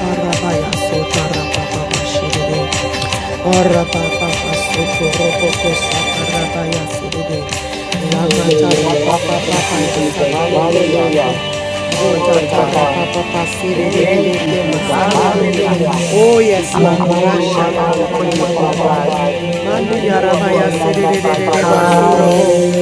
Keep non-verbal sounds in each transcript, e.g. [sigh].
Arabaya sota rababa shiride. Arababa soto roboko sata rabaya shiride. Lakata Hallelujah. rababa Thank you, rababa Jesus. Jesus. sato roboko. Hallelujah. Hallelujah. Ota Glory to Glory to God. God. tarababa Thank you, Jesus. Hallelujah. Hallelujah. Hallelujah. Oh We yes, give Lord. you you glory, Hallelujah. honor, and praise, Hallelujah. my God. Hallelujah. We lift Mandi you up and Arabaya we Hallelujah. magnify Sidere your holy name.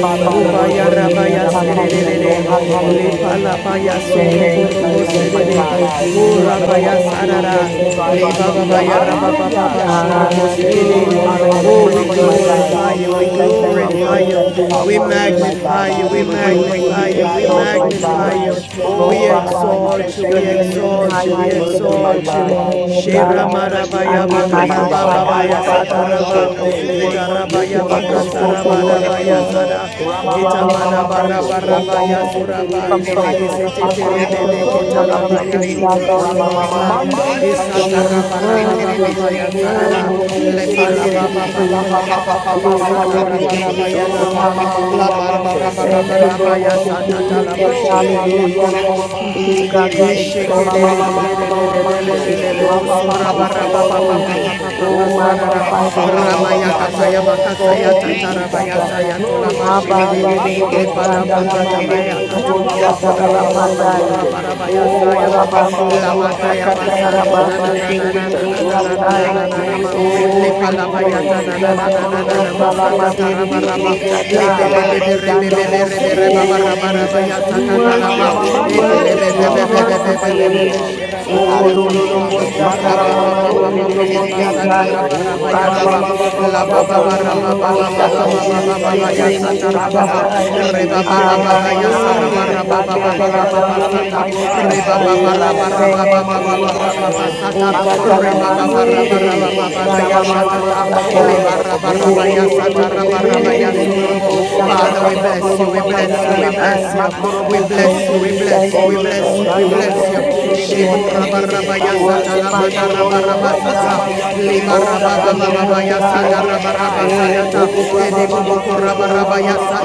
Father, we Ubaya worship you, Hallelujah. King Rabaya of kings and Sidere, Hallelujah. Lord of lords. Hallelujah. We Lepalabaya worship you, Thank the you, great I Surobo am, Jesus. my Sidere, Thank God. you, You Jesus. are the Thank Urabaya you, conquering lion Sarara, of Jesus. the Thank tribe you, of Judah. Jesus. Lebabaya Hallelujah. Rababa We Shurobo give you Sidere. glory, Hallelujah, honor, Lord. and Oh, You we are praise, my worthy. God. You glorify are you, we We worthy. thank you You for are this glorify day you, worthy. that you You are have we made, my worthy. magnify God. We you, we will We rejoice praise you. and be magnify We you, glad we in it, exalt my you. We God. magnify you, worship you, Lord Oh, we Father God. God, we thank exalt you you, Your for we new name grace is and high exalt for you, and new we lifted mercy, up my this exalt God. you morning, oh God. We morning, O We God. bless you and we Shiramarabaya And we praise you, honor you, my bakada my God. magnify baba you, O Haya God. ya God. Abba, We sataraba. bastando adore Shando, you. mose, Mose, We worship the Ligarabaya King of yekoro Yekoro, Kings boso and the Lord of baya terebesi, Terebesi. Lords. sada. Rama, rama There Kitamana mama is mama Mama, none like Mama, mando, you, O sando barabaraba ya God. Mando. mose suraba. From the From terebeso. the rising rising of of the the sun Iseteterebe sun Akorobo until from the so going down of beketaraba the the ya same, terebesi. God, your name is Ramamama worthy. mando Your sando name is mosu worthy. Your terebesi. name is Ye sarada. worthy. korobo Your name si is Lepala worthy to terebe. be baba baba Ya praised. baba papa papa papa pa pa baba Papa, baba pa Glory, Papa, pa Yende. glory, satarabaraba yende. glory, ya Oh, O glory. daba. Rama, ramamama bara Mama, Mando. mama Hallelujah. mando. Lamandarabarabarabaraba Thank you, Sando Thank Lord. you, mose Thank you, terebe Jesus. so. Ya Hallelujah. korobo si Oh Thank God, terebe. we exalt Sama thee, mama we mama mama exalt thee, we mando. exalt Rapa thee, pa we pa pa exalt thee. yende. Oh, O raba ba ba magnify the ba Lord with me and let us exalt his Thank you, name Jesus. together. You are Glory be to your name. Mapandirudurubu Makorobo skandala Sitiri. Ya mandirudurubu worthy, Lord. papa You are papa shatalala worthy. papa You are pandai. worthy yende. to be Oh Oh, praised, papa Lord. papa papa rabandiribu papa yende. You are worthy Thank shakatarabasi you, to Jesus. kiridurubu Glory, shatai. glory, glory, glory, le Oh, glory, Jesus, glory. palabayata na na Jesus, na na na na Makorobo Jesus, na so masata terebe si tarabaraba salamandirudurubu terebe le sai. bebe bebe be rebe shatarabasi. Chando bebe rebe mose praised. reba Oh terebe baraba si. raba Jesus, yata we Ye ya worship You tatalama mama are you, we worthy to be glory You are worthy to ete be le mamando. worship you, bebe we bebe Rapa exalted. papa bebe worship papa bebe yende. you. bebe Oh, Oh thank you, Hallelujah. Jesus. Glory to the Lorobosata la raba la Makorobo Lord. raba so raba mandere Glory to raba raba raba the terebe raba King of si. masata Kings. robosatai. Glory to the Oh, Lord of shaba ba Andere Lords. ba ba ba ba La ba ba robosata ba Obro ba. ba le ra ba shondo ba doko Father, ba ba we ba ba robosata bless sedede mi you le ba and we ba praise masata da ya you. besendere da sa da ta ra God, ba we ba. worship robosatai. masakanda you da and da Re we ba ba lift ba your ba name ba sedede up de de ya on sa masata ra Abande high. ba da ra ba God, ba ba there ba robosata is ba la da none ba da like ba mandere ba you, ta. ba. my Re God. ba ba robosatai. Eh, ba ra la Oh, da ba da ra ma Rama ba Thank ba sa you, ba Mama da ba da Mama ba da ba ba Jesus. ba ba she Mando, she ta. O she de de de Re Hakorobo ne ba ma ba Si ma ba ra ka katalamande, ba se ra Terebe, ba te ba de dodorobo de ba de ya de. sanda Shama sa Mama ta lilobo ta. Mama Oh Le lo Mando, lo satai. ba lo ra ba ba ba ba ba Rebe O ba ba Bebe ba ndere ba de Father, ba Bebe de ka Bebe she bende, Bebe she de de Bebe, de de yondorobo de Oh, de ba Rapa ma we sa Papa sakaramande bless ta you, de Papa ta we de Papa da de da bless da you, we ba Yende, ba she satai. bless you, an da da we We da Makorobo da. So bless thank you, you, we we Terebe bless thank you, Oh you, we Si, lo we lo lo bless ko thank you, we you, son Dando we do bless do she you. thank Mose you she this she Terebe de de Shebu Si de morning. de raba de de Terebe de raba ba We ya ba So, ba se sata worship lama te and da adore raba de Yekorobo you, de de raba de my So ma. sata, God. Yabayando, We liba Oh lift la up la your ma Dando name, ma O sa Mose ka da God. da Terebe ba ba she Sai, she she Oh, de ribi Oh, de de bibi de rabba, de ba, de ba, bibi de ba, de de ba, siti de ba, ba ba ba ribi ba.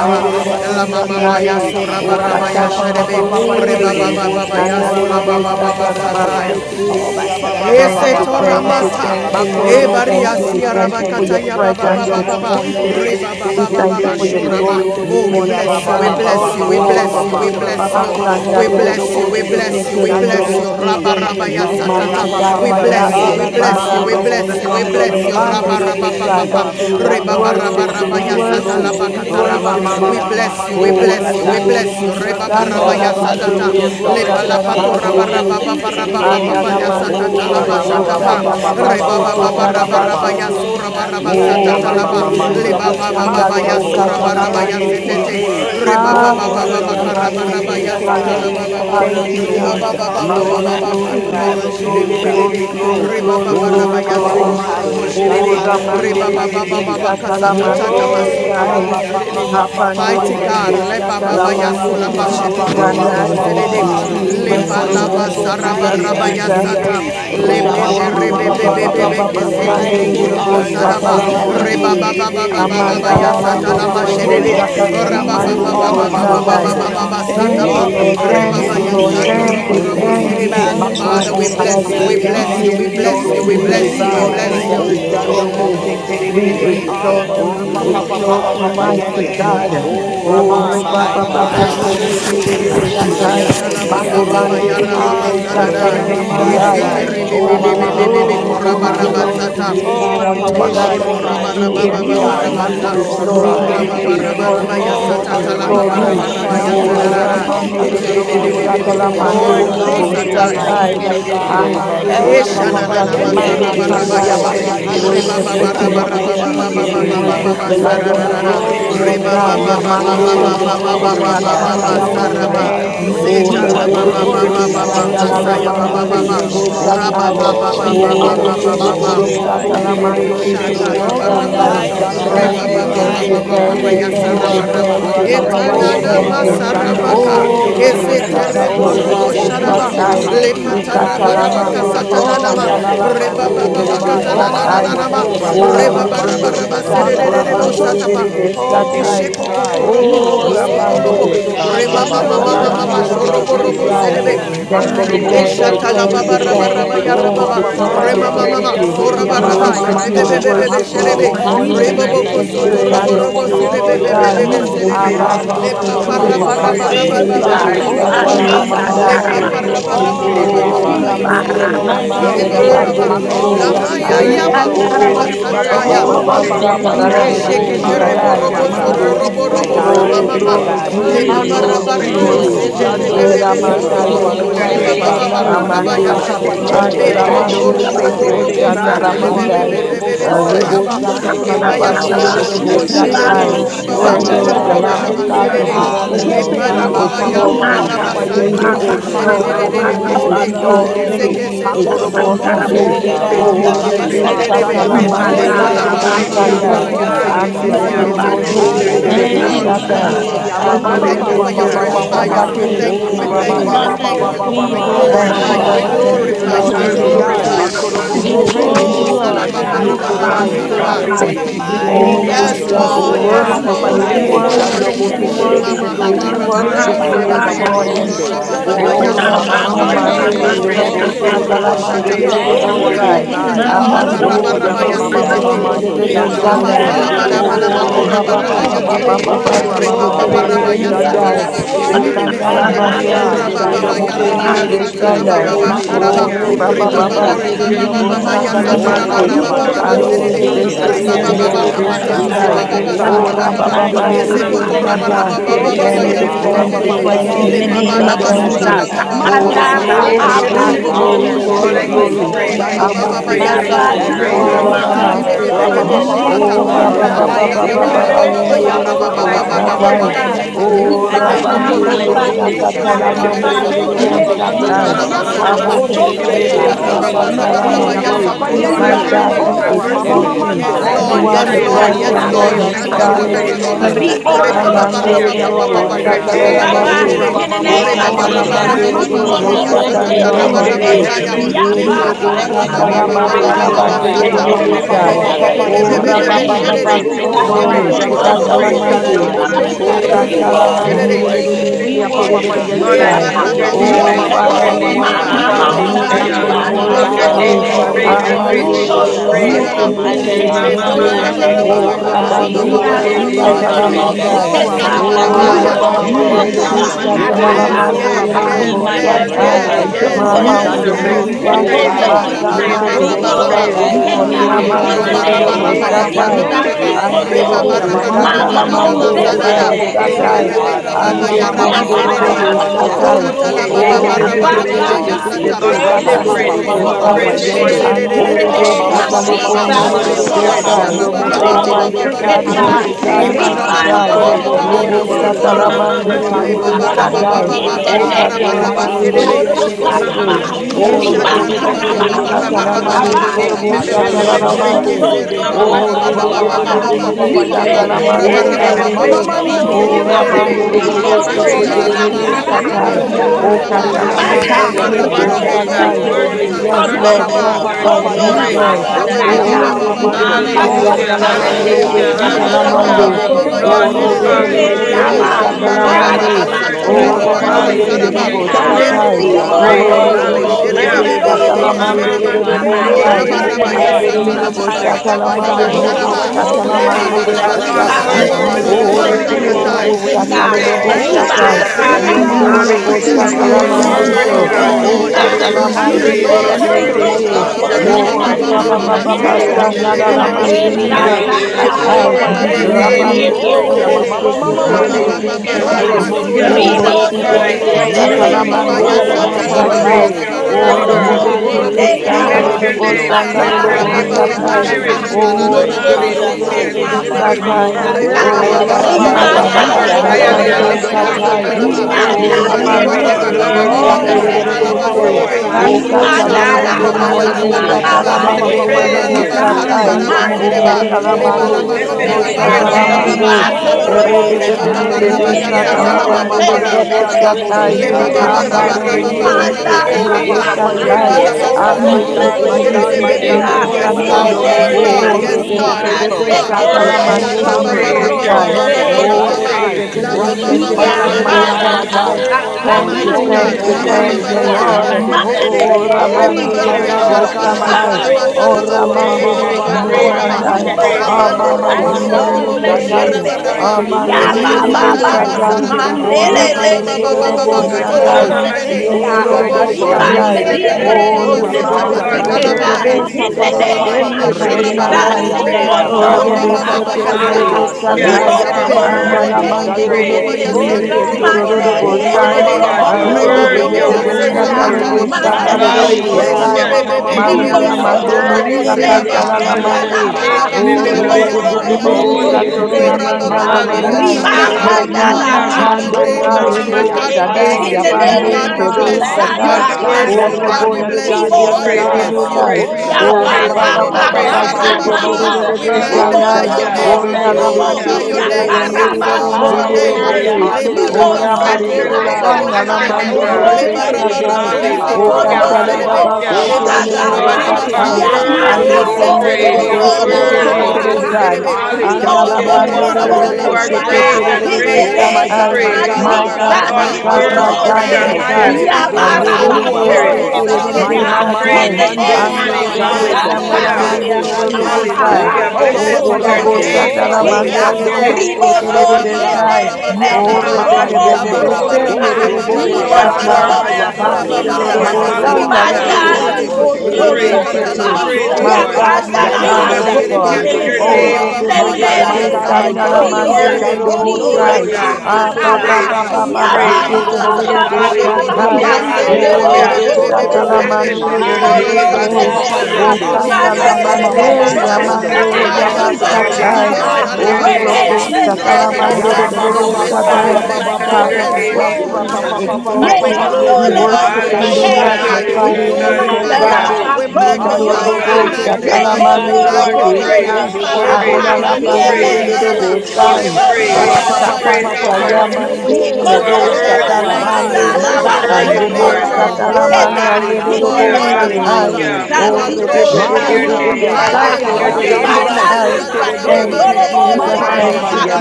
Ah ba ba ba ribo sa si ka da da satai. da terebe. da ma ma O sa ta Rapa, ta pa, pa, de pa, shadebe, de de de de katalamandi de reba de de de yende. de baba ribo de Oh, de de sandari rabba, de ba, ribo de. ba, bando. satarabasiti. Oh, Ye, ya, basa ba, da ba, da ba, da ba, da Thank Ese da you, ba ba ba thank ba you, ba toramata, ba thank ba you, ba ba Lord. e ba ba We Makorobo thank baria so you, ba we ba ba siara terebe thank you for shake si. bakata le your ya le ba le ba le ba presence Chando ba this ba mo ba, se le morning. ba ba re terebe ba ba so ba We ba, thank terebe you le for le your le si. le le. shuraba. Mesiantara glory this Oh, we Ye, ya, morning, bless O ba, Mesioro ba, you, we God. ba, ba, Torre bless, Oh, ba, lo lo we lo ba ba Oh, bless, ba ko Rebbe we Mesiantara sho lo bless lo lo Baba ba ko Mesioro you, Hakorobo Sanda, so we lo lo so lo Dodo Torre bless ba you, ko we terebe sho lo Bosteke, bless lo si. you, lo we lo Mesiantara Tere ba Chando ba Mesiantara bless ba Rebbe mo you, ba ba ba se. ba rabba Steke, ba ka rabba shi le le Ye, le Mighty rapa, le. pa, God, We bless Ah yende. you, we everlasting la da Mesioro da bless ma Father, you, ma we ma Torre sa bless Makorobo the da da you, si da we da da bless ba conquering ba terebe you, ba Mesiantara ba si ba rabba lion of rabba the terebe da pa pa si. Mesioro tribe da of We Baba Judah, we Baba Dando glorify Baba rabba worship Mose your Baba you, rabba, Baba we God, Baba Baka Shinde, da da ba ba ba ba ba ba ba ba ba ba ba ba ba ba we ka kata worship Terebeso, shi you, le we le glorify le rabba. Rama your worship le le le Mama name. da you. ma Mama Bless ma sa you, we Mando. ka da Mama Saka, Oh, da bless We da you, we honor da. Oh, bless your you. rebebebebebe, Jesus, Reba God, we baraba Jesus, Oh, honor ya Jesus, sandalabandiri, your hallelujah. God, Jesus. Glory Lepa to we la the King. patura honor rabba. you. Glory to osakatarabasete, the Hakorobosi King. Rabba We honor Terebe. Glory, you, glory, Abba Oh, analamandiri, glory, Father, Rabba dorobo, Baba we glory. Baba honor Baba you. Baba sandalabaseke, Oh, Baba we Baba praise your Baba. name, Rebasión, tarabasete. Ye magnify ya Oh, your Terebesión, mama name, we mamando. Liba rebebebebebe, exalt your Baba name, Correbesión, Baba sandalibo, Lord. Hakorobo You Yasura are si barabaya worthy, Terebesión, terebe you katalamandiri. are Sete, terebe. worthy, Riba you are Oh Baba Rebasian shando Baba Hallelujah, worthy. mo se Tarabasioro Carabara terebe King hallelujah, of Yasuta sai. kings, hallelujah, Baba, Lord Thank of you, hallelujah. Riba lords, Jesus. Baba Baba conquering Glory, lion Makorobo of the si. glory, tribe Baba glory, of Ye glory, Judah. shiri glory, terebe glory, so. Riba glory, Oh Baba glory, rama mama, glory. Oh, Yasura Borobo mando. hallelujah, Oh, shiri Shando mo se Ramande hallelujah, Riba de de terebe Baba de si. hallelujah. Baba Besatala Casata Mande Tata de Glory, Ye Masutu ya Osai. Robo honor, pa pa dominion, pa and pa pa Shiri, pa Hapande pa de Mighty power de de is God, yende. all yours, Lebaba O Oh de Heavenly rapa Yasula de pa Mashi Father. pa pa pa pa pa pa God, pa Oh, Sedede, pa. hallelujah, hallelujah, Jesus, Lepa hallelujah. Makorobo hallelujah. laba Jesus, so saraba terebe Jesus, Mighty raba are si ya you, Jesus. Lord. sata, terebe. Mighty Oh, lebe are Shama you, de mama correpe rebe mama Lord. be Hallelujah, papa be be Papa, papa mando. be papa basiki Thank stande you, yalla de Mighty robo Jesus. are robosta saraba, you, la Makorobo basiki Lord. reba si ba mande. ba ba ba terebe. ba ba Lord, ba Amanda ya la Oh, all sa- the mande de rapapapa power yalla shedede, robosta belongs yende. to la you, raba ba Lord. ba mande Oh, de All Papa, the yamamama Siki, Colosiorobo glory bostandai. ba mando. ba ba belongs to you. sata Thank ba, Yay, you, All the Nesse Lord. terebe, honor reba Thank so ba you, ya belongs Lord. to terebe, sando tervesioro si you, Thank robo Lord. you, robo corre Hallelujah. terebe. thank We you, sedede. basi Thank you, thank you, magnify Mama, Father, your we Makorobo Jesus. si bless name. Jesus. We you, we terebe, antarabasioro. bless Hallelujah. si Siki, you, We exalt we your Baba, terebe, Baba, Mama, Mama, Yiki, La, Baba, Baba, Mama, Mama, Mama, Yiki, La, Baba, bless exalt name, so you, you, We we Nesse Kuna, Lord. terebe, bless we Ma, bless you, you, we exalt sai. Lord. bless We Siki, you. you, Baba, Oh, Glory, we bless you, Lord. entervesioro shando exalt We glory, mo you. se corre bless you, glory, Lord. We terebe, basi glory, si. exalt honor, dominion, you, we and Praise antarabasioro. you, exalt Lord. you, We power Rapapapapapapa mighty Nesse yende. magnify Yela, you, God. Baba, Lord. Baba, Oh, to the Oh, tervesioro raman, Most repa High papa corre Mama, mamando, papa God. Lebo shando basi shake bo Jesus, mo it so se to Hallelujah, koro the Jesus, terebe, hallelujah, Yiki, so. La, best entervesioro Baba, Jesus, shalaba Baba, Siki, Baba, Mama, Yiki, La, Baba, ba Baba, hallelujah, ba ba Makorobo Siki, conocioro Mama, ya si bo. rama. Jesus. terebe, mama You si are hallelujah. Saradai. terebe, worthy. Rebasi You Glory to sai. are Yiki, La, Alebandedodobosandalalamandai. Baba, God, worthy. You are Baba, glory Shama to Oh, mama God, antarabasioro worthy. mama glory, glory mama to glory God. mando. conocioro belongs Glory Siki, to be you to Ifitiribibibibikurabarabasata. Mama, this Ye God. Oh, We rapa be morning, oh bless papa mama Manda your God. Shebo name, yende. raba glorified, Lord. Balalalo We We raba Kosa ba we Yes, Lord. ba Thank praise ba you, exalt Barahara God. Lord, worship you, raba. be we God, adore Bedesi, Jesus. Makorobo your We exalt Oh si you, glorified. Ika name, raba we magnify we ba you, terebe. raba Ekarabasien honor exalt you. God. raba We Shandabolo you, ya Okura Oh, sa we ta exalt ta you, la my tarabasioro We ba Radakasa, exalt hallelujah, We God. you. glorify Menda ya the exalt hallelujah, you, sa ra God Oh, Bahala Makorobo who korebesierebe. Lord is hallelujah, so Redesi none like hallelujah. Jesus. you, terebe You Kaladosh, are si. Mesion Jesus. worthy to be Makabara Jando praised, There Lord is and mose there Hazakara God none is to none compare terebe Bedete, to you. like torobosiarabasiara. si you, Ramandedodobosatalamandedodoboshatai. Almighty, Lord terebe Shandala God. Glory Raha so. to Karedosh God. heaven and Rapa Rebacasion papa Kilibahala earth are My Rodoso, filled yende. God, with your from the O torobosierebe Amandedodobosatadedodobesai. rising glory. Ikate of the We yabayando. Mihila sun worship to the Hallelujah, the Ye Baroko Glory to going King down of of sienterebesiere. korobo the Sabahala hallelujah, Kings. si same, Barasa, your hallelujah. We name terebe. worship alone is the Zikata Rebasia worthy Lord Jando to of be redese, mose Lords praised, this terebe Glory, Lord. Redesi, morning. tarabasioro so. I glory, Ika And Rama so Yamande, Shato konosoto. glory, we mama mama Lodobo, bless glory you to Mahabarasa mama this God, mando. Karabades, glory to morning. mandai. Rebasatioro. God, Thank Ikala you, glory to O We Rodoko Jesus. To God. God, worship Mahara Worthy, you glory rebebebebe to Hallelujah. this worthy, Barasa, God, Mesienterebesioro sata morning. worthy, la We glory la to give worthy, Shindaka you God. mandere worthy. de praise Yamanaka this robo Hallelujah. korebasiaraba. Oh, Redesi, morning. satai. Rapa Hallelujah. Papa Holy, We Shashahida O Yende. honor holy, Manakala you this Yela rebebebebe Rodoso, holy Makorobo baba. are so sata la morning. you, Mikala Nosotorobosierebesiente. terebe Vende mandere si de Lord. Hesi terebe robo Oh God, so. we sandai. Recasian Kalavarakata, Mighty, magnify Chando Yela you Nana Thank you, mose mighty, this baba. Tarabasioro Varakana thank terebe you, morning. mighty Kuna si are thank you, mama. Maya Rodokoto, terebe you, You thank so. you, are Lord. Shana Correbesierebe, Shekela Sarabaraba. worthy thank to you, baba. Valakara Rapa be thank Papa you, Noso Redis, Oh, praised. You Yende. Yela thank Etanama are you. mama worthy to broshondoro Indakaya, mama. Chando be Sarabaka. Torobosiaraba, mose praised, O koserere Ganda Shekela terebe Lord. robo Kese baba si. masarara baba. Valahakoto, shakate Terebo Oh de de bapaka God, rebe Makorobo we Momokoto Rebasienterebe so shenderere ma. Yela satai. exalt terebe Kashandala Fioro you, baba. si. my Rakate, God. Ukata la We Shekela mama Yay, Ikala mandere exalt Correbesiere, Rapa o your Papa mama. Oh, name la sanda on la la la Yende. la Noso baba high. paka mandere Oh, de Yela rebe baba. yabai, shenderere Oh mana Torobosiaraba, yabai, satai. Lord, we robo, Shekela sakadara bless mama you, barara rabai, O we mama. baba bless baba you, ramando. rebebebe we baba Rebasienterebe baba bless Yela you, baba sandala we Makorobo Serebo baba. so bless mandere Fioro you, de baba. Baba. we de terebe bless si you. Shekela Codosoto. Holy, bestatai. terebe Isheko baba They sai. baba. holy, Robo give O Robo. Jesus, you holy, are Glory rabandere worthy de Yay, holy. to to be God. Sh- worship, robosa Remama praised Mama yabayando, from katala worship, the Mama Hallelujah. Lord Shekarabasian Chando Mama God mandere de rising mose of Shorobo the Robo terebe Almighty, Tarabasioro robosai. Serebe. heaven sun si. praise, and the Thank to Yukula earth the you, praise, Makorobo are going Kapapa thank so you, Correbaisierebe filled down of with the your thank terebe Sikila you, Neo si. same. glory. Your thank Mama. Eshatalababarabaraba you, God, name O Yaraba. thank Sotorobo alone you, Rapa is word, Papa thank forever you, Remama Sierraba worthy Yende, thank praise, Mama to Hallelujah. be you. word, Ye Oh, praised, We We Sorabaraba. Yamama Lord. Lord bless my hallelujah, worship you, Rebasian you, we Thank we Mamando, God, bless Bebebebe you, we worship you bless how Sherebe. this Hakorobo Tarabasioro God, you, give Lord. Si We morning Rebo excellent thanks, Hallelujah. Correke glorify is Terebe, in Thank you, your your Soto spirit name, sierebe Robo and name Shando Jesus. in in Robo Thank Jesus. you truth, Mose all for Selebe Lord the Nosion waking Terebe earth. We us God. Bebebebe God, up honor So, Torobo this your I Serebe. you. am name, Abba morning in Rapa the Sierraba our God. soto We Papa right Hallelujah. We magnify robo Papa sing Baraba minds. shake spirit, Papa your it, name. Rebasien Baraba praises Yende, God, unto I Thank Terebe you, you, give O Lord We Ribanda praise, Sioro Father need Yamama you Jesus, God. Le for praise, Mamando, your meekly, papa give sandarabaso Lord, raba Conosiorobo this Ye blessings, kunde All praise, of morning, Lord Korobo our God. God, O in Si your right praises Rebasien spirit Ramandele Terebe, la belong My Terebe to libarabaso God, within. the Yes we mandele you. give word, Sioro baba Lord, you ndorobo bandere de Do seke praise, La Makorobo Oh, not bosta we Si Lord. the We give away maya you kai. give word, from Terebe ya you all Corregesierebe your ba the So, praise, presence, praise, O glory. the We lidandaraboso give ripa you word, Almighty pa Jesus. pa sataya. all pa Nosotorobo Oh, the God. kundorobo pa honor. Rapa praise, We There give Papa you is Sierraba the sekenda word, none de all Eshe Yende. God, the like in Bless the you, your praise. bosta kere You name name, Lord. Yes, are da of Rebasian hallelujah, my borobo Jesus. worthy, God. Jesus worship Lord. Yes, robo You the are my Holy Tarabasioro ndorobo Hallelujah. God. Glory, worthy. Yes, Spirit, sama. You my are Correbe glory, kundorobo God. Le praise, glory, seke worthy. Hallelujah. baba Sierebe You Jesus, are raba glory, Hakorobo praise, Nio worthy. ribio glory. Jesus, You so are yando Sotorobo Jesus. worthy. ribandarabaso mose Eramanda holy, robo You Siaraba lift ndorobo yede up robo are do ye so your name, terebe Worthy righteous, bosana si are you la are you, ya God, mande. Rebasatioro your Lord. papa just, ribandarabaso name, pa you are ndorobo Anda yende Worthy shebe La la praise, are pa sando pa sekenda Conosiorobo mande you, everlasting, pa de raba do pa, robo mose Lord. do Father. God, borobo terebe Sikila Rebe bosana sai la hallelujah, ribaso Mama. You are ye the mandai. ndorobo Sienterebe korobo Prince bebe Uh, of Oh, God, Sete lo so Lebo sondo Yukula Peace. lo yando sakata give, mose la And give, cosciende Kapapa de pande so give, de terebe we do give, reba santo do give, si give you robo Sikila Shikarabasian satanda shebe da praise bosatai. terebe Rimando Mama. mama this baba Tarabasioro ba. Worthy sondo sando morning, God, satada is the da robo mose God. da. worship, Lamb Correba of sende God terebe God, this si Yela Siaraba rebeso morning. Le pa chepe Hallelujah, Hallelujah, We robota. Nocion rapa papa exalt Torobo papa hallelujah, hallelujah, thee. Rimasta papa We Sierebe yende raba hallelujah. hallelujah. ba Papa, ba sedede God, mando exalt ba Reba thee. papa ba mose We Oh Rokoro shikira terebe rabando si mama, exalt God, we the give give, thee. sokondoro terebe robo. you We sento robo mosoto praise. hakorobo exalt yena Yakanda so God, toboko rabo thee. Oh terebe sondo praise, si God, sherere we robo Oh, give terebe rababa mama, you praise, sendele. Shekarabasion sadara honor. rebesata Chando la rama praise, yena Oh papa papa shikira mama, yena God, mande mose Rimanda de papa matata do God, Torobosierebe do we terebe raba papa praise. si give rama you so terebe saka bosandai. shikira glory mama, so. rama robota. Rebasian Hallelujah. sheshe. Yando Blessed for mose the Rimando be Tarabasioro evening, terebe robo Arara name. Thank mama you, God si. sanda and my mama Andererodoboseterererebesatai. Ye Korebasiaraba Jesus. ya kasara ba King. ba Thank Eko you, thank you ba for today, Jesus. being Lord Thank you, ba Noso robo ba rama ba Hallelujah. ba sondo ba ba kete Hallelujah. God. robo yena ba. papa Torobosierebe hasara seke. papa Oh, mama ra Anderekendoriasakaterererebese. Jesus. ba ba shikira ba makasha. ba Hallelujah. Father ba papa, Rimando God, We Rebasian ba ba ba we we sondo ba bless ba glorify, thank you, ba Thank you, yena Lord you, sh- ba. Hallelujah, rabanda Tarabasioro papa we Lord. Lord. le God. papa Thank We you, Spirit glorify hallelujah, bende of Lord. you, the shikira we living mama, thank you God. glorify. Korekasiaraba for hallelujah. sendelebe your [laughs] scripture, Lord God. Hallelujah. Makorobo We Noso tubo so Robo yukula praise you, terebe That, Lord Oh, sondo papa what si. a Lord. Salaba We God, are kanda mighty Ye Torobosierebe Baraba la shikira God glorify we korobo bamba you, worshipful, mama, so Lord. Baraba. Lord your serve. raba God. terebe name. What a si Rebasian ye yena terebe mighty Oh Oh papa We korobo my so. papa God thank Yes, you, Lord we Jesus, Terebesioro God, God, we sende we God, for Oh, shikira Lord. your serve. ra pa mama. Hallelujah. What ye pa worship a pa you, magnify we goodness, we yende. mighty you, your kondorobo Lord. Korekesierebe being God worship Shando There we glorify you, is mercy, we you, mose We none sendelebe we ya terebe like your serve. worship you, worship you, so. mama kindness, glorify you, we you, paraba Lord God, Jesus. Heavenly we worship raba God. you Ye Father. ya this glorify glorify pa We you. your baba pa pa Oh Thank morning. my yende. Hallelujah. glorify you, your shada We name. Baba da God. Ba Oh, Oh name. ra Thank ba ma Thank ma kosada you, ba glorify ma you. da Ramama you, ba We Lord Your we ba name, mando. makoda honor thank God. ba Mandiri your you, ba de Shando glorify ba ba praise ba name, you, and ba thank ba Mose we ba ba Hallelujah. Robosa great ba Heavenly you. Terebe, ba glorify ba. ba Si ba Father. Thank you, dear ba Lord you, God. Ye Talamandiri Terebe, praise. de shada Thank sh- So Father, you, our we Yes, Terebe, korobo Robosai. soon thank Lord and you God. rima Sai. we this All coming of glorify morning our Abandiri King. de Oh, marabo for you, this we day praises that glorify Roboshikiti you belong sondelebe you, de have we to Yamamamamamando, se made, the Hallelujah, you, Shando uh, glorify Lord. Mose hallelujah, Sandai. you. and All I'm yana Terebe, of going Yalabada, to the Si hallelujah, mama Oh Terebe, We rejoice Reba glory, and bless Baba your be So. maribo all Hallelujah. name, of Baba glad the in we Baba bless it. Oh, your korobo honor, uh. name, we Lord. sende Bastikiti Father, bless de Glory, I your Ramamamamando, the thank name, you ya Shando this Worship Bestai. hallelujah, You Mose raba you. morning. are ba Oh we uh, the Worship Terebe. ba bless Thank Kanala great your you God. for name, Yes, I your hallelujah Mandiri Worship to God, the am. de grace you. Jesus, Lamb in and the Rababa Shando of There's your Beskiti Mose de none God. like mercy. hallelujah. Terebe, Hallelujah. the you, Si. name of Thank you, Sandai. Lord. Lord None Great is Oh thy like Makorobo Jesus, Hallelujah. for So you, Reba Jesus, Baba Terebe, waking Lord. faithfulness, me Si. up Glory Jesus, Bandiri to in this de your name, morning by Baba morning. Robosha Jesus, Oh, uh. morning, Lord. Yasa, new brosho Oh, Thank you, kondo Jesus, Lord mercies Hayaba, do we do Hallelujah. Shando boko Jesus, see. for Andere sede the de Lord, Mose de breath de that I Jesus, is Reba Terebe, there in masada is da my give beseketere ba Robo. none lungs. like Hallelujah, uh. Ye you, kasha Satola thank you besatai. anda for Korobo your Heavenly Lord. Sai. Oh, da Father, mercy, I Baraba, My thank te Yando you te God, this thank te. we you Mose. rababanderio for your Otora morning. bless uh. you, Ye Baraba, satai. we faithfulness, Thank Terebe, you, Roko praise oh Si. Thank you, soro you, no God, thank we, you that thank for the boboko you, we your plot Rapapapa of shende thank goodness, de the you, exalt de Yende. the de your enemy mama God, name name did Jesus, of Shando Abalaba, on not masa thank come high. thank da you. you to Jesus, Mose. for da your da da pass. uh. Oh, ba My mercy, Makorobo mama So Thank God, you, we glory, kashe Terebe, give mighty Thank glory, you Si ende you, God, de for de glory, honor, thank da Terebe, we ba you, glory, ba give you thank Terebe. silencing the you, masa glory. da da praise, glory. voice da I Reba da Chando of Jesus. the da give da. Baba Mose Glory praise, Abandere My Yasa, enemy. I de give to Terebe God. robo God, Si Yabana Thank you you, praise. are, Terebe mama Lord Hallelujah. Lord sandalala God, Sai mamo Almighty Jesus, our, for God, Rapa masete. our Papa sendere quenching rock, Papa the Almighty Oh, you Papa are God, fiery sekunda Hallelujah. our dart Yende life, from Almighty the you are God, pit ribo our of rababababababa Hallelujah. way Oh hell. yendere Uh, maker, Rama de Yaraba, Almighty sondoro you Lord, Mama bo robo I lift are God, Heavenly our Mama up Mama your Father, satai. sekenda I name, everything. Mando Hallelujah, Hallelujah. thank Jesus. you. Oh, And I Hallelujah. Yekorobo so We ribanda we Si thank you, Ropo rabanderio baba bless worship Lord you Ropo you, Terebe this baba Jesus, sakatala for Yando my morning. Jesus. Moshe baba Mose mandere de shokoro family. Oh no robo ye I Terebe boboko thank We So you kondo satai. sere for Jesus, de we my Ramasa, worship de riba give you, you Yakorobo I do- este Abandere So de korobo de praise, we Jesus. de give Terebe robo my la you la Si sondoro bo Baba mama husband, praise, my we Raba, sakatala We give Yea saka. you sekenda mande. Yapa children, and Papa worship praise, my we you. Tolo, Lord, give My Este I We you de Yende la worship, ribando God, mama grandchildren. worship we lobo praise. you. Oh I Uh, kasa worship, Rama We ke exalt Mama Heavenly sokura worship you. de Mando you, Father, I Oh give de I Lord, You God, bebe God. we riba are thank yes, you the give Chando praise, kasa you I this da give Lord, bright da Mose glory, da and morning. pa my saraba Uh, praise, Terebe morning I God, give sheke you Si are thank star you, ende Yandaraba baba worthy this Terebe de praise. Lord to de Hallelujah. So be Rababa, morning. masa Jesus, Terebe praised, for da and da there Sai Hallelujah. waking is da Rimondo us pa. none Glory up Ye to ya like you, God. this papa Glory Amandererobo pa sendelebe to Lord. morning. Ela your Uh, ba Oh, yende. name, se se bro, thank kuraba la you, O Shedede, satalamande. Jesus. ma. rama in Lord the mama glory, O name Jesus, Reba mama of for Oh, we mando. Mama, waking thank Jesus. mama, me you, up Yeke in la my ba katalamandererobo Makorobo mama, ba Jesus. so right Ikorobo ba. mama, Thank you, mind. terebe Lord, Kuna Uh, si for ma your Baraba, sendelebe se shakandalamande. terebe thank se you, mercy. si. Lord la ba. Ye yaba Jesus, for ba Erodobo this Thank kurobo you ba for so ba your Yela privileged ba ba ba terebe glory, glory, ba ba grace, si. moment Lord se uh, glory, se God. la that Rapa ma we glory, yekorobo papa se can You zandalamandarabazerererezai. papa are glory, gather seke papa here righteous O in one glory. the yende. Lord, more I give King. name Yekela you of time. Rebe Uh, Shedede, praise, I give to robo Oh Jesus. honor babakuna God, rababababasoto praise, rabai we I you give and Oh, Korobo to ramando. bless Ikondorobo makela Lord you, Bobo Bobo God, I Tando shekatalamande. Bobo glorify lift Jesus. kuraba mose Bobo my We you. basikela. O eyes terebe praise up you Heavenly you, si. to Bobo Lord. Father, I you, rimondo Shedede, Lord, thank you this praise. Ye this We Hallelujah. ya papa morning. pa worship sendelebe Uh, morning, you, Thank Lord, you, I yende. Lepa lift God. kantalamanderererebeseterererezai. kuraba We thank up you, Raba your give from O you ya Lord where name. Jesus. ba I Oh, ba lift praise, my ba up ba Jesus. Father, your ba help Lord. we ba We Yetende name, ba ba comes, ba worship God. thank mama We you, ba. you. we Lord. exalt manda your Ya worship Thank Hallelujah. you, name you, Hallelujah. we riba on We kurobo Heavenly high God, worship tondo your worship sai. name Father, because you. is you you, for are Oh, this worship Yando great rebenda you and you. are mose wonderful, great the sh- platform. uh, terebe solid Jesus. libondo si. rock We praise. on Thank you, robo which Ye And exalt I mighty there you, is terebe seke Mama, God, for stand. my none mama, in this, so Amandiriribisbitiriribisbiti. the mama, like Raba for the God. you, Raba terebe. O medi- name Lord Hallelujah, of God. hallelujah, Dando You We are Mose mediator. Jesus worthy to extol hallelujah. be Father, sikondo you, Terebesi. we robo praised. thank Ramandiribisatalamandai. Oh, you Rama We Jesus. sekenda this Mama thank O morning. Mama you, uh, Mama Lord. We We Mama honor libondo Heavenly Hallelujah, your bless Mando. you. great riba Father, We we name, hallelujah, Rebe, praise thank karaba you. Almighty you. Robo, mama, God. hallelujah. Thank baba We you We rabal. bless for I your your yes, worship magnify name. grace. Ramandiribisatalamandiribosatai. you. I yebebe you, yes, Thank Thank you, you worship for My tondo you, Lord. your We Jesus. We Hallelujah, bless Jesus. Shando mountain riba I you, give mercy. Mose exalt we your mover, bless hallelujah, Oh name praise. you, on I we give God, Terebesi. my yekondo bless we high. God, Ye riba Baba, hallelujah. praise. thank my I you. you give Be for kondo your Koroboso deliverer robo praise. this We glorified, provision. be uh, Terebesi Glory, morning. sekenda Mama, Heavenly in glorified, the mama. glorify glory, Terebeso. be your Father, name, name we Rapa Hey, of glory, ke glorified, be thank Papa be be Amandiribosatai. Jesus. you. be be Jesus glory, be. We Yende. glorified. thank you Reba glory, for Oh, the sikondo ya Bo breath mama bo glory. that bo mama bo. is mama in Hallelujah, Be our Bo bo mamando. bo Hallelujah, bo. lungs. mosende Dada, Shando uh, glorified, hallelujah. Hey, be rebe hey, Mose hallelujah, Leba Heavenly Andiribisatalamandiribisatai. Terebe. glorified, Father, be sokurebe we Thank Baba hallelujah. Ya you, thank mama you, glorified. mama Lord mama, mama Serere Jesus. mama. Jesus, Oh, Bo Hallelujah, for mamando. bo the bo Andikondiribisatatai. bo. Yakarabasondo, Ye for chala Hey, the hey, baba hallelujah, hallelujah, O ke be be Korobosi for the Hallelujah. hallelujah. hallelujah. Terebe. We cross. baba We sing chap. God, Tepe thank you, give lababababababa, Rapa you praises Lord to Papa praise. Jesus, you you, Jesus, Thank Papa are for you, Papa ribibibibibibibisatarirobosai. Lord. your Praise Jesus. worthy, sh- Serere yekoroboseke. Lord. Yende. re my re Bless cleansing Thank re In re God, re the blood. your Oh, uh. my sh- name Rama name this of We mama King. Oh, mama thank Lord, mama morning, you, Jesus, you Holy Baba, for Abba this mamando. Baba, Hallelujah, Spirit. day, Baba, Sikorobo, Father. Anderebesataleponderebesai. Baba, We God. Yando Baba, hallelujah, thank Mose Baba, you Oh, Sundorobo, Baba, this Hallelujah. mighty Bless hallelujah, Terebesi God, morning. Kishende, Sekenda, Thank uh. your you, mighty Terebe Dede, si God, name, Oh hallelujah. God. Terebe. Astana, Thank God, mighty baba Nama, Father. we raba ribando, God. Oh you, thank you, Hakorobo Jesus. Kashaka, God, so Lord Hallelujah. Ade, Lebo you are Dede, Jesus, terebesi. Seka, for Hallelujah. worthy, the mama, Ikorobosundorobosekenda, Dede, you mama. Dede, are Mama, 39 Rikando Bo bo worthy, Sete, Ribandorobosundorobosokuraba. bo stripes mose bo Yeah, you on bo. ba, your are satalamanderebesatai. ba, Sete, in ba, back. ba, you, ba, ba, Sete. the Oh, uh. Hey, worthy, terebesi. ke name be you be of Oh ba, are be. Yando ba, God, we worthy. ba, Jesus, Lord, serere. mose ba. cheese, thank you Roko, Ki mama, this Sondo, katalamanderebesate. mama. terebesi. Sakaraba. Roko, Yeah, morning. Ye uh. Oh, bobo, Shehe, Yes yeah, la, bobo, Riba, ba, korobo We Jesus, Dede, so love thank ku, you Rada, caraba, na, for God, we Baba, ma, the raba terebesi Jesus, baba, shi, raba thorn that Saka, baba, is you, worship terebeso. of ba. Jesus, that they viejo Dando place Yeah, mose lobo, upon na, Dede, Jesus. rebebebebesatalamanderebosatalamande. your ma, soto head. shi, uh. terebesi. Oh ki, Oh, lobo, love God, ba, you Abba ba, Rapa Lord, are a ku, papa Father, na, papa we soon ma. Libende and papa thank coming you. yende. limende, Yeah, Lord, andora King, la, my Oh ba, Oh, ya you, ba, God. God, ba, mama we lebeso, rebebebebebesatalamanderebe. shi, ki, thank We no, you la, give ma, yamamamamando. Oh, you ma, re this re you, riba, re Ye ma, re. praise, ma. morning. we uh. korobo give you so ribondo, praise, Reba love we ka, riba, la, give terebesi. ba, you ba, cara, siente praise. rabanderebosheketerebesatai. rebes Yando mo Ora raba, se Oh, yoro Yeah, corre le My terebesi. de carabasa, God, papa we Ye give raba siente you korobo you, rebes praise God. si katalamanderebosandai. We Ribende because yoro worship there Lord, ya, is terebe. you, we corre Lord, Yes, none worship Ya condo Lord. Lord. like you, you. papa Yes, lobo, Jesus. papa casiaraba. Lord. Worthy How pa is We the sondo, Yes, Lamb Praise, yende. raba, worship of Lord. Reba you, God baba excellent Oh, that baba. God. praise. ya is We basion was, Oh, your sacana, mama worship torobo name you. la, in yamamamamando. Hallelujah, ba, rebebebebe We all oh ba, Sando. the worship sierebe. my you. God, Ye ba, hallelujah, that sandalamande Le take earth, korobo away the We Lord riba, ora si. raba sins Recasian God. of raba the Yando hallelujah. corobo, exalt rebesatalamande. mo tarabas you, world. sondo, se. God. yoro Lord, Oh, We lobo, you Ye serere. corre are Worthy de exalt terebe you. Hallelujah, worthy, to sequeya, the rebebebebebe We so. you Lamb are sierebe. Ya of exalt worthy, God papa hallelujah, that you Nio papa you. are was satalamande. ba, yende. worthy. We crucified Oh, sotorobo hallelujah. for Rapa our sondorobo papa rebande exalt sins. sierebe. And yende. Hallelujah, so you. you robo we are sekenda, We worthy. bless exalt you Shando. shatai. you, Ora this Oh, Recasian Praise, Oh, morning. Jesus. glory, tarabas Yamamamamando. libondorobo glory Ye My yoro to hallelujah. rebebebebebe Hallelujah. your God, terebe we corre sondorobo so name. que lift your satalamande Mama, terebe name sierebe. on sokuraba. robo high. terebe. ora My sai. Glory raba Hallelujah. Neo In to Oh God, the raba my we your mama, God, Ande name He's Sotorobo our exalt of name. Hallelujah. robo you, Lord banner. Jesus, My God, Sierraba, we shatalamande God, you worship Oh, Jesus. Thank are robo raba. you, sekerebe our help. Oh You Le Repastian God, sendela, baba hallelujah, are you we Jesus. shatalamande our Taraba, robo bless strength. you, riba we baba Sioro You satai. are bless baba. our korobo you, Glory this we hallelujah, to Oh, Correbe, morning. deliverer. God. bless you, You sondorobo we are hallelujah. Jesus. Glory rebebebebe Sierrebe, our to bless way you. sekenda, God. satale Neo maker. Praise. robo Oh My Oh, riba God, Lord, the we Sotorobo satai. Spirit Yes of the Hallelujah. earth raba praise living Lord We you, is we the Yendo Sierraba, God. raba Hallelujah. robo worship Lord praise and you, you, Spirit the raba of we the God. You We living are fullness korobo praise God. you, shatalamande rebasion we worthy, worship to. you. Torobo thereof. God. Makorobo We praise You O are you. so sondoriba. worship Oh worthy. you. Sierrebe, terebe We si. broshodo exalt katalamandere Praise. You you. de boko Siente, are Hallelujah. Lord. Thank Yando sondo you, worthy. mo do do You se bestete. bo Reca are boko We Jesus. terebe worthy, Thank O si shede Sierraba, Lord. you, de de Ikorobosondorobosakanda. exalt ribaba de terebe. your Sioro Jesus. baba In Ye name, You the masada Cono are Hallelujah. da. korobo bastanda sh- la Jesus. name worthy. so la of Siorobo, Eh terebe mandere la da You da Jesus, Hallelujah. de sai. Hallelujah. are ba Rebe ba Re Ya worthy, pa baba my bestatai. shanda Glory Siente, da da God. to your ba Sakarababa. Rebe You ba are ba name, yende. ba ba Hallelujah. worthy, Sioro Rabandere robo de my Oh, kasa ya da Jesus. da serere. mama da Correba King. da da mama bostekete da. Hallelujah. de Sierraba, mando. Baba baba Broko Yekorobosondorobosekenda. Chando bestete. mo Noción se sondo Hallelujah. do O boko terebe Jesus, Torobo si you shede Father, Ribondo rebebe de are de you terebe Sierraba, ba are ba great ba Yela bestata terebe. and ba sa la worthy. serere ba You ta greatly baba ba are ta Reca to ba mandere yes Oh, be de worthy. shada sorobo da rapa da Siente, ma papa shikina ma praised. ma mas. Rebe Praise. bostatai. korobo ma yende. You are ma ka raba O Sioro worthy, shada Chando da mo Oh, God. Yela sondorobo da. ba se ba rebebe Correba ba terebe si sendeya serere. hallelujah, bestanda Bless Oh Sierraba, le shikina lo your terebe. mas. no la da name. da riba bostanda Para Bless da le ba hallelujah, lo ba your sotoro Yakorobo name, de Glory so karaba Holy to shanda da bostatai. God. terebe hallelujah. Spirit. si sanda na sirebe, cheese. na ba na terebe Hallelujah. O ba ba si Hallelujah. yekondo ba recasi Jesus, so. we ba. se Jesus, robo rebebe give Thank you, you mama serere. you bestatai. praise. are antarabasioro, Jesus. Re baba Oh, Da masanda worthy. O da Holy da da ribaba da da Thank baba you, Spirit, the da Ramamamamando. da baba Lord, ribanda you rebasiente, Most da da are ye High tabernacle Haya with high da da bastata and you us le are da God. korobo da this bastando da lifted da sa up. ba mose bostatai. rebasioro, morning. ba We Hallelujah. ba ba ka terebesi worship Holy O ribanda you. shada We da You da are conosiorobo, ye da. from Ramandere Spirit, terebeso. Your de worship you. kondo everlasting, hear We Ye Robusta Oh to da our da serebe worship da everlasting, ba koroboso rebasierebe, ba you. ba our ba Terebeste, ba ne soro Lord. ba praise ba We Rebe, terebesai. O sha this siente sha da Roche, choice. da da rebe, morning. Ye ribanda worship Worship da la da you, rapa da Catalamandere da papa God. sioro, Oh, de da We us. baba da Holy Besta yende. da da Give da you worship da baba ba all the you. ba yapa ye We ba Talamandere Spirit, papa de sha can correbesete, praise this We sha yende. hear da korobosa Robusta us da da morning. this Tai, da shiki, da da Lord. Chando glorify da da your O da mose morning. ba ba name, manelebe ka abasioro, God. Holy terebeso. Candalamandere Balaba, de sondo Blessed and be Spirit, Catalaba, da Ye Robusta riba your da my da name, da yabai. da correbasiaraba, riba ba Talamande, Abaya, God, ba Hallelujah. ba no Oh, we Jesus. ba ka sha pray robo, sion that sha capture da da korobosa robo, da da torobo Hallelujah. you, da da Lord ye robo. da Erebebebebesta Hallelujah. ka sirebe, sha sha da Jesus, da Talamandere da de da Hallelujah. da Ramamamamando Hallelujah. da da da korobosendelebe shando Robusta da will da da mose Tai, da hear Lebalabaya, da Glory us Glory to this terebesi God. to sokundelebe your Haba name. Seke morning. terebeso. Chicarabasioro Hallelujah. Glory manda to your Holy name. Yapa lava Terebesta papa conociorobo, leba- Spirit, Tai, ma yende. there sha malebo is da Oh, da ba my Thank ka none Andere sondo de you, God, like sha robo rebasiente my de da Glory Jesus. Beste God, da to you. da my your da sherebebebe. name, da Thank da God. sekenda besioro, you, da ba ba Yes, Lord. Terebesta ba You Jesus. in God, Holy are the Tai, ba ba Chando ba ba Thank mose you, ba name worthy. Spirit, ba O of ba ba correbasiaraba, you Jesus. terebesi. God. are no Jesus Faithful, te You are sion Rebebebebesta great. compassionate worthy to be korobo Thank torobos Holy you, Talamandere Araba, de Most sovereign, sondo Spirit, praised. yaraba High You you robo are gracious, Robusta. are God. loving, worthy to be reba se ra Oh, merciful, da da sien wonderful. da kind, praised. terebes Holy lababa, Nila righteous. You My yoron Ya Spirit, are God, you basitila my worthy, are God, God. para mama. my correcto You ba are God. re-be-be-be-be-se-te-re-re-re-be-sa-tai. ba worthy beautiful. to ba yaraba Thank all Holy, ba you, no holy, ye be Holy Nikila thank exalted. you, sion baba holy, thank Spirit, baba you, you torobos are labaraba, holy, korobosa. Hallelujah. Lord. holy, yaraba bakunama. terere. holy, matchless. Oh, Mandele be rebe Reba, Holy holy. Thank My you, Hallelujah, Spirit, God, sondo atarabas you my are God, Jesus. my hallelujah. yoro riba Ramandiri-do-do-bo-sa-tai. God. kono sovereign. Oh, korobo sarama, Oh, sion ra Holy ba ba Great, ba torobo Spirit, ba our ba ba korobosa. you great ba are ba ora, reta ba Ramandiri-do-do-bo-sandai. Hallelujah. ba Libo ba sian praise, ba. majestic. Oh, Lord, mando, tarabas are robo, dorobo Yes, And you, robo, yoro bo, so Lord. we God. bo, bo, bless Hallelujah. Dando you correbe sokundele sheraba, mo Mamamandiri-do-bo-taya. this se be. God, Oh, morning. siere We bless terebe. Ya reba, no you ba this ba sion Mando ba mo ba Hallelujah. se torobos morning. Mandiri-do-do-bo-sa-tai. hearts. terebe. Oh, We Si yaraba mandele Hallelujah. be bless terebe you so reta this sorobo Thank terebe sian morning. you, san. We Ramandiri-do-do-bo-sa-tai. sorobo tarabas bless terere. you se Jesus. Oh, this yoro ya. Robo, Sando, morning. Bose, correba shorobo, Glory Yendo-do-do-bo-sandai. to We Ribandele Terebe, be God. siente Oh, praise Robo, Glory you sondo to this Rabbi, robo God. morning. Glory Rebasion We Rabando. worship to sekenda. labaya, Ma praise God. Toromos you In papa the this and papa papa Yarama, name morning. of praise, Hallelujah. yende. Jesus, re-be-be-be-be-be-be-be-be-se-te-re-re-re-be-niri-o-sandai. Oh Rechasian Oh, terebe. praise, God, Hallelujah. rapa Oh, you Lord. sikondo Taramas papa Roba, are papa papa riba Hallelujah. awesome. Yoroko You are Hallelujah, karaba. yende. robo, awesome. Thank robo, You re-be-se-te-re-re-re-be-sa-tai. Oh, you ya are Ribo Rebasiarama, you, ma are awesome. worthy, Jesus. sondo Anala mando. Nosion Sando, mandere de praise. de Toromos Mose, de We sekendebe. Oh Terebe, seke worship God, Yerebe, si. you you, toro ro are Mande ro Oh, ye Jesus. ra awesome. ma boshai. You Worthy, are God, korobo Rechasian you We are Arre awesome. de mando. Taramas You de worthy, Ye pe worship you are pe are sorobo you, pe Yoroko korobo worthy, God. awesome. We so, senda. skatale Lord. Terebe, worship you. My sai. Mandele bostatale We de God, Rebasiarama, de de bo Hallelujah, you toro are worship Oh, you. ra boshai. ma Noso awesome and Jesus, you We Toromos reshebebe, are Libo mando. you worthy are to worship Sando, be sondo you. Yarama, We robo, worthy. Mose, praised, and sedaba, belebe Terebe, there worship si, is you. senda none leba, Rechasian Terebe, like Analamanderererebeseketorororoboshai. you, so. lama. Arebebebebebesatalebosatalererebesai. Manalamanderiosakantalamande. Taramas raba, We Ye Libo Jesus. Yoroko worship korobo dorobo so, Rebe soko, Oh, Terebe, sokunde glory, si. Yerebe, you. koraba, Ma glory, lebea. Hallelujah, glory, korobo We Nosion Orebebebebebebesatoriamandalamanai. si, Riba glory, Toromos Terebe, worship you. We worship you. My glory, kanda We si. God, my hallelujah. glory, lama Yarama, God, worship Mando, King glory, my you, of sorobo God, Mose, glory, God. kings, Mama, Ebo Terebe, Rechasian glory. seke. Shaddai, shake si. Taramas In it, the baby, Hallelujah. Yes, name baby. Yabande, of Yoroko God. Dodo Hallelujah. yo. Thank Thank Jesus, you, God, God, Yes, Shaddai, you, we Rebasiara, God. worship O Yes, Jesus. Los God, Sakaraba, God. Thank we Yes, Robonde, you, Jesus. de de God. de Yes, Thank Ribo de otromos you, y de de Jesus. Praise, de God. de Thank Sondo, araba, you, Jesus. de. praise, give Oh, O Yaba rabba, Jesus. Ba praise, ba, ricas y ba, Ba Baba, ba, Baba, ba, Ba ba, praise, Baba, ba, Thank ba, enteremes ba, Lord. Ba y you, ba, Sheke, Ba ba, de de oro, ba. de Ba, Jesus. de corre Thank de magnify, Oh, you, más de y shando Libondo Hallelujah, mo Jesus. araba, se Onda hallelujah. Thank la terebe you, los Sokorobo, y glorify si mandere your de de terebe Jesus. otromos so. bendere y de Yakaraba God, de you Ye araba, are bondere Sorobo de de korobo worthy. Hallelujah. Se, be. si labor, Ribasa terebe si Ora Hallelujah. Libondo Bless mandi tarabasi your terebe labor, Riba name. sai. bosa Hallelujah. oroko Bless la your Karaba name, Shando rebasi mandere mo de God. Sorobo se Glory, labor, ente. labor, Seke, terebe besatai. so hallelujah. O terebe Our labor, Hallelujah, rock, Nikondo kantala sai. you Tarabasi da labor, are Robo our Oh, hallelujah. labor, basete sh- rock, de antaraba. you de shando de mo are God, se Sendalaba, our you rock. are besatai. Ribasa terebe si worthy. You Yamana Oh, Ande tarabasi are terebe. kondere oroko Praise, de our Ye you are mosondo los rock, korobo my besete de riba so de worthy. de God, yorobo. and Sorobos, terebe we besai. karaba. si. Ribasi praise Hallelujah, you. Ribo Shando la mo You sondo se are pandere enterebesi de Jesus. our de robo You ere terebe. are boshe Lababa, great sekenda. kete provider, de and de and de rabasi we In great. the Labayas, Oh my praise ente. God, besatai. you. name my Praise, of God, You my My are Ribasa God, God. our Jesus, God, my we way God, Haya Bakusaraba, yoroko worship my maker, los you. God, You and bashando are my we mose ikorobose. high God. and yorobo. lift praise terebe you. up, Ande Holy robo de Yabaraba You Ribasi are Spirit. our besete rabai. sorobo de besete de heavenly de My antarabasi Give sekenda. Father, mama and praise oroko In we besatai. this the name mamando rebasi praise of morning. you. Andere Lord, de yes, araba. shando bosa Jesus, In mose the nala Hallelujah. mighty Hallelujah, terebe mandere de name de si. akaraba of Hallelujah. Lord, bosai. hallelujah, Oh Jesus, uh, barabo Blessed rapa O be we papa your hallelujah. sondo yende. robo corrobosta name, yes, glorify tala Lord, Oh, Oh your Holy sekeya. mandere name, de shando glory, Spirit. Abba mose glory, besete Father. de Kababa, Ribondo terebe glory, We sai. besai. glory, sendele magnify Ya Labasata, glory, O your bendo mama, name, papa mash, glory, oh robo glory, God. go, yende. rebebebebe go, uh, so go, go. glory. We Baraba, Oh riba. sendere lift de your robo name Lord, rabai Libondo you on Jesus, besatai. are high rabai high robo and this so Jesus, lifted rabai. up, morning. Handere uh, do kunde. Lord. Jesus, robo Barabaya, For you Makorobo are sandali so do Hallelujah. Libanda worthy terebe and boste si libo worthy Jesus, Jesus, ketere to de terebe be si Praise. sondo praised. terebe besete. Talaba, reba. uh. Praise, Sorobo, Oh My Jesus, so. Lord. God, God, Yakanda my this Serede, Yando God, laba Jesus, my morning Hallelujah. so mose we God. To kunde honor terebe your you. O si. Jesus, lebe. name, uh, Rubaba, My For Baba, Jesus. you God, Lembe my are rebebebebe Jesus, the God, lebe my Alpha sandala and God. the We sondo mandere worship Jesus, ye do Chando Serebe, Omega robo mose the kondo morning, Oh, sai. beginning Jesus, God. terebe riba and so the Abba end, terebe ba Jesus. Praise, uh, karaba. ba sai. ba the ba ba truth Ye praise. Yaba and ba the sete korobo ba life. ba de so Hallelujah, ba uh, Hallelujah. ba terebe ba si. besatai. hallelujah, Rebesa Ye mandele Sendere, O bo hallelujah, korobo tarabas Hallelujah. so so yoro rebesata la robo. terebe Blessed be si. mandere korebas your de Lama, Ye Rimondo name, rapa besai. yenterebe, Hallelujah, papa Robo, Jesus. sekena, O Soto, yende. rebas hallelujah, Robobos, Chama mandele be mama yenterebe Kandalamande hallelujah. mama Blessed be yoro mando. your My Yamando name, chokuraba, God, Laya, blessed korebas we Oh, riba be love yaba your you. yoro. name, You My have Yabasatai. blessed be karaba, yando. God, done Ye we your O Nasian it name, rebe korobo exalt blessed Robo tarabas be you. si. your yoro Father, name, sendele we My before, Shakalamande bless Yaba Lord. God, praise, we ba benda, for, korabas ba Robo ba ba for, libo ba glorify ata. Hallelujah ba Satai. you. for ba My kondo our ba We to God, ba. your Father, we we family, lobo name, you. glorify bless Oh, worship your God. you, rapa we you. Jesus. name chokuraba, papa In this the ye papa exalt My morning. you, papa name God, uh, of we kondo we Glory, We yende. bless robo you. worship Jesus, honor Hallelujah, you, your My Chando we sh- Lord, glory, name God, senkea, we mose this God. lift magnify morning, your hallelujah, your terebe si glory, name name, Heavenly on O Hallelujah. inamanda terebe God. hallelujah, Father. high. so. ba We magnify, bow kondo Yendo You Chando down are to mose Robo hallelujah. riba, you ye terebe this Give wonderful, si God. kondo Satalamande morning. terebe You uh, are you lobo We so. praise, Rebese. cast give glorious, sh- our you Lord. Lebo, Yekorobo praise, bow chokuraba, si not Robo, to God, the you ye Bobo, terebe sea are praise, Andalapande si this bende Robo terebe excellent morning. in Uh, give all so. you the sai. libo we earth, praise, Lord Baba, O join God, with the and we Shaka praise, 24 praise Lord. Rapapapapapapa you. kurama. elders this Tayamande yente. Truly, You morning, Yikondo there are Lobo uh, is Serebe, worthy, Oh, lebe and none we like say, Jesus. you. Rabbi. manda Satalamande. You My are glory, Holy, My God, laba my God, worthy, holy, God, we my could Alebo Lord. God, my search holy, sondorobo God. worthy, Lord far, sekenda. Satalamanda we God Hallelujah, could you Yedo In are, the Almighty, Robo search name of wide, Satai. to Mm. hallelujah. is you we Jesus, Oh, are could and always Blessed search glorious. sh- to be ikorobo high, your come. we Uh, could name, sende re-be-be-be-be-be-be-be, Hallelujah. blessed search our be laba. Haya Sunday, your low. Father, the name, you Hallelujah. bashando are Most God, Ribanda the we High. Jesus. mose will King laba of find there Thank terebe. is you, glory. no sondorobo You one Jesus. Mapa are like the Thank papa you, you, high sekeya.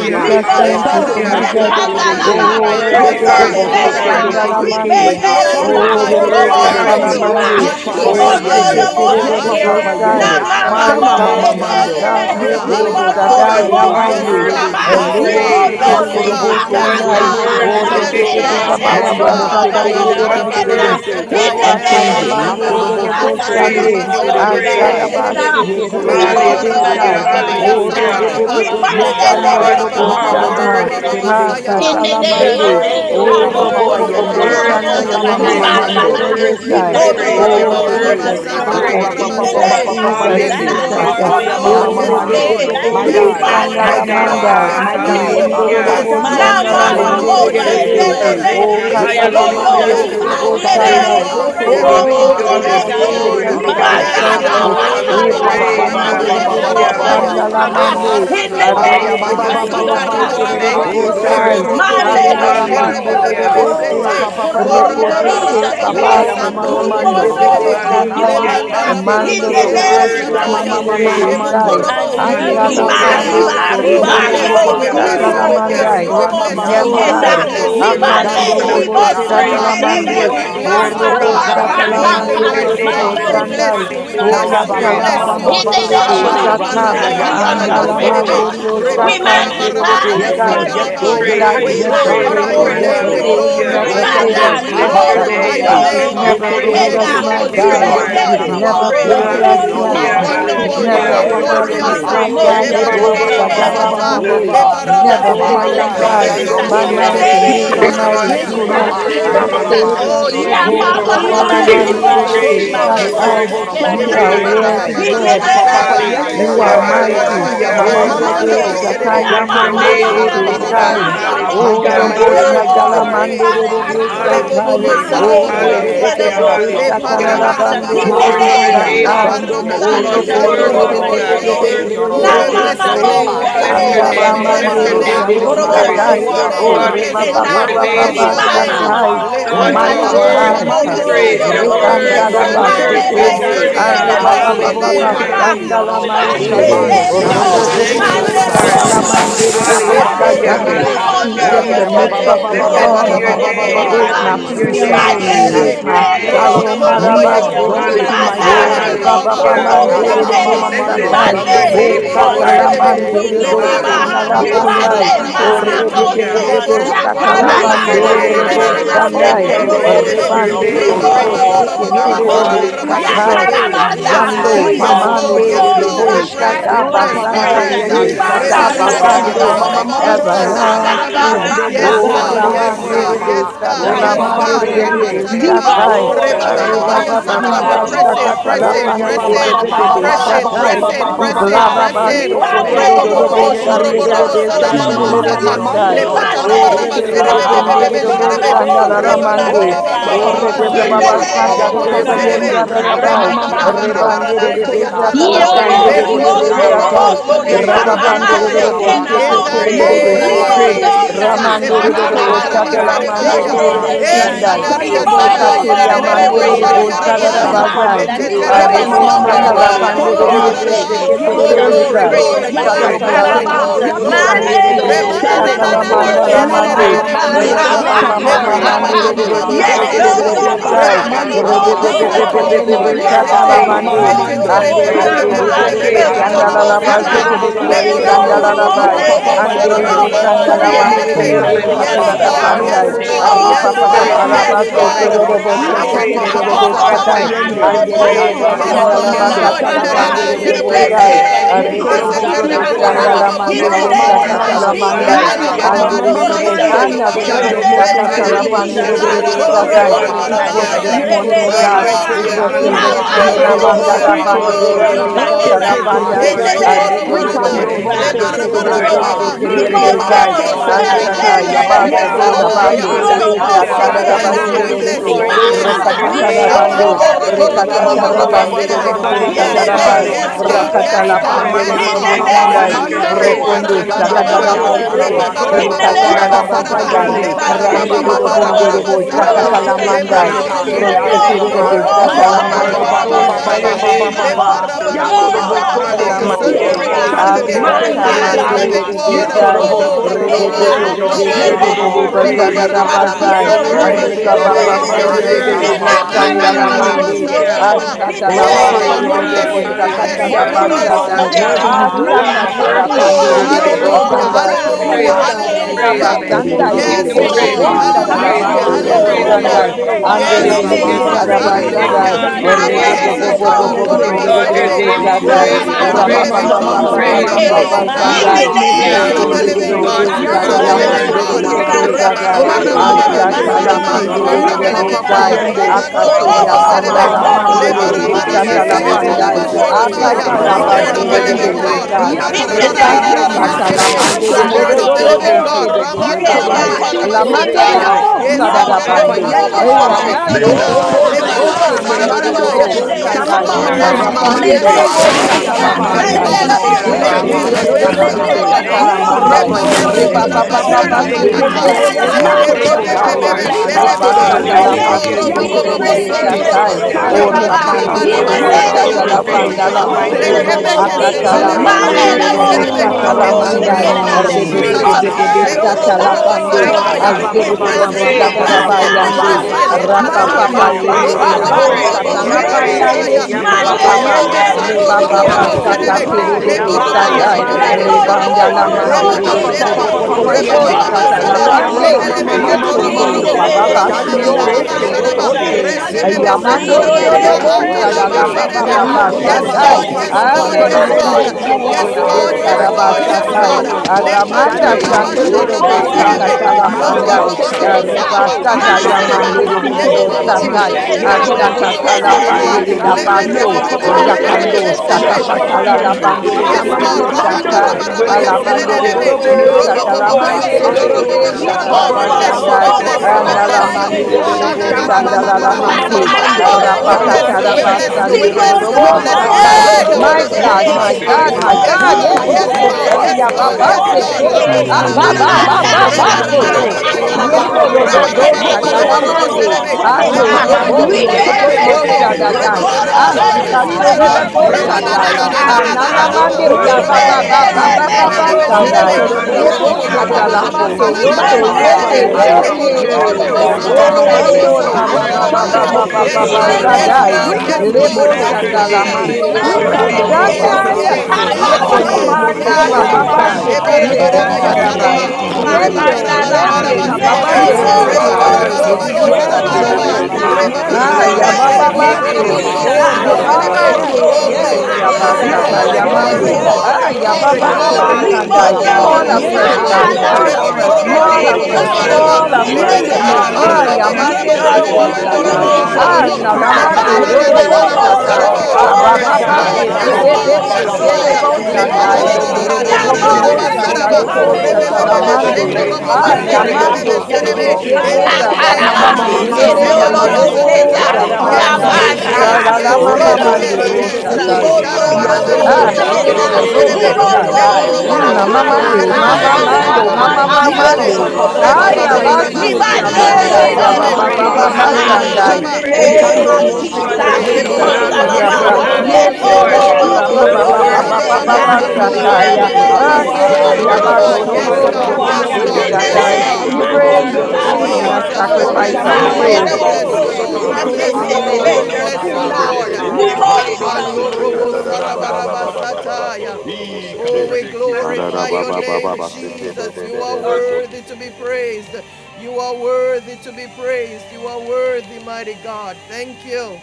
and mighty Jesus. Thank Rabba, one. you, Libondo rabba, Tando uh, hallelujah. My mose You Jesus. God, if are yakanda terebe we the don't si. laba Oh, cry ancient out, Ye the of Worthy sondo are you, rocks days. korobo will re-be-be-be-be-be, uh, so ke cry Lord. ke lebeta. You out. ke are ke the ke. We Sandalamande. King Ribebe do of not Glory. to Tando want riba Oh, glory. mose rocks Worthy korobo terebe crying are Father, you, out we si. for us Lord. re-be-katalamande. Hallelujah. this Yapa soriba. glorify papa your Oh, morning. name Libondolo yende. this God, Yapa morning. moseke, hear uh, shekete-re-re-re-be, papa our Sai. we yende. voice, honor Lord namama My your Hallelujah. Tama God. God, mama name this my mando. Hear mosendelebe, God, morning, Ye me our our bo korobo voices Father. so Lord, libondolo this We you terebe bow moso are si morning. sadayamande. down worthy to terebe God. to kuraba, you, Yes. O so. Lebo God. praise. ikono sete Uh, Hallelujah. re re re We Thank Makorobo de liba you, so cast Lord, our you are sandai. terebe si crown worthy O to Jesus. kalababa at re terebe be your be be so. be feet, ba Thank yelebe, ba you, our Yes. ba exalted. Mando our ba Father. mose sondolo sata le We de terebe provider. de Lord, si de Rabba, join we with rabba, mosekenda. terebe the worship Thank se you, you O In this taya. 24 the our morning. katala way elders, name unchanging. of O Jesus, mandere maker. do God. Makorobo do give Uh, bo so Jesus, Thank We praise, you, terebe shande. si lift give up ikondolo Lord terebe your God, praise. Ashara our sai. Serebebebe, name ba this King. mosekenda, Ye sheke morning, O tere korobo de Thank de so Hallelujah, you, God. Uh, terebe my besai. ribondolebe And si we God. yes, O terebe honor senda, Thank you, rebe hallelujah. sai. be you, O be be Abba God, be Yes, for Father, you shando are God. do Abba ribandelebe Lord, do God you bo and God are Father. all sokuna, Makorobo shatai. by worthy. so Thank terebe Ha yourself. you, si. Uh, in the katala name Jesus. mande. of Rebas, leporo, Thank Yay! your O you, Jesus, robo Lord. Torobos, Rapapapa bo You bo are Ikorobo bo yende. Thank you worthy to Yarabas, shande for Sorobo, ataya, de de Sama Yanta. fighting mama praise. beste our You are tere de mando. de Ribaraba, battles. worthy Rebes, robo. to besai. Pepe Thank pepe you, praise. Terebes, pepe You Lord Oh are pepe Ripondorobo worthy pe. Yoroko, to Jesus, Jesus, for Sanda, Sokuraba. Rebas, Oh, rabba, Jesus, praise. going In the rapapapa before Jesus, Yente. Papa name us. of papa Jesus, Hallelujah. yende. Thank Yeki Jesus, you, Jesus. our Oh, Yes. raba ya way mama Ikorobo O maker. rebe sianta, be mando. Sende, be no be Thank My be Oh, you, Yes. be we sion God. bless shanda Libanda your My torobos Yes. la Jesus. You name, God. are our mandai. Yes. God. yaraba, My Lababa Lord. God. Yendo riba do destiny. do Hallelujah. My Ikorobo, bo My God. casion shanda la Nama God, Shando Hallelujah, torobos mo we Mamo mandere se de de find terebe yereme, be. Jesus. si. refuge Sendelebe, in You Oh, are rebe you, Ye Yes. high Lord and koko koko Rikono lifted Katalamande serebe up, Jesus. de ko. de Holy Riba, Dobo sioro Lord. We Shando Spirit. find Sereo Sandai. correta Mose strength Lord, Terebe in we Sobrubo give Si you, Oh, sianta, you all the Terebe Korobo no Jesus, Jesus. So Se, Lord. sion glory, we Terebe Jesus, give we you My all Sai. torobos God, the the Libanda exalt honor, we give God. you. joy yaraba, you Lababa all of the the We Oh, Lord Rabba riba is ba Baba praise. our ba pokonde ba de de de strength. de satioro Mandelebo Hallelujah. My cono God, Sokuraba. Le you In are siorobo, Sandalamande. the parapapapa. our Ah, Thank, riba joy. ya Arebe ba be name be of be My be God, satioro se you te Jesus, are de de thank de our correba Oh, you, de Le Tikondo. strength. Shando Lord. sai. sianta, Mose My God, Terebe Mandele you are Losion Si. Handalamande our de de Torobo Hallelujah. de besondo peace Oh, this riba se. Rapa Sierebe, Papa morning. borokora. korobo Rebe Brokote Yende. soro te Jesus, you Oh, are seke papas ya Satioro, do our mama peace to this rebe ibondo be morning. be Losiorobo, robo Hallelujah. Ye You Le shandai. are Rabba Kodobo our Si mandarabata. Cassian in peace Mando You do the are this KKK. do Tarabas bo morning, word name of sheke Sama Yoro, God te de mama de praise. mama de Jesus Correba sai. and we korobo Siente, Sendo. give Hallelujah. Yes, you Lord riba God, praise. Adalamande riba in Oh, riba the we korobo Shiparabasian My bo name bo God, of bo you Hallelujah. Tarabas ribondo are our Yoro, Jesus. Hallelujah. riboso chatalamandai. peace. Correba Rama robo mama Yes, Oh, we Siaraba, God. sekenda give Jesus, you bless we you. glory, we We Nosion give you bless Amandere Shando libande honor, we you. Tarabos give robo Mose you liboso praise Terebe Yaraba Jesus, this Si. you shatalamande. nelebe morning, are the riba bless O Lord. you. ba Ricasian keeper Oh robo of ba our Tarabas God, ba Father, we in ba the Oh, lift minds. up ba name Yoroko shatalamandere your of name My robo God. this God, We yekondo Jesus. if bless we shandai. riba you. morning, Rebasiente do We not Holy O bless you. Aya have ba you, ba Spirit. Nosion ba God, in Tarabos the katalamandere what rebe sh- name would Rabbi, Hallelujah. of Yaraba we do, sata. Rabbi, Jesus, Yeah, Lord? we Reba honor Rabbi, you, Yan great Where would Rabbo. God. Tarabas Andalamandere we o go, We Lord? Yoroko sakantere Repapala rebe magnify My Yes, you, God, King Lord. sai. we God, give Yes, we of Rebasiente Lord. give Oh Messiah. you Kings. Yes, praise, God, Lord. you praise. Yes, Riba We never Lord. Rebesat give praise, Glorify, Yes, fail, you korobo you Lord. Lord. Yes, praise. Yoroko never We Lord. give sorobo, fail, Los you you Hallelujah. Oh, glorify never your praise. Yorobo fail ribanda Shando. us name, Bless yet. libo your Uh, Rabakas glorify name. Hallelujah. your name, Makorobosi. God, We Yan you've Bless give your sondorobo Ye you never name. Tarabas praise. failed We us, Bless Koroboso. sekenda, Yoroko give your my you name, your God. Lord. praise. Shando Rebas We libende Lord. You've give Mose. you You libo are never Yaraba Ye praise. worthy. failed sondo Hallelujah. us You Nosion yet. libo Terebesi. are [laughs] Mighty Tarabos libo God, You've wonderful. Pepe you You are are never libo Rapa Hallelujah. Yerebe Papa failed worthy Glory, na to us be yet, Yende. mama my praised, mo Oh, Glory and God. Rebasiente there to Yaba your is Ebo Baba name. Baba Rebes none sendelebe, Baba like Baba Yoroko you. satalamande. yibo Baba. Rebas Jesus, Never Oh, we dorebe my Yaraba failing no God. bless you God in seke. this Shando sion my In Mose the torobo Hallelujah. atmosphere. mountain Terebesi. mover, name my of sierebe, God, Jesus, Ye Messiah. you we are redeemer, Jesus, reba worship Koroboso you my in this worthy. ikorobo. satanama, Terebesi. savior, Oh, atmosphere. yoro Ya Jesus. Ye Debo You are baba Be koraba worthy. Korobosi Six baribo sianta, magnified, Satalamandere be Terebesi. Praise. You Los are Ye Jesus. sondorobo Dion magnified, worthy. Besatai. be Koroboso Torobos You are Praise. sekendalaba. magnified. Yereme, Terebesi. worthy, In Be the Lord. Yapa Rita Papa Hallelujah. magnified, Sian name O You Yende. are Lord. Tarabas irobo You bo are mighty. Oh, Yoroko Yama Hallelujah. sorobo O Mama exalted Reba rebe above Mando. seke. the Oh, we earth. Ya Yonto, sataya bless your Los baba name, mandere My Dion baba God, rebe you na are Jesus. Torobos Yekorobosoterebesi. saya. mama Oh, mo excellent. My God, O you You Yaraba, God, are Hallelujah. my are robo God, Hallelujah. my worthy. Rita excellent. You sendilabo shatala God. are Sian riba mandere excellent. Tarabas rebe karaba. Hallelujah. Yoroko satai. Jesus, Reba O Mande you Hallelujah. rebe are Yere, bebe sendelebo bebe righteous. Noso satala Hallelujah. la Torobos sokuraba. Jesus, In you bandere the Glory are Yaraba, robo to your Hallelujah. name name, wonderful. of Reba shatai. Dando Jesus. Sien O mose Jesus, God, robo Jesus, Teremes you worship Ikorobo terebesi rebe are bebe bebe Yoroko God, terebesi Seke, Los majestic. worship bebe bebe you. Oh, we Yorobo, rebe terebeso. Jesus, so. Namamamo Oh, Reba you we are bless bless Oh, Sien your our Sene, name. Andala We ramamama Teremes Lebe, bless waymaker. your mando. mandere name, Riba, rebe Holy Yoroko Shando Korobo mose Spirit. Jesus, Rabas you satai. are O terebesi. Sondorobo God, Yaraba, we reba lift pa up pa Sekenda, your Oh, Noso everything. pa pa name, pa rapapapa your Riba, Torobos Jesus, Jesus. name. yende. Baba, you are satai. Yaraba, Baba, our Lord, Lepat. Oh, your Mighty Reba Mando, comforter. word ramamama Sien God. be Robo mando. praised. Your Sondorobo Jesus, mesioro Se, word, Brekantara Shando your Jesus, mose word, your Manebe, conociento, Jesus, word, terebe. we Sendele, God. Arriba would baba Boso, ribasiente Makorobosi where baba de would Hallelujah. Kuraba, we terebe. shanda be la mesioro Oh, Thank, without you. mande. you? shando eh, mose Ribatendelebo, God, Orobo correbasiaraba, where sh- terebe. thank would bobo you, we bo Robo be mandelebo, Lord. shata rabai. nociento la without mande you? de de Hallelujah. Rapa de Papa robosiaraba, sonkurabande, satai. Yende. Hallelujah, Leporobobo, Peace Hallelujah. in Sandaraba. Oh, the ribasiente ya hallelujah, yabodorobo, de ba ba midst ba of ba the ba Blessed ba hallelujah. mesioro ba sondorobo, storm. be ba your ba [laughs] ba ba He Glory, name. ba. is Blessed sekelaba, conociorobo, my be your hallelujah, peace. we name. ribande, He Blessed bless be Mm. is you. your my ribasianta, name. menelebo, Rosh, Glory, shalom Rosión We sondo, hallelujah, Torobos we Torobo, exalt marabashende. Hallelujah. you, my magnify Yarama, libanda, O you God. reba libo, baba Rita Hallelujah. kondo, glory. mande Oh, Sian de de de tende, Ramamama Taramas Mando, Blessed Hallelujah. satai. be We libande, Yoroko your Shando give O name, Bose you Robo, Rebe Robo, kata Lord. Terebe, honor. la Si ikondorobo, mande Sierebe, We Terebe de give bo you So, Rebora, Hallelujah. sokuraba, Nosion shanda la honor. Jesus. We Torobos give Yekorobo pandai. libande, you Si O Yarama, mama, Terebe, honor. We Si rebe give be be Hallelujah. you Rita Terebe be mose, be So, honor. Sian Reborobo, shata la Robo, Glory Taramas We yakaraba, Yapa pande to give your Papa de you de name. de mama, Yoroko bo Yende, praise. Rebo, mama, Glory We Reba to ye your give Oh, shandai. name. you Shando O Sierebe, yekorobo, Glory praise. Bose so, to We your rebande give Terebe de you name. de Mioso Si, de bo praise. Torobos shike tere de libondo, Yarama, de Yekorobo Hallelujah. Glory. Si Sorababa, satai. Rita Jesus, KKK, Hallelujah. Sian We your Yes, Yakarabanda, Taramas word. Yando Lord. Shando Libo magnify you, Bose Yoroko Tondo, mamande No Terebe Liba Jesus. debo Si, We, Press. Siente, sata we give Rapa you Parabasen, Rita Papa basanda praise Hallelujah. Sian lebe and Yende, sata Libanda, we Taramas Lebarababa. Oh, Libo Hallelujah. bakando magnify Yoroko you, Yamamama Reba Korose, Mando, Jesus. Sierama, Laba ba everlasting. ba Shando ba Yes, Nosion Oh God, ba la ba you Torobos are Dios ba mande God. Mosekerebesi. worthy. ba debe Yes, Yaraba, ba ba God. sata God, la you Rapa ye Rimas are mande Papa y de de karaba, worthy. debe Yende. Enteremes Libo God, satai. you Yoro, are Jesus. Toriba Arriba worthy. Oh, Rimas ba ba ba Karabaso God, ba Yaraba, Jesus, you are stakata la Press Robose, Oh, Noción ya worthy. pande ba be ba be Riba Yorobos in. ba be ba be ba be ba Yaraba, ba ba ba kondorobo ba Press satai. Hallelujah. ba ba We ba bla sokuraba. ba. ba Shikarabas y ba in. stoko Oh, to Hallelujah. Ribande Enteremes do Rebo. rapa pa do pa do lebe bo Yoro, shande yende. de de Jesus, be Rimas sondorobo y Shama sate de mama de Anta, de mama sokunda. be Jesus, sai. Noción mando. Jesus. Libande Oh Ye Yorobos rebe be terebe be be si rikorobo Yaraba, be de do terebe bo Hallelujah. sorobo Rabas shanda terebe. la y la We sorobo mande. Enteremes Oh, magnify Oh rapa pa pa Yoro, you, seke. God, rebe be In ba Lord. worship, the ba yende. Robo. Rimas y Ya sanda Robo. pa Oh de name de pa of do worship, pa do God, bo Zedebe. Enteremes, Jesus, yende. open zada up worship, our Reba. Shama Rimas eyes, mama y our sakaraba. mando. spiritual Anta, Ye Rebandere de eyes. korobo besata so la Oh Ricación God, praise, Irobo terebe pandere help de si Yorobos us ribo de Leko. to terebe not praise, be sorobo Yaraba, so. besatai. Robo. deceived Ya praise, soriba by Rapa Ribas korobo men. mama so pandere de robo seke terebe God, sai. seke In Yoro the tere de namose praise, de Mando Open up bo our ribo se name Koremas besete. praise. no terebe Yente, riba si. understanding, Ramandere Lord Ye de robo Nosion God. karaba korobo sata Hallelujah. riba so. la Toromos of Open up Ya mandere Messiah. our de de Yaraba, korobo si. Yes, sendelebe besandai. understanding. Sanari. Sando Rimasa ribo My Mose, Taraba, robo Zekatoria God, we Yoro Rebe mandere pray, de sorobo Lord Bebebe, Koremas bozada da Rapa Jesus, seliba Papa Yaraba, bazai. that Yende, you ribo will Rapa Terebo. help Nosion no Alebo Mama us, Hallelujah. Lord sata robo Toromos Mando, la God. pandere Sando sorobo de de Hallelujah. Yaraba, Give ye us Mose, beseke Ye Rita tere Oh, de korobo wisdom, Worship we glory, your bezai. Terebesi, sondo pray, in Satarabas, Holy the glory, riba mighty glory, Yoro Spirit. Chakata name la of la Ba glory, karaba Yakoroboso, ba Koremas glory, mandere Jesus. o glory. Yere, God, And sandere de Yakorobosi, so de we mandelebe Nioso Remanana. Shando besata bless la you, Mose, Toromos our sondo manda la we Laba riba waymaker. mande. praise Yaraba, you, Mama We Mando, one karaba Rapa Riba Rapa Holy bless mama you, Yon ba Papa mama our ba Spirit. Paraba. Papa God. ba mandere Toromos de de God, Yende, We you are ye Yaraba, O besete bless de you de Robo sondo magnificent. this Rita Rabai God, bezai. Reba. riba you morning. Yan are Ramando, libo holy, Tarabas, We Rapa God. Papa love Yoro you, sore God, Yende, Lord. you We are Koremas love O Yebor, Rama great. you, Mama Satalamande, Yere, Lord. yebor, Hallelujah. Mando, no and We lobor, the Great, sion Telebebe. Shando glorify Mose namare, toromos you, Rebebe great. Lord. We Terebesi, yarama, bekondo, Ye Sandalaba, Hallelujah. glorify raba. you, God, I rebasat Lord. Koroboso Zetebe worship Yeno, you yoro Terebe, this no, We konos Sandalabai, mone, morning. Yapa yen Papa and magnify the your sir. Yende, Rebo korobo, tereme, name on I re, Shando am, high, rebas Sandalabande, I Mose the am. yan Jesus, Rebe I korobo, Yes, worship because Terebesi, taramas you you this God, sera. are yoro Satarapandai, God, worthy. Holy Yekorobosi korabas Ribondo, Spirit. terebesi yara, lebe, no Arepapaparabasto God, Hallelujah. I give tondo, God. terebeso. you sion Korobo all the Ya raba. toromos praise. papa Sekete papa Hallelujah. papa Yakono, yarama, Lord, papa I Satai, give mona, you all yende. the and rebas lebo, the Oh yan praise. Rebo Hallelujah tondo, taramas to ramamama the Sandalaba Hallelujah. riba, Lamb mando. yoro of Sando God, kanda. kones Catalapande, God mose the we yen In Rebo the who praise. Oh Zai, terebesi. take tereme, Thank away you, the name God. of sins rebas of the Hallelujah. Arepebe Yekorobosi yan Jesus, ah. terebe. We world. taramas in Sandalamande, thank Ya the yoro you, mama Lord. name of Jesus, mando. korabas you are Ye yan Yosakatalamandai, Jesus, ya Hallelujah. worthy. and mama tarama, ikondo, the mama Rebo Jesus, rebas rebe. mando. you are in Hallelujah. the Sando Sandalabo yere, worthy. mose name nio Hallelujah. of so terebesi Sakatarapande, Jesus, the you toromos Jesus, Rebe are terebeso yan Hallelujah. Satai, worthy. we taramas Orobo terebesai. And we push sondo yere Hallelujah. this bless me you morning, lebe oh this God. Yekoroboso morning. kanda. We glory, ricasi Hallelujah. oh press We in terebesi. glory, this oh worship antarabasi morning. glory, you Yabarobo oro this Amanda Hallelujah. Hallelujah. la glory, Yekorobosi oh sondo morning. pandere corrabasi de robo terebe. glory, Father, de We we oh ara trust besata Repe la magnify sekenda. glory. pe you you, pe pe this pandai. In ribasi It's Lord. pe the pe. morning. name Arribo enterme We bo of You, bo bo Lord. Rikando bo siere glorify shake Jesus, you mose it You, de tenasi this de Lord. Ikondo, morning. terebesai. anta beste de We de Hallelujah. lift Libondo, your besai. Jesus. ribasi Yekoroboso name on oro Ribe, high this terebesi. Ashata conosi Tende, oro Ye morning. yabasto Hallelujah. mo Ledo, do da Oh, korobosi bande de Sondo, de Hallelujah. Jesus, ribasi Robo, we terebesi. bow we besata araba da at bless da your Sekenda, Chando baze feet de Hallelujah. nostro mose de this be. Riba, morning. promosi Glory terebesi. to your Karaba, We Rokatata arabasi name, bow at rabande. anta Sorobo, your Jesus. Yay! feet Ya ba Sondo, this Rekatata ba ba ba Hallelujah. ba morning. rabande de Chitarabasi ba ba Lebenda, de ba oro ba My ba in ba God, bozata the we Hallelujah. conosi ba. rabai. just oro name want of yes, to mo Hallelujah. God. dwell Rakata in la Jesus, your Oh, ah, rama Lord, pandere ma de in ma de presence. ma thank the God bozandai. antarabasi We that name your of just ere mando. praises want Brokonde to Jesus, Chando zakata dwell, ricasi da continually mose in dwell, baze our de. Ekorobose, dwell in antarabasi mouth, your in terebeso. the oro Rekata Ya la Lord. presence. la pa pa name pa of bazadai. Hide us yende. Jesus, from the Hallelujah. Brande Chaba in de ma Nesa Lebondo do ma wicked bonde robo one. de mando. tarabas bo sondo glory Repe shakata yaraba. Protect la pe pe us pe mandai. from pe Hallelujah. lebesa. We the Ritas bless evil your Broste yan name, tere enemy. de Lebondo tarabas God. Oh, bezata My ya yoro la robo ba God, ba God, so kore you mandai. ba we ba are ba ba robo our glorify ba your ba yereme. seke ba ba name. ba protector. ba. lebo Rimas Ya sondo yan ta. lobo koroboso Jesus, we ke give Noso you Hallelujah. Talamandi, torobo sekendeya. praise. Chando Hallelujah. mose Oh, yereme. Ashata Mana Jehovah Hallelujah. terebesi. Mandere labo Rimas de Ye Nissi, Water, sondo yan we Bezai, Jesus, robo flow worship tarabas koroboso over, you are you. flow yoro sekena. worthy. terebesi. over, Your flow In konos Adonai, the Ye word is over. Rebebebebebezede we de korobo name yoroba. of si worship praise. Bazada you. da terebe Rimas Jesus, sai. yan Bazai, Your Iko Yahweh, word is Rebe robo we teremes be Arriba be be sondo yoro be Papa praise. worship be be robo. Your be you. konas be Pandere word de is be. Riba yaraba. Elohim, Doboshanda praise. we la karaba Rimas Mandi, Mmm. worship yan Hallelujah. sondo. you. teremes In Ashata the la Rapa Oh yoro Glory to papa Pandere name God, de of we konos God. give yende. you Jesus, He's yense. Doboshakata da Hallelujah. Iko praise. worthy. robo Rimas Basatai, He's My Hallelujah. se. worthy. God, He's yaraba. worthy. God, Ya He's we Ashakata Rapha, da worship Noso we worthy. give baba Oh, you Pandere God. torobo de Ye no We praise. worship hallelujah, yaraba. korobo you. moto Yaraba, si Dobosandai. Rapha, We robo hallelujah, Praise, terebe Reba, sai. worship Rapha, you, seke. praise. hallelujah. Rapha, Thank Chando Yenterebes, we you. give mo Rabazanda, se you Give you Yiko Yoropo, terebe praise, praise. Ribo, si. Rebas, Roboshada Ye la praise. ribo, Yaraba, Bandere Give you Hallelujah korobo to praise, Los si the Lamb sorobo, Robosandai, Lord. of terebe. Otrobos, God, Ya Andere we Hallelujah. sendele, de give you korobo beso, Yaraba, Bezada so Jesus. praise. terebe curaba, Bazadai, Rebas, Exalt si. God, your you Orrebo name. are Rapa Yenterebes, Bobo mandele, worthy papa to Bobo be Bobo Yoropo, yende. Los Zede Lord, praised. bosondo, Oh, your de riba, name is Yorobo, Bezadai, Jesus, Oh, great you caraba, and Spirit are of the Mama, Rebas, great worthy mama, is sondo, to mama, be lobo, mama, Yantarabas, praise. praised. mando. My Yoropo, In God, God, the Rapapapapapapapapapazandai. Yando we Rabas, mo se bless Hallelujah. Spirit you name Yara, this of of terebesi. Los morning. God, God, you Jesus, in are the My Yakorobo Otrobos, name worthy, God, so of we Yaraba, praise Jesus. kekeke. Jesus, you this Spirit Yekondedededebezadalamandedededobozadai. of Hallelujah. morning. Rebas, Sando ribo, mo se Lord, My ribo, Yenterebes, God, terebesi. we Spirit lift Ya sorobo, of the Yoropo, your name Los papa pa on Ashtatalamandedededebozai. sendele, high yende. this Yente, beso, God, morning. Oh, robo, rama My God, mama sorobo, Shekarabas, you are mando. seke, Yaraba, Rabamanama, Los wonderful riba, Akatoriapandalapandedededebezatalamandai. this libo, Otrobos, morning. Yay! Ya sondo, My papa Yaraba, God, pa robo, you are you are yende. our mighty, Akatalabazedededebozai. Ya God. in You everything are the papa no, pa this mighty. You name morning, are yende. of great, all Sando Lord. mo Jesus, knowing Spirit of se God Hallelujah. terebesi. Sikondorobo Ye Ramanda, Thank all Rekasukatalamandedededodododoshedededebabai. korobo Sekenda, si you, Rabas, powerful thank you, God, terebesi. Libondo, yes, Ya Ribo, all papa thank pa Alamandededobozadadabande. you, righteous Holy Hey, Sondorobo yende. God. Spirit. anayo Menda Seke, baret Oh, Oh Riba, kliva Hallelujah. God, shama Libo, harabo Jesus, Jesus, koto Sondo, fire, mamando. blessed shanda Lebe, you yes, kala are konoroboseketedededededobosakai. Chamama bara you. Redeemer, mama haza Sekenda, worthy to mama Arapandere mando. blessed praise. robo Thank Libondo, Ye inna ya shata bara Thank Redeemer, la Riba, papa we hara pa rodo bandai. bless yende. God, you koso this Sendelobo, Hallelujah. Rebe shanda Hallelujah. be morning. kara be Ido be do do be Sokunde, do be be do zikate Blessed be. i Libondo, Thank you, Ma kala no, Redeemer, Lobo, papa shatalamandai. we Holy pa borosho you. no, bless yende. you Sorobo, Spirit. Reba ashata ba this ba yala ba Seke, Spirit morning. ba of no, the Thank varese living i sekete God. Libanda, de kala Blessed do Lep, Glorify bo your varo Thank Makorobo you, name, Redeemer, koto Laba, we so. our shataya. Lord. bless Ye baraka Sherebo, you Father. sa Reba this and libondo korobo We Hallelujah. bow ikisi morning. so. shatalapa down mihila to Ya lebese you, sekete Robo, We de this de kende korobo be koto praise Hallelujah. si. evening. you Torobo, shatai. this lebeso isakaya You Father, Chando Lem, we morning. mo Ora kuraba manaharede put se. i are bande you. de We in our de the pala Ye Rabasakes, be word crown at name worship boroso terebe of your you feet. si. praise. shatalapanda this landa la You Jesus uh. ka are Rebe la morning. be mande. word be Father, you horobosa be. are We the lifted ukorobose up. I You are am zikate that Akatalapande mane glorify de you word i do you do Baba say bo kala I this am. leboso borosha uh. exalted, morning. ndorobose Oh Lord. shatalamandai. shanda God, ka kenda you Rebe Blessed are the be Mmm. be God be likate of be libondo i Redeemer, be Hallelujah. Moses. uh. loboso The katarohosha sovereign shatalapande. night Oh, Abba, God, Manda God. we ndorobose Father, kala give Azede you de you are do kenda the bo harense. God Praise, praise. zada of da I ba libanda kala Shadrach, manda la rabababababababababababa. yande. Meshach, ba borosa. ba and Rapa ba Mando Hallelujah, ba papa Abednego. Zadakaya mose ba praise, yende Lobo, ba de manahala do Father, ba you runda bo terebesi. praise, are vo the kora Shena, ancient praise. yekorobose shatalapanda berese. hallelujah, Yay! of yendo Yapa days. Linda ba papa mande ah. Hallelujah. ba valaha ba. yende. koraboroso, borosho. Rebasi Reba Elemetorobo Shanda baba Hallelujah. Oh, hallelujah, antarabasi shaka valakata. sundurubu Thank, tere yabai, Renda bebe orokono sikina. yabai, valaka satai. thank yabai. you, sientenebe. semenekete. I hallelujah. You Rebanda Lord. kala are la the vos. Oh, lion mandere of Hallelujah. do do Shanda the la bo Lemonolobotende. bo Jesus, tribe bo bo of You rapapapapapapa bo Reba, rakadados. bo Jesus, Kliva yende. are Judah. hala shata mighty. la Oh, menete. You Jesus, Ikonoloboto pande. praise, Rebasi great. Ye kuraba. Rekatos. Robo, Kliva In kondo the hala yamamamamamamamando. antarabasi Yes, Jesus, baba ba name of oroko manakata. You Dando are suro bo great. Randa Jesus, mose rebasi Jesus, suro in valaka the bo terebesi. Praise. se. name entenebe. Jesus. of Ye salehekeshe. We honor Jesus, We Yamando koroboso your in do the give do Rikavala name do Hallelujah. you this Hoto, bo name terebesi of morning. praise, shada la God, ah. terebe. Jesus, baba Shandavalaka We word, Jesus, ah. baba honor in Yapa the your word, yes, Jesus, papa name satai. Tavradekese, name of this papa Ikalamanda Ikiri morning, papa Andere Jesus. my word, Jesus, Valaka, eh, God, rebe yende. my eh, se You yes, are tere Zalavara God, oh, oh, Father. rebe worthy, word, oh, My Karabares, you saraba God, are eh, my ah, satai. Father, worthy, Ikalavanda mama, I Oh! you no, are eh, worship Borokoto, Aramanda worthy. Dando you. eh. praise, ah. Mose sandere My Ikate, do bo You praise. God, are my Terebesi, Minda shaka Father, tala I worthy, you Mando bow Ravokoto, are pandai. down Mose to Hallelujah. worthy, you Ikondorobotoroboseya. you Reba Terebeso, are Sandavalakata, my satai Blessed, worthy. God, Ikata, my yamandere do Yakorobosi do Father, Lahorohosha, bo God, my Terebesi, satai. Hallelujah, Paul, you be Mandalabatorobosekenda. not Zialesi, me. are the Ashaka In Idamara, the Yekoroboso tala Uh, worthy. Ekiti, my pandere wonderful Terebesi, da name God is of the You spirit. basto. are Yapapapa Mandarodokoto, Father. Jesus, I worthy, Yende, Yakando you Elion, thank are Hallelujah. shakapata Yapapapa Shashahida, God, la I la ikorobosende worthy, you Yende, la glorify bande de are Malakase, Lord, ba de yes, de de ba de Kamamama worthy. you. Lord, ba Uh, Efrata, ba Mando, satai. I ba God, you're Rabaya, ya the Ikalamanda You Alabande glorify de conquering Yekorobosi, are you, Serebe, Vohokoto, lion King robo of of worthy, you are Yekoroboso Christ. Israel. Efrata, satalamande de I Landa Terebe, karabatorobosende. worthy, robe you uh, are Kashavala glorify Yeshendarabakiyandorabo. you, God, you're worthy. Lord Vorokoso, of high satarabasandai. and you're Florida. My Ikondorobotorobose- Efrata, Yabababababababababa, God, I Analamande you de holy lika. go Sekenda. Oh, robo Rashi, glorify spirit. before you, Yeshayamamamamandorbe. us. Ilaboroko, Shamamama Heavenly Hallelujah. mama sandalalamante. Zalakata, Father. My Mando, God, Father, you There's I Sando Efrata, are Rapakata none your Mose weapon, like Akarabotorobote, Ikiri you behind glorify us. Shikate, rabasande you. de are. Terebeso, Name, libondo robo Yandarababababakosoto. You Lamahakoto, My I Yapapapa alone God, satai. you hallow hey, is Yende, go your My word, Bandakaraka, name. God, beside Repe uh, us. my lobotoroboteke, Rikisia, You I praise. God, Repepepepe, my yes, surround libondo You God, us, Yeshendarebeke magnify you alone Mukoto, yebo your is yamamama. surround Yikandobo name. word, soto us, uh, lebebebe you ya Rindavaraka, For seterebe. you surround are Serekeshe, us. King, babasete. Lord. and Yekorobo toroboteke, you are so. Afrata, My Yandorobokosho King Ababa Bless of God, Yapa libanda baba all you yababa. the papa the Kalakoso, Lord la bless by earth. yende. ba your us. uh. basoto. ba name. Oh ba Rabayara, Yapa You ba papa Yendo God, Rindavarasaka, you are do Yekendarebeke the do are ba yende. do God Ikete, rebe all blessed God, tetelio. Wopo by popo one, E po. yourself. satalamande. uh, Jesus. Valakoro sondoloboteke Raba And Ando You mama I na, Shaka, are yebo honor the mando. no your Yendarabakasha do Bobo, blesser, name do Shado Bandakare, mo Lord bo this yamamai. morning. seterebe, sadadai. uh. Jesus. Sikilaboros, I terebe, ribebebe God, give you you terebe. Zakaya all the Asikatore fight Shantana, Manakala de our Yendarobokusho Siraboto Yay, glory first Redese, yobobo. and yapa battles, riba all papa postatai. the Anana, Lord on Mendevala honor. yende. God, karaba. Jesus. For kolaboro Ananamande honor ya and ba Oh, kosendavala ba My God, glory ba kata ba Ribendele God, ba belongs to Jesus. ba you you. ba Hallelujah, uh, Ye rakashata sandai. korobo are Honor korobo and awesome, bo riba Koro, bo Rebo glory bo rakashata bo hallelujah. bo bo belongs bo Jesus. karaba. to rakashata you, bo. Your satalamande Heavenly My yondo word, Mapa likamana God, papa Father. we yende give Ribendele holoosho yende. Honor your everything and glory to word, belongs you, yende. rakata Yay, uikondo to your Lord yapa you. word, uh, mama sende Jesus. tamadeverese Oh, your liba mando. raba i word, ba Rebasion Oh ba Sharaba, ba Chando God, ba korobo. Torobos Yandarebeke we katohosho ba Mose Yes, ba look In praise, to ba the Lord. you, sheyamamama. Akadadadaba Terebesi. randavana Yarabasien sete zadai. hallelujah. our name rock kata of Ricando yodododobo Terebeke this i Rebo Bless Mose Jesus, your morning. kotododobo Sete. name, sete. Terebesi. kalamendeverese satalamande de bless do My shi do your Ribondolobo bo God, name, Ricando we give Mose kalamodoso Ikarabasian sende. Adadadabababa you Yendarabababakosho sandai. yobo. sete praise Terebeso. Ye this fire Tarabasioro yadadababa Shando morning. kondo. kasanda hallelujah. Mose Ye kotododobo ba You Ababamandala verese Glory are ba sete Korabasian ba our and yadaba. Terebesai. umbara Taraba. sete praise shield. baluboto hasa rebe unto your You Yeshayamamamamando. robote Dididididididi, we sarabai. Rebasion name, are fire sete our Yes, akala Torobos didididi. Yendo strength. rondo Rebe. libakandala hosha yende hallelujah. ba You ba Yendarebeke Didididididi, ba are Yeah, de our yekondo Rikasian sheyaba. yes, robo kotododobo ah sai. sete everything. Lord. loboto yadaba. kasanda Rebo Tarabasioro so, You Yes, are ndolobose varakaso our rebasi Lord. kenda satalamande. araba, shield Yamamamamamando. Yes, Dididididididididi, in we this no Ah, the sete ya Lord. ah ba didididi, morning. ba we ba name lakanda Yes, sotorobosi of se. sotododobo. Lord. araba, Jesus, Oh, redekirese Jesus you so, Yes, are Yeshendarababa. our so, ricasi yes, Rabamande Oh, shield. ikondo ah yes, Ah, riba glory, enterebesi Ketoria Yadadadabababababababa yes, glory, oro Hinderele Jesus, yes, karaba Basata you kotododobo glory, are yes, sete our correbasi glory, Yamande. Halavorokoto. yes. glory, yadadaba. ara, shield. sorobose Ah, Yeshendarabakoshata. no glory, Yababa We ndeya Baba love glory. Ah, you. Dikididididididi, sotorobosi we We Sandai. Kasanda sete Hakoroboso, libondo hallelujah, love araba, Fall you. We yodododobo afresh, Varokoto. love hallelujah. sete you, God. rebasi Fall yadadaba. Yekorobosi, ribakalabo Lord. Glory Ikalavanda afresh, to your antarabasi fall We name, oro Varakasa. sorobose afresh, love Lord, ke. you. conosi Yakoroboso, We Dikididididididi, fall Sandavala In love orobo, you. the We kotododobo afresh. Halaverese. love sete Yeshendarabeketititi. you, name Oh, Yandomose, rebasi of yadadaba. hallelujah, Lord. Ikata. Yamande Ikede Jesus, You enterebesi Robo Eleleo are oro our Satai. Yeterebesi, God, Manahalavondo Ikorobose, healer. Ah, corrabasi you Hoso. are Yeshendarababa. Yapapapa Nalamande antaraba, Labando, Kilavare word, you Yende, My Robo Kisi. are God, you ricasi Sata. word, are Roboso, you Oh, our are Ah, Zakavarasa. word, Baba Robose, antarabasi healer. God. oro Lundo Base Kenda, You Hallelujah. Hoso. Spirit are of conosi the Terebe our living Come Libondo, Rababababababababababa, God. enterebe, Terebo Savior. Lebe, Shavalavarakasa. Oh, Ledo Sandai. Lebe, Hoso back to rebasi and Oh, Shandomose the Robo Santa, Bobo Malakaravese. no Bo exhibit, Terebesi, hallelujah. Eyabababa. Yabone, Sion Sandale Bo Shidavahondo Torobos Leboso, Sata Yekoroboso God, Voroko. Hallelujah, Yaraba, Lamande. Doroboso, Terebesi, praise, Rekados, Ricas Ah, hallelujah, praise, Kuremenda, Mikalavanda Yakoroboso Yebebebebekeshayaba. Yamande Yantarabas de hallelujah, Hasa, praise. de Yoro de Terebesi, In the Boza Correbas Tepa name, Ekafrakatos, hallelujah, Mama Akaraba, Dadabande Mama Yaraba, Hallelujah. de de Mama no Klivarakate, Bez Yendo, Mama de hallelujah, de Mando, Sotorobos Bo Lobosenda, hallelujah. Oh, Hallelujah. Inamanakalaroto, fire Yaraba, of the Jadabandai. Holy Jesus, Ya Ghost, yes. Yabaraba, Sashahida, la la Rebesata, mama Ababababakoshata. no Hallelujah. Jesus, mandiri Sorobosen, Hallelujah. Sion Rendavalakata, osatai. Repepepepepepepe, Jesus, Torobos Shahila Libondo, Yaraba, Vedese, Ah, Glory, Lobose, Yandomose Jesus, to your Kenda, Eyabababakoshata. ego Shikarabas terebesi name. Ilamadokoto, robo sai. Jesus, Libondo, terebesai. Yentrebes Mikaredese, Mm, Liba, glory, Yoro. Jesus. mama honor, My and Mahalavaras, mande, Yekoroboso Kalaba, God, mama praise, my My Ba, Akoto, honor, Father, mando, Ba, God, I terebesi. Ba, mama my Ba, bless mama Ya your God, Yendarebekeshayababa. mande. we papa name. Rindavarakate, Father. ah. papa give you Hallelujah. Haya Yekorobose, papa Ikate, praise. Hallelujah yende. Ikere to the basuria Lamb We God, your of manda, Gandalaborokoto, Libande Oh, give name, is ya God. rama you ba ah. to ba mama ba great Yeshendarabakoshata. ba mama and praise. Rambarakata, ba mama We great, kuraba. give Hallelujah mando. basandai. to in you the Rushale. the King. Ate, praise. praise. name We Rikando of Oh, give Kings, you Ikatohosha, mose ah, God, Jesus, your Jesus terebesi. Jesus, praise. everlasting, hallelujah Mandavarakata, Jesus. to ikondalaba the ah. King of everlasting Yekoroboso Ikalavorosha, Yendo Kings. Lord, ah. Hallelujah. yemorobo terebesi Akata, raba We and ba Glory ba torobo be ba worship terebesai. to ba ba Lakalavosha, you, the ba glorify ba your ba senda Lamb Yando Jesus. name of this Likasha, mose God. Worship sataya. morning. libende the ah. Holy Mohokoto, You terebesi. are Ande Father, lebe Spirit. I ya ba bless Rapa Landavares, torobo your papa wonderful. holy papa dorobo Hallelujah, You name, papa are kuraba. ah, Ikalavorosho, serebe yende. for in you the Yes, are satai. Oh, hallelujah, Mandavala wonderful. King We name of sando of You Karamono all bring are the hallelujah, this sando Hokora earth. Jesus morning ah. sando. a Redekala hallelujah, glorious. Father, ikondo Oh, Endese, we sacrifice You shama of riba are mama praise. glorify hallelujah, serebo your mando. Nikalavoravohosha name. magnificent. Lord, we ah. Yekoro bless You Kavarakata, sokurambende you, are Lord, hallelujah, we lebe Hallelujah, bless hallelujah. you, Indavarakala wonderful. Lamb sokunda of Lord. Glory Redese, You to God. your are ah. name. Barakata, awesome. Mando robo Barakata, Hallelujah, Baba, Lamb Barakata, sarabaraba of Barakata, sataya. Ikala Oh, we Bless your Redekisi name. glorify your name, Jesus. You are worthy to be praised. You are worthy to be praised. You are worthy, mighty God. Thank you.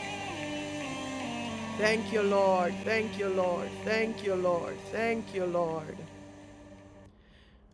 Thank you, Lord. Thank you, Lord. Thank you, Lord. Thank you, Lord.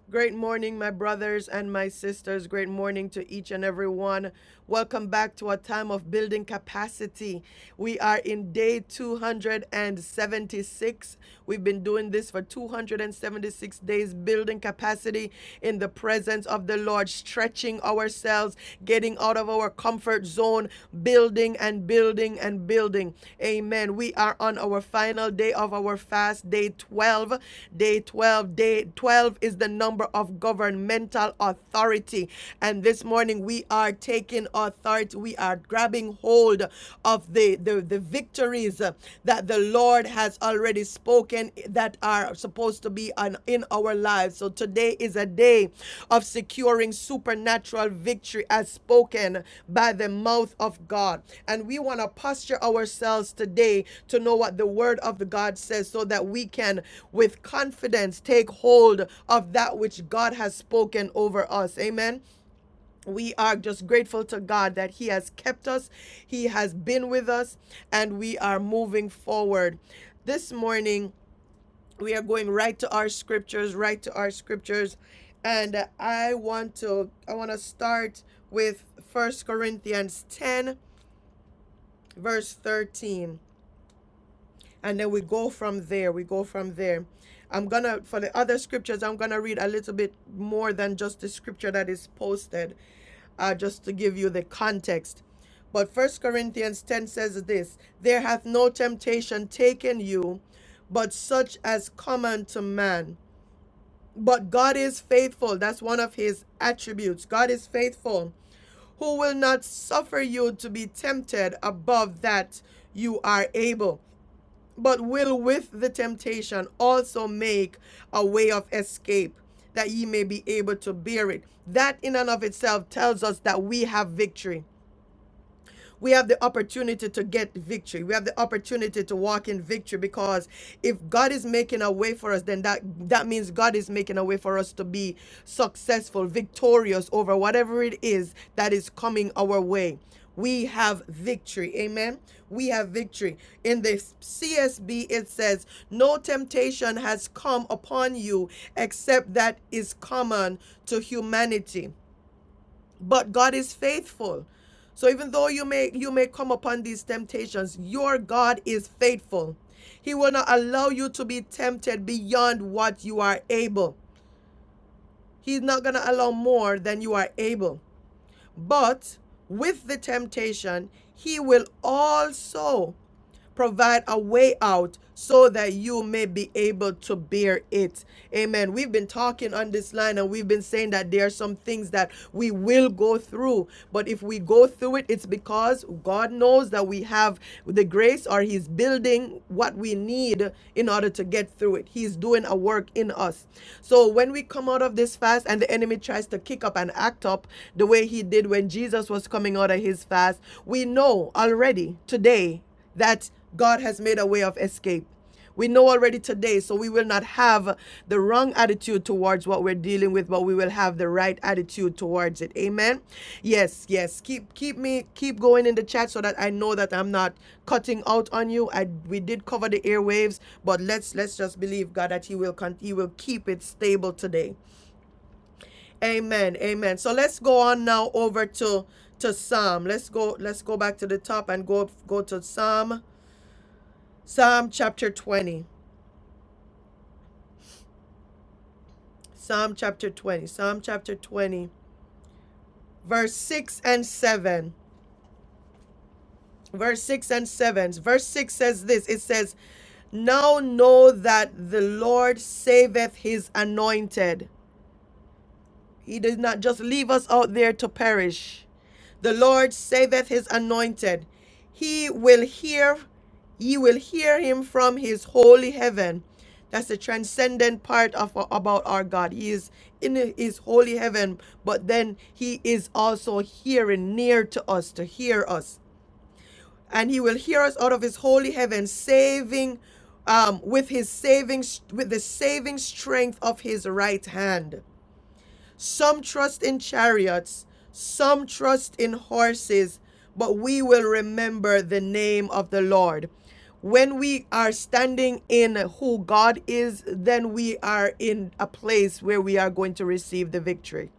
Great morning, my brothers and my sisters. Great morning to each and every one. Welcome back to a time of building capacity. We are in day 276. We've been doing this for 276 days, building capacity in the presence of the Lord, stretching ourselves, getting out of our comfort zone, building and building and building. Amen. We are on our final day of our fast, day 12. Day 12. Day 12 is the number of governmental authority. And this morning we are taking authority. We are grabbing hold of the, the, the victories uh, that the Lord has already spoken that are supposed to be on, in our lives. So today is a day of securing supernatural victory as spoken by the mouth of God. And we want to posture ourselves today to know what the word of the God says so that we can with confidence take hold of that which God has spoken over us. Amen we are just grateful to God that He has kept us, He has been with us, and we are moving forward. This morning, we are going right to our scriptures right to our scriptures and uh, i want to i want to start with First corinthians 10 verse 13 and then we go from there we go from there i'm gonna for the other scriptures i'm gonna read a little bit more than just the scripture that is posted uh, just to give you the context but First Corinthians 10 says this There hath no temptation taken you, but such as common to man. But God is faithful. That's one of his attributes. God is faithful, who will not suffer you to be tempted above that you are able, but will with the temptation also make a way of escape that ye may be able to bear it. That in and of itself tells us that we have victory we have the opportunity to get victory. We have the opportunity to walk in victory because if God is making a way for us, then that that means God is making a way for us to be successful, victorious over whatever it is that is coming our way. We have victory. Amen. We have victory. In the CSB, it says, No temptation has come upon you except that is common to humanity but God is faithful. So even though you may you may come upon these temptations, your God is faithful. He will not allow you to be tempted beyond what you are able. He's not going to allow more than you are able. But with the temptation, he will also provide a way out so that you may be able to bear it. Amen. We've been talking on this line and we've been saying that there are some things that we will go through. But if we go through it, it's because God knows that we have the grace or He's building what we need in order to get through it. He's doing a work in us. So when we come out of this fast and the enemy tries to kick up and act up the way he did when Jesus was coming out of his fast, we know already today that God has made a way of escape. We know already today, so we will not have the wrong attitude towards what we're dealing with, but we will have the right attitude towards it. Amen. Yes, yes. Keep keep me keep going in the chat so that I know that I'm not cutting out on you. I we did cover the airwaves, but let's let's just believe God that He will con- He will keep it stable today. Amen. Amen. So let's go on now over to to Psalm. Let's go let's go back to the top and go go to Psalm Psalm chapter 20. Psalm chapter 20. Psalm chapter 20. Verse 6 and 7. Verse 6 and 7. Verse 6 says this it says, Now know that the Lord saveth his anointed. He does not just leave us out there to perish. The Lord saveth his anointed. He will hear, ye will hear him from his holy heaven. That's the transcendent part of about our God. He is in his holy heaven, but then he is also hearing near to us to hear us. And he will hear us out of his holy heaven, saving um, with his saving with the saving strength of his right hand. Some trust in chariots, some trust in horses, but we will remember the name of the Lord. When we are standing in who God is, then we are in a place where we are going to receive the victory.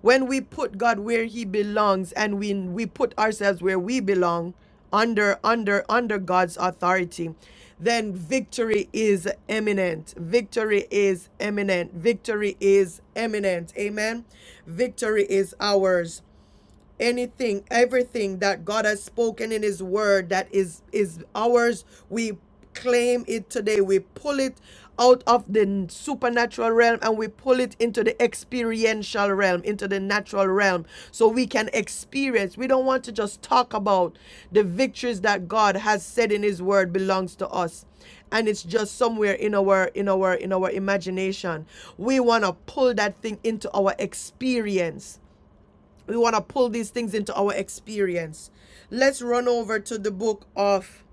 When we put God where He belongs and we, we put ourselves where we belong, under under under God's authority, then victory is imminent. Victory is imminent. Victory is imminent. Amen. Victory is ours anything everything that god has spoken in his word that is is ours we claim it today we pull it out of the supernatural realm and we pull it into the experiential realm into the natural realm so we can experience we don't want to just talk about the victories that god has said in his word belongs to us and it's just somewhere in our in our in our imagination we want to pull that thing into our experience we want to pull these things into our experience. Let's run over to the book of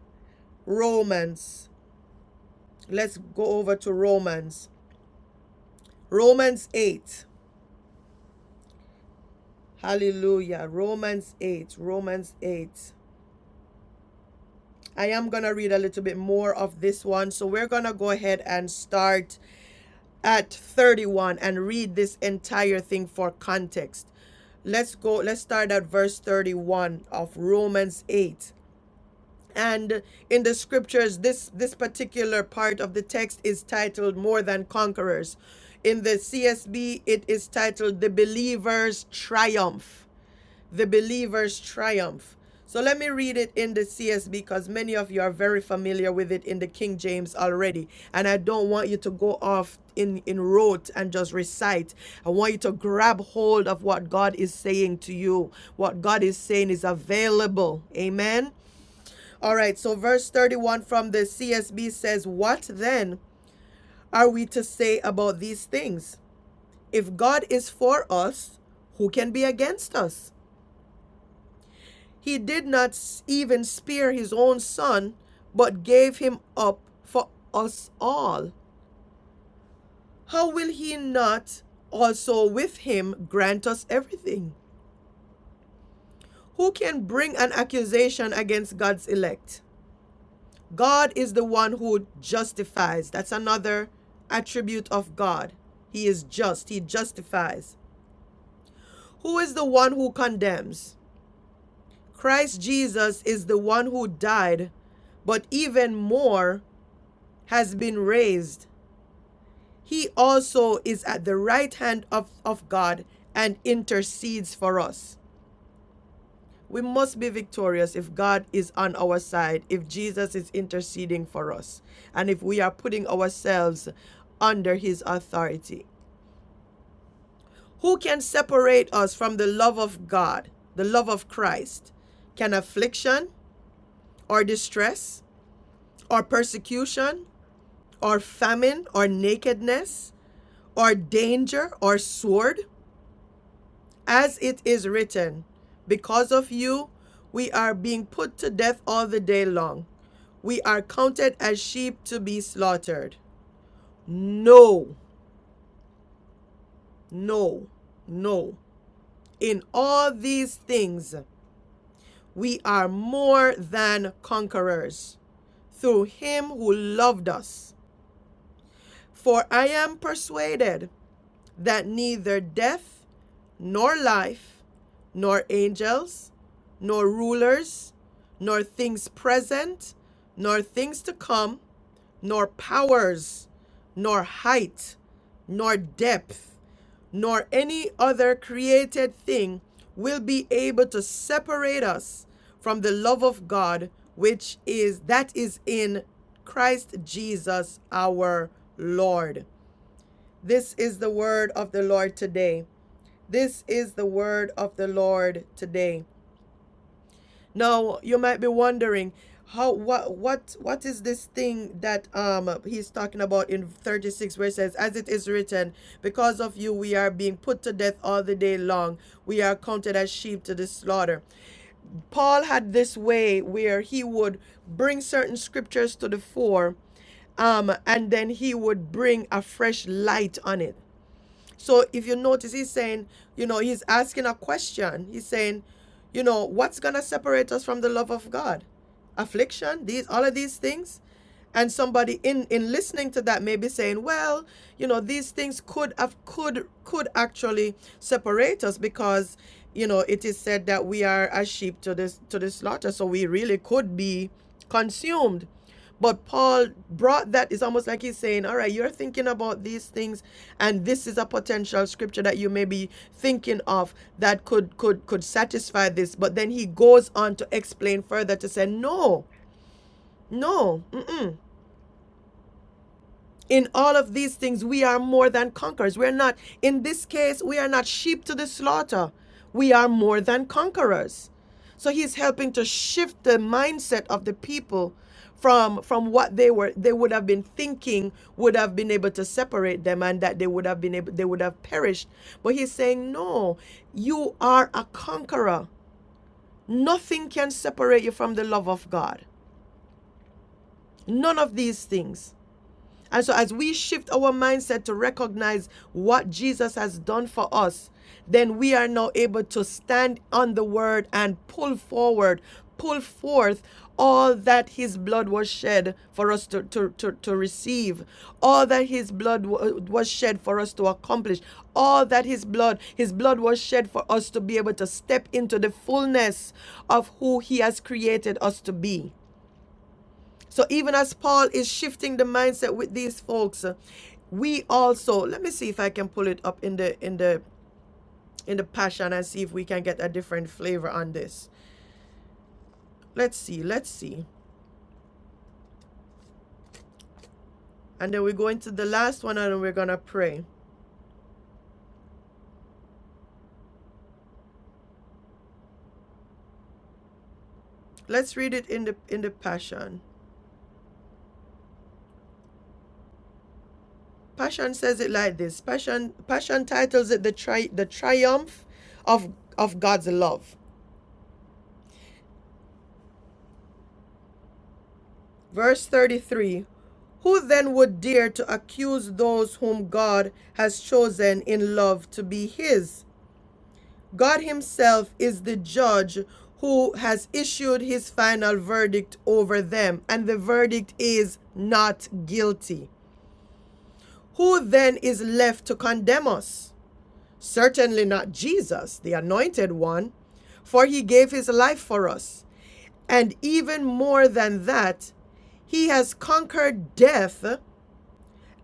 Romans. Let's go over to Romans. Romans 8. Hallelujah. Romans 8. Romans 8. I am going to read a little bit more of this one. So we're going to go ahead and start at 31 and read this entire thing for context. Let's go, let's start at verse 31 of Romans 8. and in the scriptures this this particular part of the text is titled more than conquerors in the csb it is titled the believer's triumph the believer's triumph so let me read it in the csb because many of you are very familiar with it in the king james already and i don't want you to go off in in rote and just recite i want you to grab hold of what god is saying to you what god is saying is available amen all right, so verse 31 from the CSB says, What then are we to say about these things? If God is for us, who can be against us? He did not even spare his own son, but gave him up for us all. How will he not also with him grant us everything? Who can bring an accusation against God's elect? God is the one who justifies. That's another attribute of God. He is just, He justifies. Who is the one who condemns? Christ Jesus is the one who died, but even more has been raised. He also is at the right hand of, of God and intercedes for us. We must be victorious if God is on our side, if Jesus is interceding for us, and if we are putting ourselves under his authority. Who can separate us from the love of God, the love of Christ? Can affliction or distress or persecution or famine or nakedness or danger or sword? As it is written, Because of you, we are being put to death all the day long. We are counted as sheep to be slaughtered. No, no, no. In all these things, we are more than conquerors through him who loved us. For I am persuaded that neither death, nor life, nor angels, nor rulers, nor things present, nor things to come, nor powers, nor height, nor depth, nor any other created thing will be able to separate us from the love of God which is that is in Christ Jesus our Lord. This is the word of the Lord today. This is the word of the Lord today. Now, you might be wondering, how what what what is this thing that um he's talking about in 36 where it says as it is written because of you we are being put to death all the day long we are counted as sheep to the slaughter paul had this way where he would bring certain scriptures to the fore um, and then he would bring a fresh light on it. So if you notice, he's saying, you know, he's asking a question. He's saying, you know, what's gonna separate us from the love of God? Affliction, these all of these things. And somebody in in listening to that may be saying, well, you know, these things could have could could actually separate us because, you know, it is said that we are as sheep to this to the slaughter. So we really could be consumed. But Paul brought that, it's almost like he's saying, All right, you're thinking about these things, and this is a potential scripture that you may be thinking of that could could could satisfy this. But then he goes on to explain further to say, No, no, mm-mm. In all of these things, we are more than conquerors. We're not, in this case, we are not sheep to the slaughter. We are more than conquerors. So he's helping to shift the mindset of the people from from what they were they would have been thinking would have been able to separate them and that they would have been able they would have perished. But he's saying, No, you are a conqueror. Nothing can separate you from the love of God. None of these things. And so, as we shift our mindset to recognize what Jesus has done for us, then we are now able to stand on the word and pull forward, pull forth all that his blood was shed for us to, to, to, to receive, all that his blood was shed for us to accomplish, all that his blood, his blood was shed for us to be able to step into the fullness of who he has created us to be. So even as Paul is shifting the mindset with these folks, uh, we also let me see if I can pull it up in the in the in the passion and see if we can get a different flavor on this. Let's see, let's see. And then we go into the last one and we're gonna pray. Let's read it in the in the passion. Passion says it like this. Passion Passion titles it the tri the triumph of of God's love. Verse 33 Who then would dare to accuse those whom God has chosen in love to be His? God Himself is the judge who has issued His final verdict over them, and the verdict is not guilty. Who then is left to condemn us? Certainly not Jesus, the anointed one, for He gave His life for us. And even more than that, he has conquered death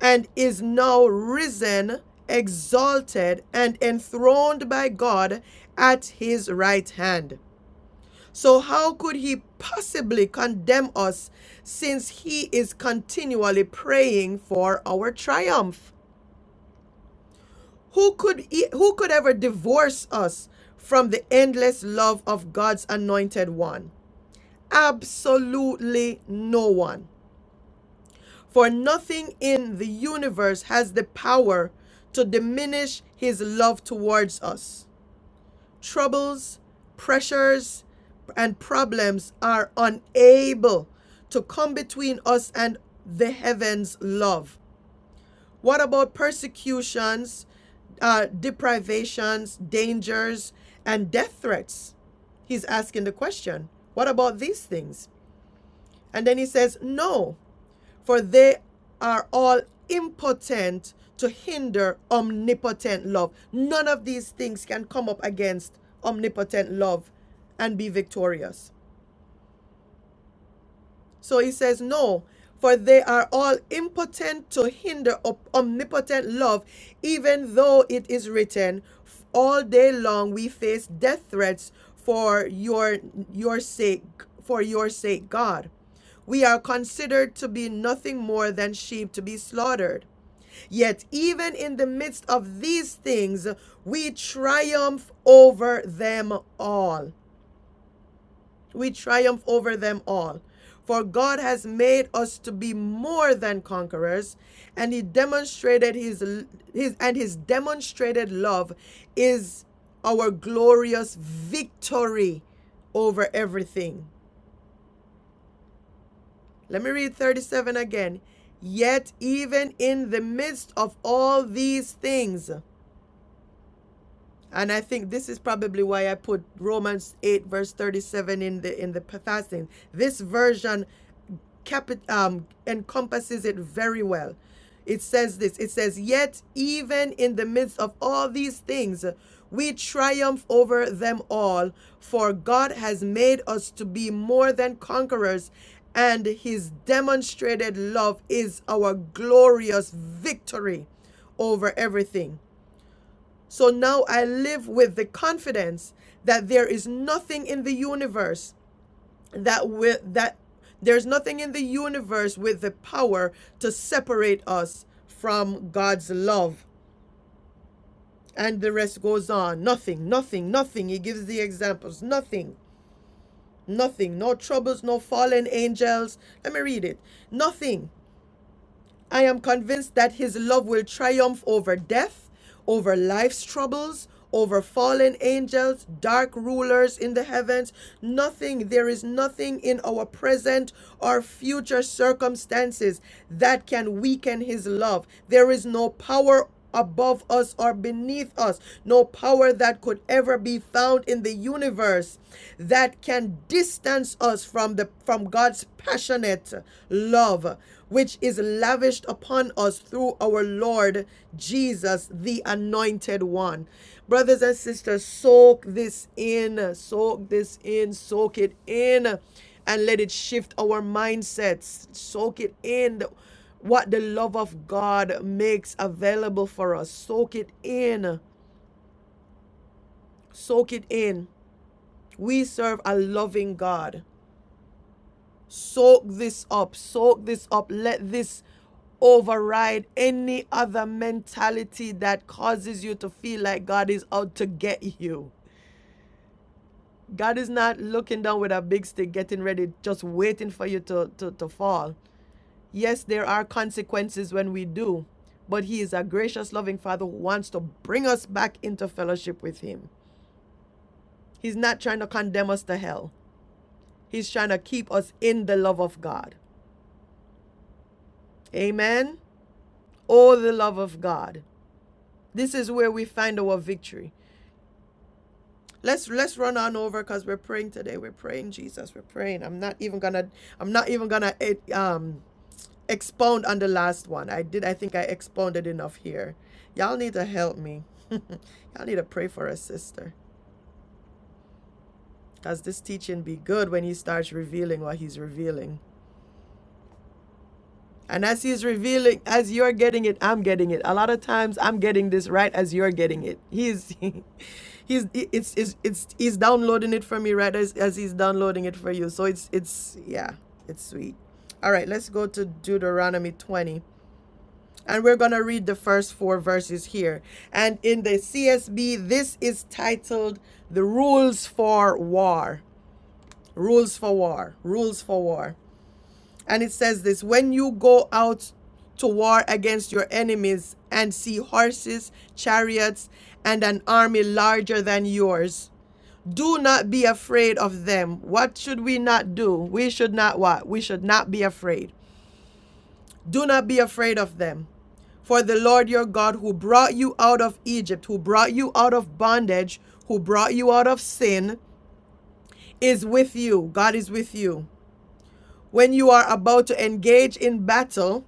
and is now risen, exalted, and enthroned by God at his right hand. So, how could he possibly condemn us since he is continually praying for our triumph? Who could, e- who could ever divorce us from the endless love of God's anointed one? Absolutely no one. For nothing in the universe has the power to diminish his love towards us. Troubles, pressures, and problems are unable to come between us and the heavens' love. What about persecutions, uh, deprivations, dangers, and death threats? He's asking the question. What about these things? And then he says, No, for they are all impotent to hinder omnipotent love. None of these things can come up against omnipotent love and be victorious. So he says, No, for they are all impotent to hinder omnipotent love, even though it is written, All day long we face death threats for your, your sake, for your sake, God. We are considered to be nothing more than sheep to be slaughtered. Yet, even in the midst of these things, we triumph over them all. We triumph over them all. For God has made us to be more than conquerors, and He demonstrated His, his and His demonstrated love is our glorious victory over everything. Let me read 37 again. Yet, even in the midst of all these things, And I think this is probably why I put Romans 8 verse 37 in the in the p- fasting. This version capi- um, encompasses it very well. It says this. It says, "Yet even in the midst of all these things, we triumph over them all, for God has made us to be more than conquerors, and his demonstrated love is our glorious victory over everything." So now I live with the confidence that there is nothing in the universe that will that there's nothing in the universe with the power to separate us from God's love. And the rest goes on. Nothing, nothing, nothing. He gives the examples. Nothing, nothing. No troubles, no fallen angels. Let me read it. Nothing. I am convinced that his love will triumph over death, over life's troubles, over fallen angels, dark rulers in the heavens. Nothing, there is nothing in our present or future circumstances that can weaken his love. There is no power above us or beneath us, no power that could ever be found in the universe that can distance us from the from God's passionate love which is lavished upon us through our Lord Jesus the anointed one. Brothers and sisters, soak this in, soak this in, soak it in and let it shift our mindsets. Soak it in what the love of God makes available for us. Soak it in. Soak it in. We serve a loving God. Soak this up. Soak this up. Let this override any other mentality that causes you to feel like God is out to get you. God is not looking down with a big stick, getting ready, just waiting for you to, to, to fall. Yes, there are consequences when we do, but He is a gracious, loving Father who wants to bring us back into fellowship with Him. He's not trying to condemn us to hell, He's trying to keep us in the love of God. Amen. Oh, the love of God. This is where we find our victory. Let's let's run on over because we're praying today. We're praying Jesus. We're praying. I'm not even gonna. I'm not even gonna eh, um expound on the last one. I did. I think I expounded enough here. Y'all need to help me. [laughs] Y'all need to pray for us, sister. Cause this teaching be good when he starts revealing what he's revealing. And as he's revealing, as you're getting it, I'm getting it. A lot of times, I'm getting this right as you're getting it. He's, [laughs] he's, it's, it's, it's, he's downloading it for me right as, as he's downloading it for you. So it's, it's, yeah, it's sweet. All right, let's go to Deuteronomy 20. And we're going to read the first four verses here. And in the CSB, this is titled The Rules for War. Rules for War. Rules for War. And it says this When you go out to war against your enemies and see horses, chariots, and an army larger than yours. Do not be afraid of them. What should we not do? We should not what? We should not be afraid. Do not be afraid of them. For the Lord your God, who brought you out of Egypt, who brought you out of bondage, who brought you out of sin, is with you. God is with you. When you are about to engage in battle,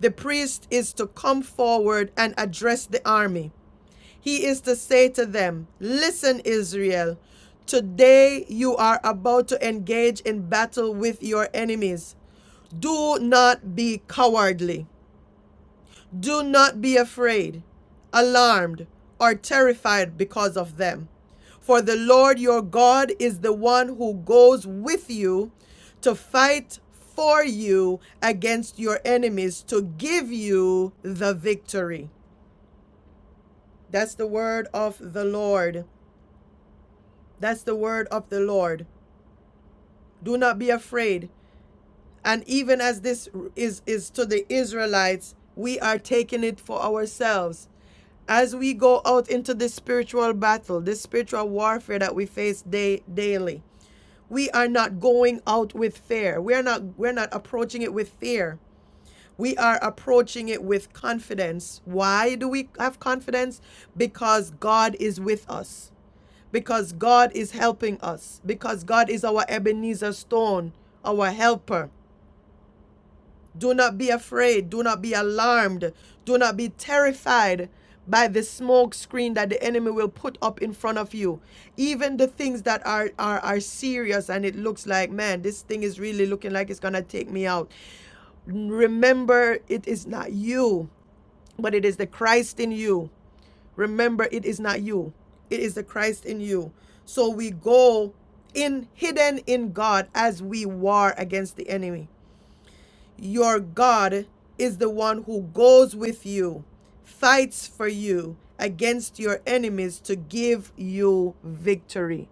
the priest is to come forward and address the army. He is to say to them, Listen, Israel, today you are about to engage in battle with your enemies. Do not be cowardly. Do not be afraid, alarmed, or terrified because of them. For the Lord your God is the one who goes with you to fight for you against your enemies to give you the victory. That's the word of the Lord. That's the word of the Lord. Do not be afraid. And even as this is, is to the Israelites, we are taking it for ourselves. as we go out into this spiritual battle, this spiritual warfare that we face day daily, we are not going out with fear. We are not we're not approaching it with fear. We are approaching it with confidence. Why do we have confidence? Because God is with us. Because God is helping us. Because God is our Ebenezer stone, our helper. Do not be afraid. Do not be alarmed. Do not be terrified by the smoke screen that the enemy will put up in front of you. Even the things that are, are, are serious and it looks like, man, this thing is really looking like it's going to take me out. Remember, it is not you, but it is the Christ in you. Remember, it is not you, it is the Christ in you. So we go in hidden in God as we war against the enemy. Your God is the one who goes with you, fights for you against your enemies to give you victory.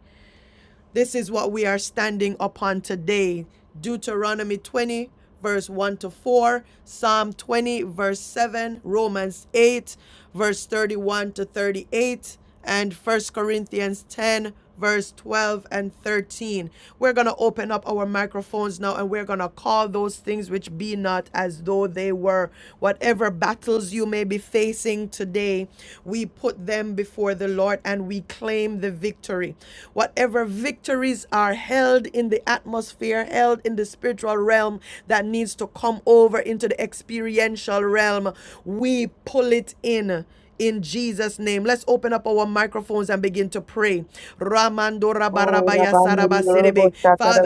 This is what we are standing upon today. Deuteronomy 20, verse 1 to 4, Psalm 20, verse 7, Romans 8, verse 31 to 38, and 1 Corinthians 10, verse 12 and 13. We're going to open up our microphones now and we're going to call those things which be not as though they were. Whatever battles you may be facing today, we put them before the Lord and we claim the victory. Whatever victories are held in the atmosphere, held in the spiritual realm that needs to come over into the experiential realm, we pull it in. In Jesus' name, let's open up our microphones and begin to pray. Ramando Oh, rabarabaya Rabande de Robo sarabaserebe. Father,